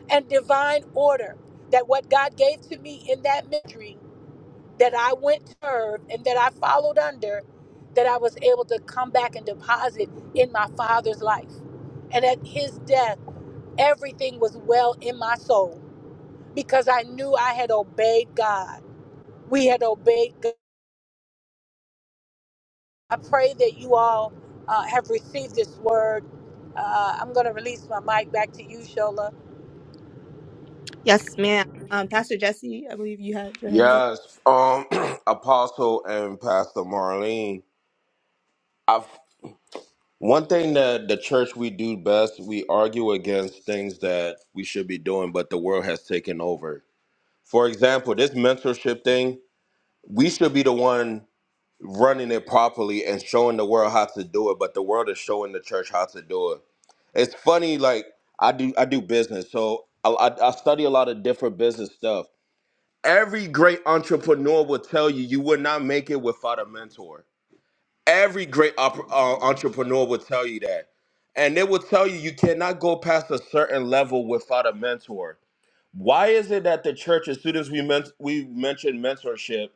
S2: and divine order that what God gave to me in that ministry that I went to serve and that I followed under, that I was able to come back and deposit in my father's life. And at his death, everything was well in my soul because I knew I had obeyed God. We had obeyed God. I pray that you all uh, have received this word. Uh, I'm going to release my mic back to you, Shola.
S1: Yes, ma'am. Um, Pastor Jesse, I believe you had your hands
S4: Yes, um, Apostle and Pastor Marlene. I've, one thing that the church we do best, we argue against things that we should be doing, but the world has taken over. For example, this mentorship thing, we should be the one running it properly and showing the world how to do it, but the world is showing the church how to do it. It's funny, like I do, I do business, so I, I, I study a lot of different business stuff. Every great entrepreneur will tell you you would not make it without a mentor. Every great op- uh, entrepreneur will tell you that. And they will tell you you cannot go past a certain level without a mentor. Why is it that the church, as soon as we, men- we mention mentorship,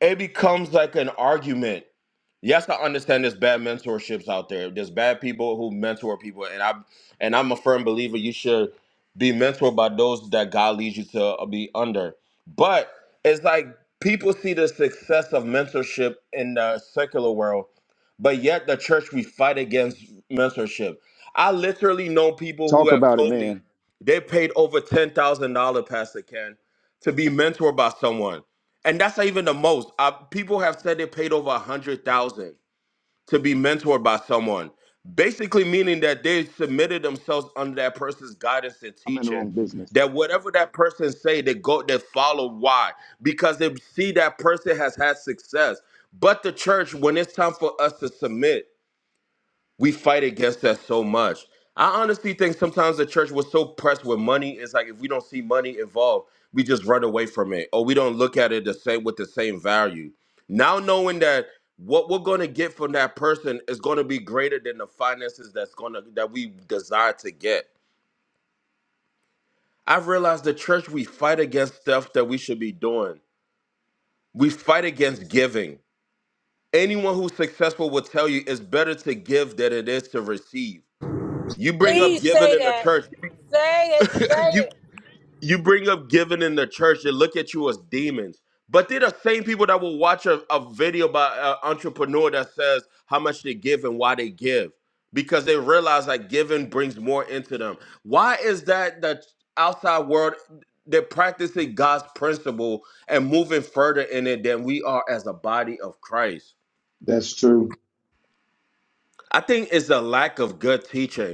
S4: it becomes like an argument? yes, I understand there's bad mentorships out there. There's bad people who mentor people, and I am and I'm a firm believer you should be mentored by those that God leads you to uh, be under. But it's like people see the success of mentorship in the secular world, but yet the church we fight against mentorship. I literally know people who
S11: Talk
S4: have
S11: about it,
S4: told me
S11: man.
S4: they paid over ten thousand dollar, Pastor Ken, to be mentored by someone and that's not even the most. Uh, people have said they paid over a hundred thousand to be mentored by someone, basically meaning that they submitted themselves under that person's guidance and
S11: I'm in the
S4: teaching.
S11: wrong business.
S4: That whatever that person say, they go, they follow. Why? Because they see that person has had success. But the church, when it's time for us to submit, we fight against that so much. I honestly think sometimes the church was so pressed with money. It's like if we don't see money involved, we just run away from it, or we don't look at it the same with the same value. Now knowing that what we're going to get from that person is going to be greater than the finances that's going to that we desire to get. I've realized the church we fight against stuff that we should be doing. We fight against giving. Anyone who's successful will tell you it's better to give than it is to receive. You bring up
S2: Please
S4: giving
S2: say
S4: in the
S2: that.
S4: church,
S2: Say it. Say
S4: you
S2: it.
S4: you bring up giving in the church they look at you as demons but they're the same people that will watch a, a video by an entrepreneur that says how much they give and why they give because they realize that giving brings more into them why is that the outside world they're practicing god's principle and moving further in it than we are as a body of christ
S11: That's true.
S4: i think it's a lack of good teaching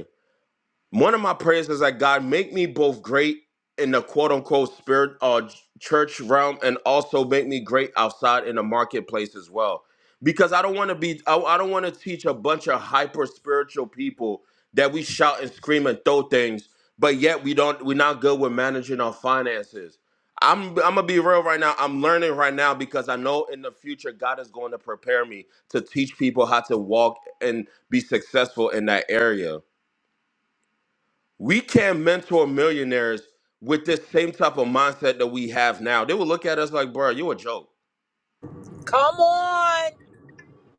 S4: One of my prayers is that God make me both great in the quote unquote spirit or uh, church realm and also make me great outside in the marketplace as well. Because I don't want to be, I, I don't want to teach a bunch of hyper spiritual people that we shout and scream and throw things, but yet we don't, we're not good with managing our finances. I'm, I'm gonna be real right now. I'm learning right now because I know in the future God is going to prepare me to teach people how to walk and be successful in that area. We can't mentor millionaires with this same type of mindset that we have now. They will look at us like, bro, you a joke.
S2: Come on.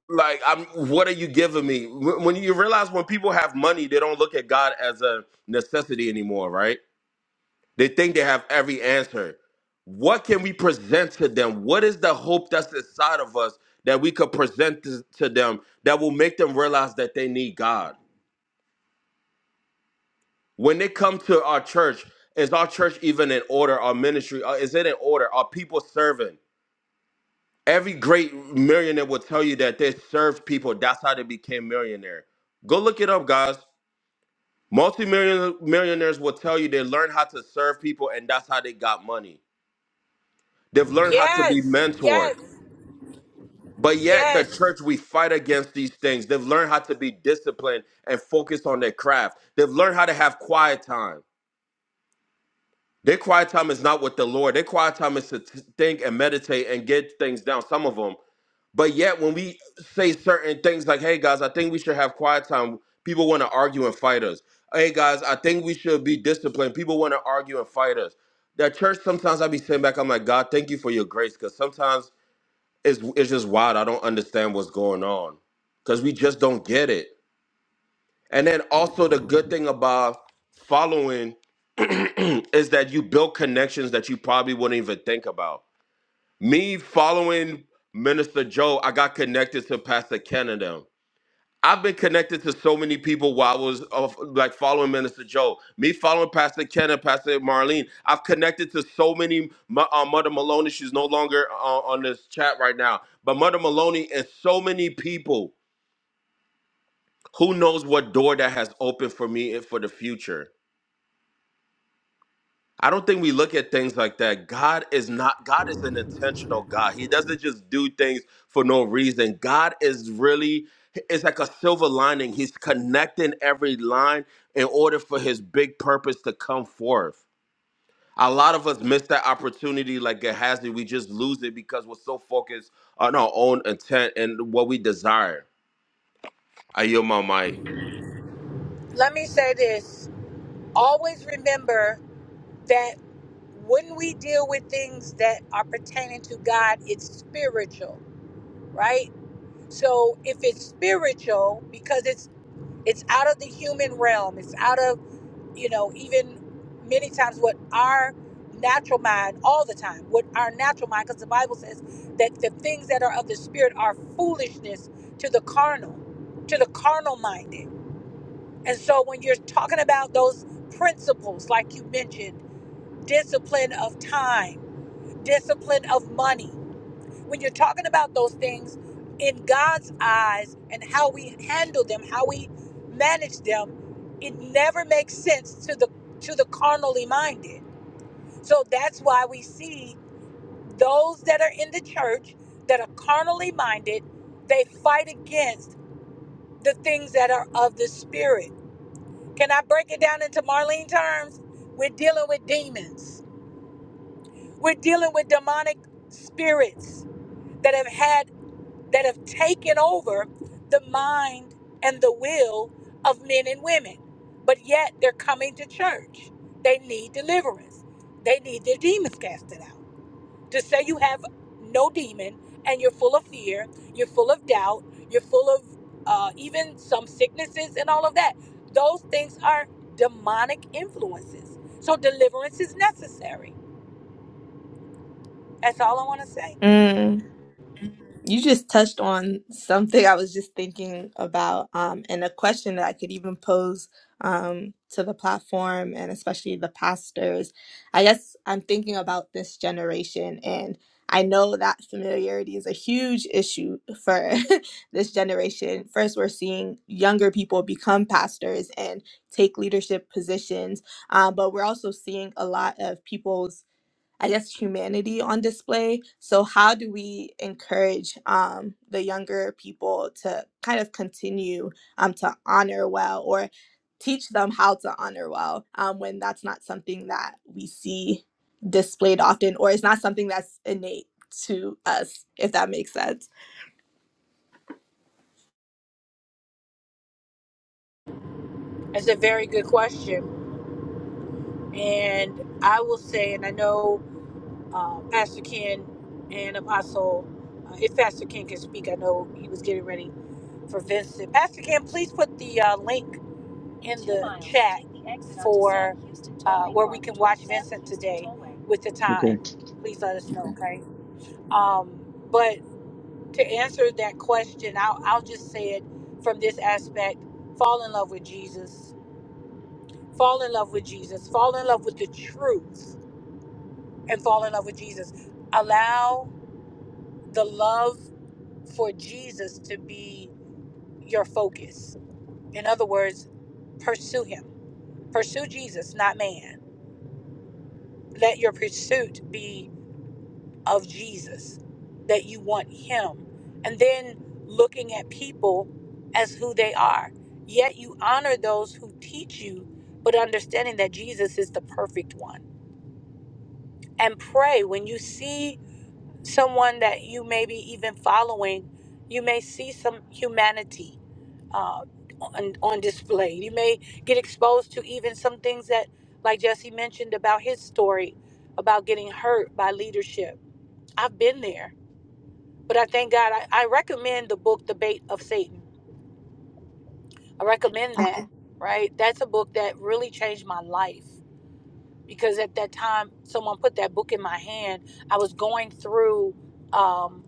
S4: Like, I'm. What are you giving me? Wh- When you realize when people have money, they don't look at God as a necessity anymore, right? They think they have every answer. What can we present to them? What is the hope that's inside of us that we could present to to them that will make them realize that they need God? when they come to our church is our church even in order our ministry uh, is it in order are people serving every great millionaire will tell you that they served people that's how they became millionaire go look it up guys multi million millionaires will tell you they learned how to serve people and that's how they got money they've learned how to be
S2: Yes,
S4: mentored
S2: yes,
S4: but yet the
S2: yes.
S4: church we fight against these things they've learned how to be disciplined and focused on their craft they've learned how to have quiet time Their quiet time is not with the Lord. Their quiet time is to t- think and meditate and get things down, some of them. But yet, when we say certain things like, hey, guys, I think we should have quiet time, people want to argue and fight us. Hey, guys, I think we should be disciplined. People want to argue and fight us. That church, sometimes I be sitting back, I'm like, God, thank you for your grace. Because sometimes it's, it's just wild. I don't understand what's going on because we just don't get it. And then also, the good thing about following is that you built connections that you probably wouldn't even think about. Me following Minister Joe, I got connected to Pastor Ken and them. I've been connected to so many people while I was of like following Minister Joe. Me following Pastor Ken and Pastor Marlene. I've connected to so many. My, uh, Mother Maloney, she's no longer uh, on this chat right now, but Mother Maloney and so many people. Who knows what door that has opened for me and for the future? I don't think we look at things like that. God is not, God is an intentional God. He doesn't just do things for no reason. God is really, it's like a silver lining. He's connecting every line in order for his big purpose to come forth. A lot of us miss that opportunity like Gehazi. We just lose it because we're so focused on our own intent and what we desire. I yield my mic.
S2: Let me say this. Always remember that when we deal with things that are pertaining to God, it's spiritual, right? So if it's spiritual, because it's it's out of the human realm, it's out of, you know, even many times what our natural mind all the time, what our natural mind, because the Bible says that the things that are of the spirit are foolishness to the carnal, to the carnal minded And so when you're talking about those principles, like you mentioned, discipline of time, discipline of money, when you're talking about those things in God's eyes and how we handle them, how we manage them, it never makes sense to the to the carnally minded. So that's why we see those that are in the church that are carnally minded, they fight against the things that are of the spirit Can I break it down into Marlene terms? We're dealing with demons. We're dealing with demonic spirits that have had that have taken over the mind and the will of men and women. But yet they're coming to church. They need deliverance. They need their demons casted out to say you have no demon and you're full of fear, you're full of doubt, you're full of uh, even some sicknesses and all of that. Those things are demonic influences. So deliverance is necessary. That's all I want to say.
S1: up. You just touched on something I was just thinking about, um, and a question that I could even pose um, to the platform and especially the pastors. I guess I'm thinking about this generation, and I know that familiarity is a huge issue for this generation. First, we're seeing younger people become pastors and take leadership positions, um, but we're also seeing a lot of people's I guess, humanity on display. So, how do we encourage um, the younger people to kind of continue um, to honor well or teach them how to honor well um, when that's not something that we see displayed often or it's not something that's innate to us, if that makes sense?
S2: That's a very good question. And I will say, and I know uh, Pastor Ken and Apostle, uh, if Pastor Ken can speak, I know he was getting ready for Vincent. Pastor Ken, please put the uh, link in the chat for uh, where we can watch Vincent today with the
S11: Okay.
S2: time. Please let us know,
S11: Yeah.
S2: okay? Um, but to answer that question, I'll, I'll just say it from this aspect fall in love with Jesus, fall in love with Jesus, fall in love with the truth, and fall in love with Jesus. Allow the love for Jesus to be your focus. In other words, pursue him, pursue Jesus, not man let your pursuit be of Jesus, that you want Him, and then looking at people as who they are. Yet you honor those who teach you, but understanding that Jesus is the perfect one. And pray when you see someone that you may be even following, you may see some humanity uh, on, on display. You may get exposed to even some things that, like Jesse mentioned about his story about getting hurt by leadership I've been there, but I thank God. I, I recommend the book, The Bait of Satan. I recommend
S1: Ah,
S2: that, right? That's a book that really changed my life because at that time, someone put that book in my hand. I was going through. um,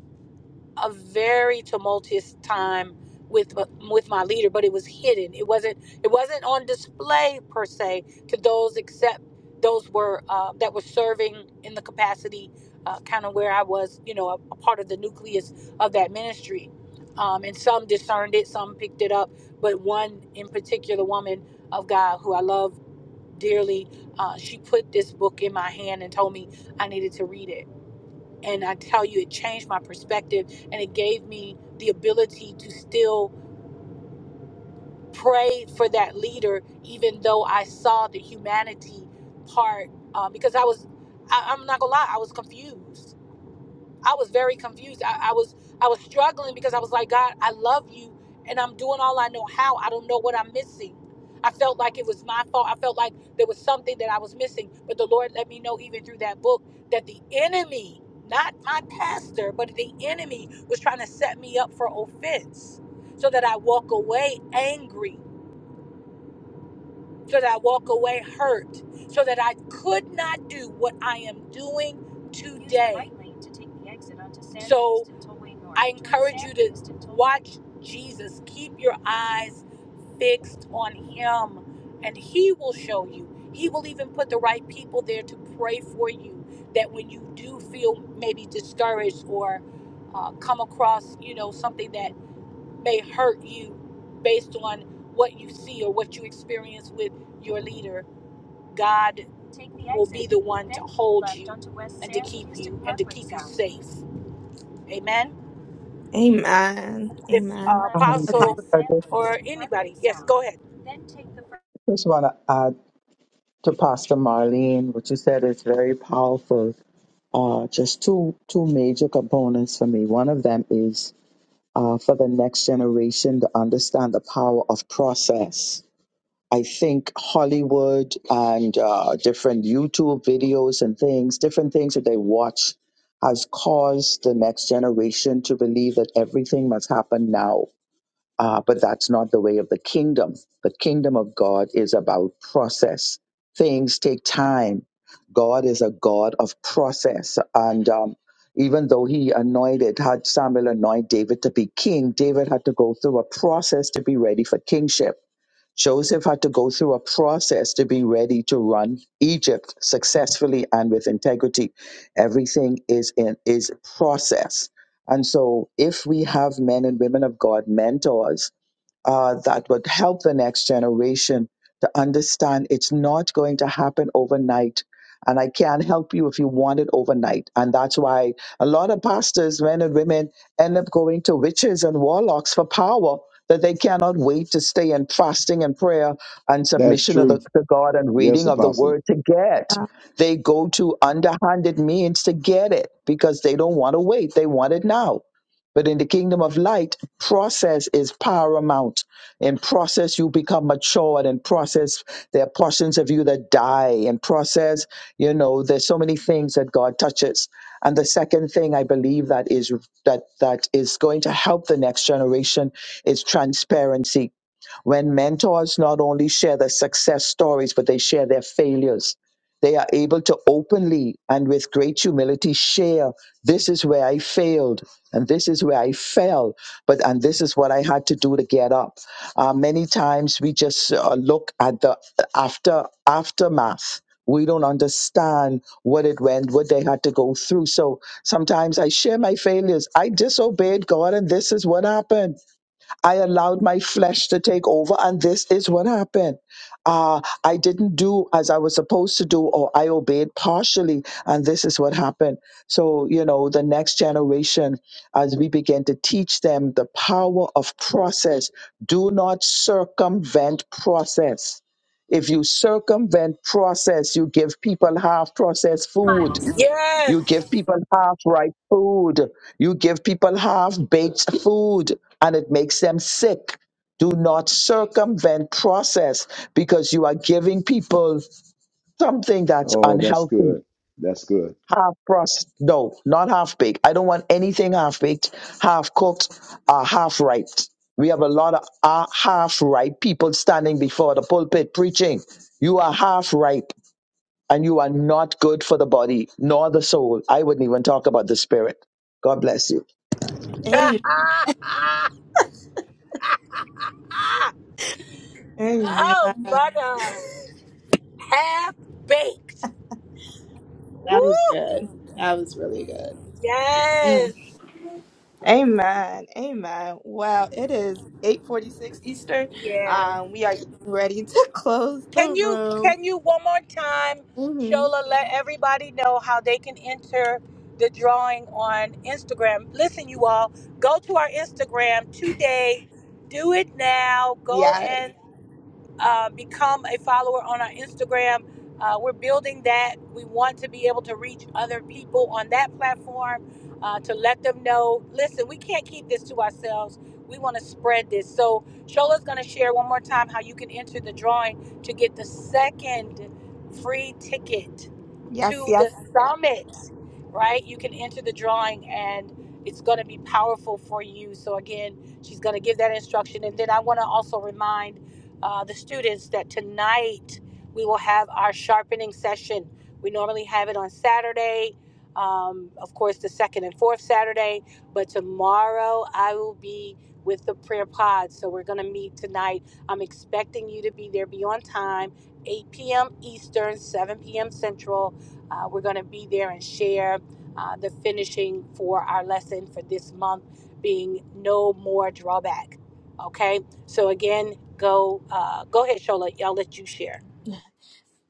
S2: a very tumultuous time with uh, with my leader, but it was hidden. It wasn't it wasn't on display per se to those except those were uh, that were serving in the capacity uh, kind of where I was, you know, a, a part of the nucleus of that ministry. Um, and some discerned it, some picked it up, but one in particular, woman of God who I love dearly, uh, she put this book in my hand and told me I needed to read it and I tell you, it changed my perspective and it gave me the ability to still pray for that leader, even though I saw the humanity part. Uh, because I was, I, I'm not gonna lie, I was confused I was very confused. I, I was I was struggling because I was like, God, I love you and I'm doing all I know how. I don't know what I'm missing. I felt like it was my fault. I felt like there was something that I was missing. But the Lord let me know even through that book that the enemy, not my pastor, but the enemy was trying to set me up for offense so that I walk away angry so that I walk away hurt, so that I could not do what I am doing today. right so I encourage you to watch Jesus. Keep your eyes fixed on Him, and He will show you. He will even put the right people there to pray for you. That when you do feel maybe discouraged or uh, come across, you know, something that may hurt you based on what you see or what you experience with your leader. God Take the will be exit, the one to then hold left you onto West and to Sam keep Houston you and to Parkway keep you South. safe. Amen.
S1: Amen.
S2: If Keep uh,
S1: Amen.
S2: left onto
S8: Um,
S2: Apostle
S1: Apostle,
S2: West
S8: I
S2: Sam
S8: just
S2: or Houston Parkway anybody, Parkway yes, South. go ahead.
S8: just want to add to Pastor Marlene, what you said is very powerful. Uh, just two two major components for me. One of them is uh, for the next generation to understand the power of process. I think Hollywood and uh, different YouTube videos and things, different things that they watch, has caused the next generation to believe that everything must happen now uh, but that's not the way of the kingdom. The kingdom of God is about process. Things take time. God is a God of process. And um, even though he anointed, had Samuel anoint David to be king, David had to go through a process to be ready for kingship. Joseph had to go through a process to be ready to run Egypt successfully and with integrity. Everything is in is process. And so if we have men and women of God mentors uh, that would help the next generation to understand it's not going to happen overnight. And I can't help you if you want it overnight. And that's why a lot of pastors, men and women, end up going to witches and warlocks for power that they cannot wait to stay in fasting and prayer and
S11: That's
S8: submission of the,
S11: true.
S8: to God and
S11: Yes,
S8: reading of the
S11: Apostle.
S8: word to get.
S1: uh,
S8: They go to underhanded means to get it because they don't want to wait. They want it now. But in the kingdom of light, process is paramount. In process, you become matured. In process, there are portions of you that die. In process, you know, there's so many things that God touches. And the second thing I believe that is that that is going to help the next generation is transparency when mentors not only share their success stories, but they share their failures, they are able to openly and with great humility share this is where I failed and this is where I fell, but and this is what I had to do to get up. Uh, many times we just uh, look at the uh, after aftermath. We don't understand what it went, what they had to go through. So sometimes I share my failures. I disobeyed God, and this is what happened I allowed my flesh to take over, and this is what happened. Uh, I didn't do as I was supposed to do, or I obeyed partially, and this is what happened. So, you know, the next generation, as we begin to teach them the power of process, do not circumvent process. If you circumvent process, you give people half processed food
S2: Miles.
S8: you
S2: Yes.
S8: give people half ripe food. You give people half baked food and it makes them sick. Do not circumvent process because you are giving people something that's
S11: Oh, that's
S8: unhealthy.
S11: good. That's good.
S8: Half processed, no, not half baked. I don't want anything half baked, half cooked, or half ripe. We have a lot of uh, half ripe people standing before the pulpit preaching. You are half ripe and you are not good for the body nor the soul. I wouldn't even talk about the spirit. God bless you.
S2: oh,
S1: Amen.
S2: mother, half baked.
S1: That
S2: Woo!
S1: was good. That was really good. Mm.
S2: Yes.
S1: Amen. Amen. Well, it is 8:46 Eastern.
S2: Yeah.
S1: Um, we are getting ready to close the
S2: Can you
S1: room.
S2: can you one more time,
S1: hmm
S2: Shola, let everybody know how they can enter the drawing on Instagram? Listen, you all, go to our Instagram today. Do it now. Go
S1: Yes.
S2: and uh, become a follower on our Instagram. Uh, we're building that. We want to be able to reach other people on that platform uh, to let them know listen, we can't keep this to ourselves. We want to spread this. So, Shola's going to share one more time how you can enter the drawing to get the second free ticket
S1: Yes,
S2: to
S1: yes,
S2: the
S1: yes.
S2: summit, right? You can enter the drawing and it's going to be powerful for you. So, again, she's going to give that instruction. And then I want to also remind uh, the students that tonight we will have our sharpening session. We normally have it on Saturday, um, of course, the second and fourth Saturday, but tomorrow I will be with the prayer pod. So we're going to meet tonight. I'm expecting you to be there, be on time, 8 p.m. Eastern, 7 p.m. Central. Uh, we're going to be there and share uh, the finishing for our lesson for this month being no more drawback. Okay, so again, go uh, go ahead, Shola. I'll let you share.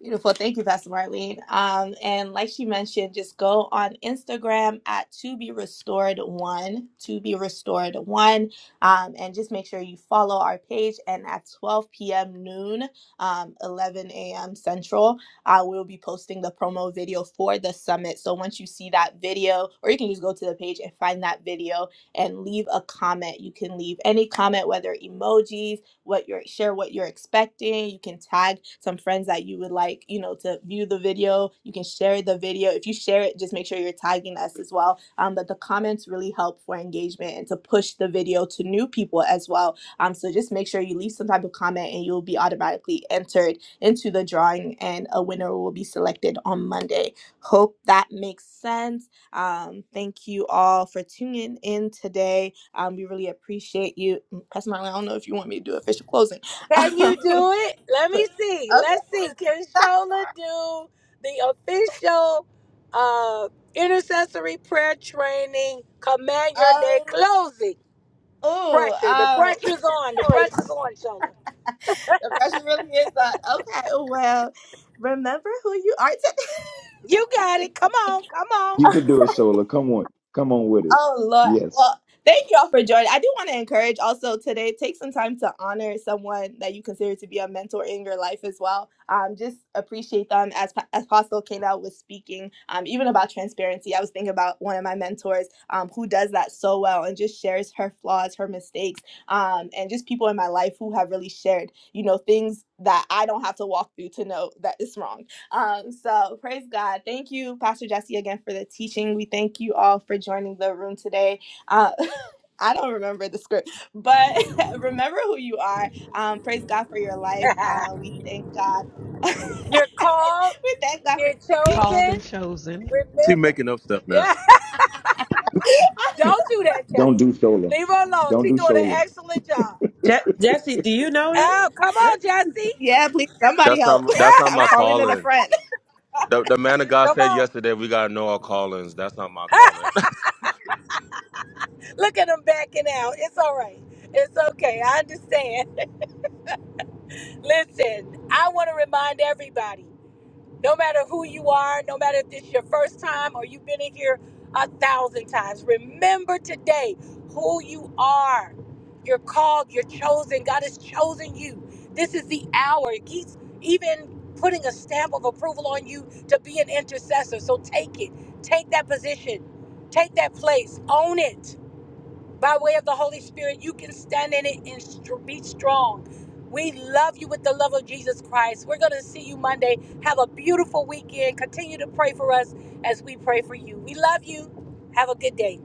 S1: Beautiful. Thank you, Pastor Marlene. Um, and like she mentioned, just go on Instagram at to be restored one, to be restored one. Um, and just make sure you follow our page. And at 12 p.m. noon, um, 11 a.m. Central, uh, we'll be posting the promo video for the summit. So once you see that video, or you can just go to the page and find that video and leave a comment. You can leave any comment, whether emojis, what you're share what you're expecting. You can tag some friends that you would like, you know, to view the video. You can share the video. If you share it, just make sure you're tagging us as well. Um, but the comments really help for engagement and to push the video to new people as well. Um, so just make sure you leave some type of comment and you'll be automatically entered into the drawing and a winner will be selected on Monday. Hope that makes sense. Um, thank you all for tuning in today. Um, we really appreciate you. mm, Pastor Marlon, I don't know if you want me to do official closing.
S2: Can
S1: Um,
S2: you do it? Let
S1: but,
S2: me see. Let's
S1: okay.
S2: see. Can Shola do the official uh, intercessory prayer training? Command your day
S1: Oh,
S2: closing.
S1: oh,
S2: Pressure. The
S1: oh.
S2: pressure's on. The pressure's on, Shola.
S1: The pressure really is on. Okay, well, remember who you are
S2: You got
S1: today.
S2: it. Come on. Come
S11: You could do it, Shola. Come on. Come on with it.
S1: Oh Lord.
S11: Yes.
S1: Well, thank you all for joining. I do want to encourage also today, take some time to honor someone that you consider to be a mentor in your life as well. Um, just appreciate them as Pa- as Apostle Kanel was speaking, um, even about transparency. I was thinking about one of my mentors um, who does that so well and just shares her flaws, her mistakes, um, and just people in my life who have really shared, you know, things that I don't have to walk through to know that it's wrong um, so praise God. Thank you, Pastor Jesse, again for the teaching. We thank you all for joining the room today. Uh, I don't remember the script, but remember who you are. Um, praise God for your life. Uh,
S2: on.
S1: we thank God. we
S2: You're called.
S1: thank God for
S2: You're
S1: you.
S3: called and
S2: chosen.
S3: chosen.
S4: She
S2: Remember.
S4: making up stuff now.
S2: Yeah. Don't do that,
S11: Don't
S2: Jesse.
S11: do solar.
S2: Leave her alone.
S11: Don't
S2: She's
S11: do
S2: doing an
S11: solar.
S2: excellent job.
S7: God. Je- Jesse, do you know it?
S2: Oh, come on,
S7: Let-
S2: Jesse.
S1: Yeah, please somebody
S4: That's
S1: help.
S4: not that's
S2: Ah,
S4: not
S1: I'm
S4: my
S1: calling it a
S4: calling.
S1: friend.
S4: The, the man of God
S2: come
S4: said
S2: on.
S4: yesterday, we got to know our callings. That's not my calling.
S2: Look at him backing out. It's all right. It's okay. I understand. Listen, I want to remind everybody. No matter who you are, no matter if this is your first time or you've been in here a thousand times, remember today who you are. You're called, you're chosen. God has chosen you. This is the hour. He's even putting a stamp of approval on you to be an intercessor. So take it, take that position, take that place, own it by way of the Holy Spirit, you can stand in it and str- be strong. We love you with the love of Jesus Christ. We're going to see you Monday. Have a beautiful weekend. Continue to pray for us as we pray for you. We love you. Have a good day.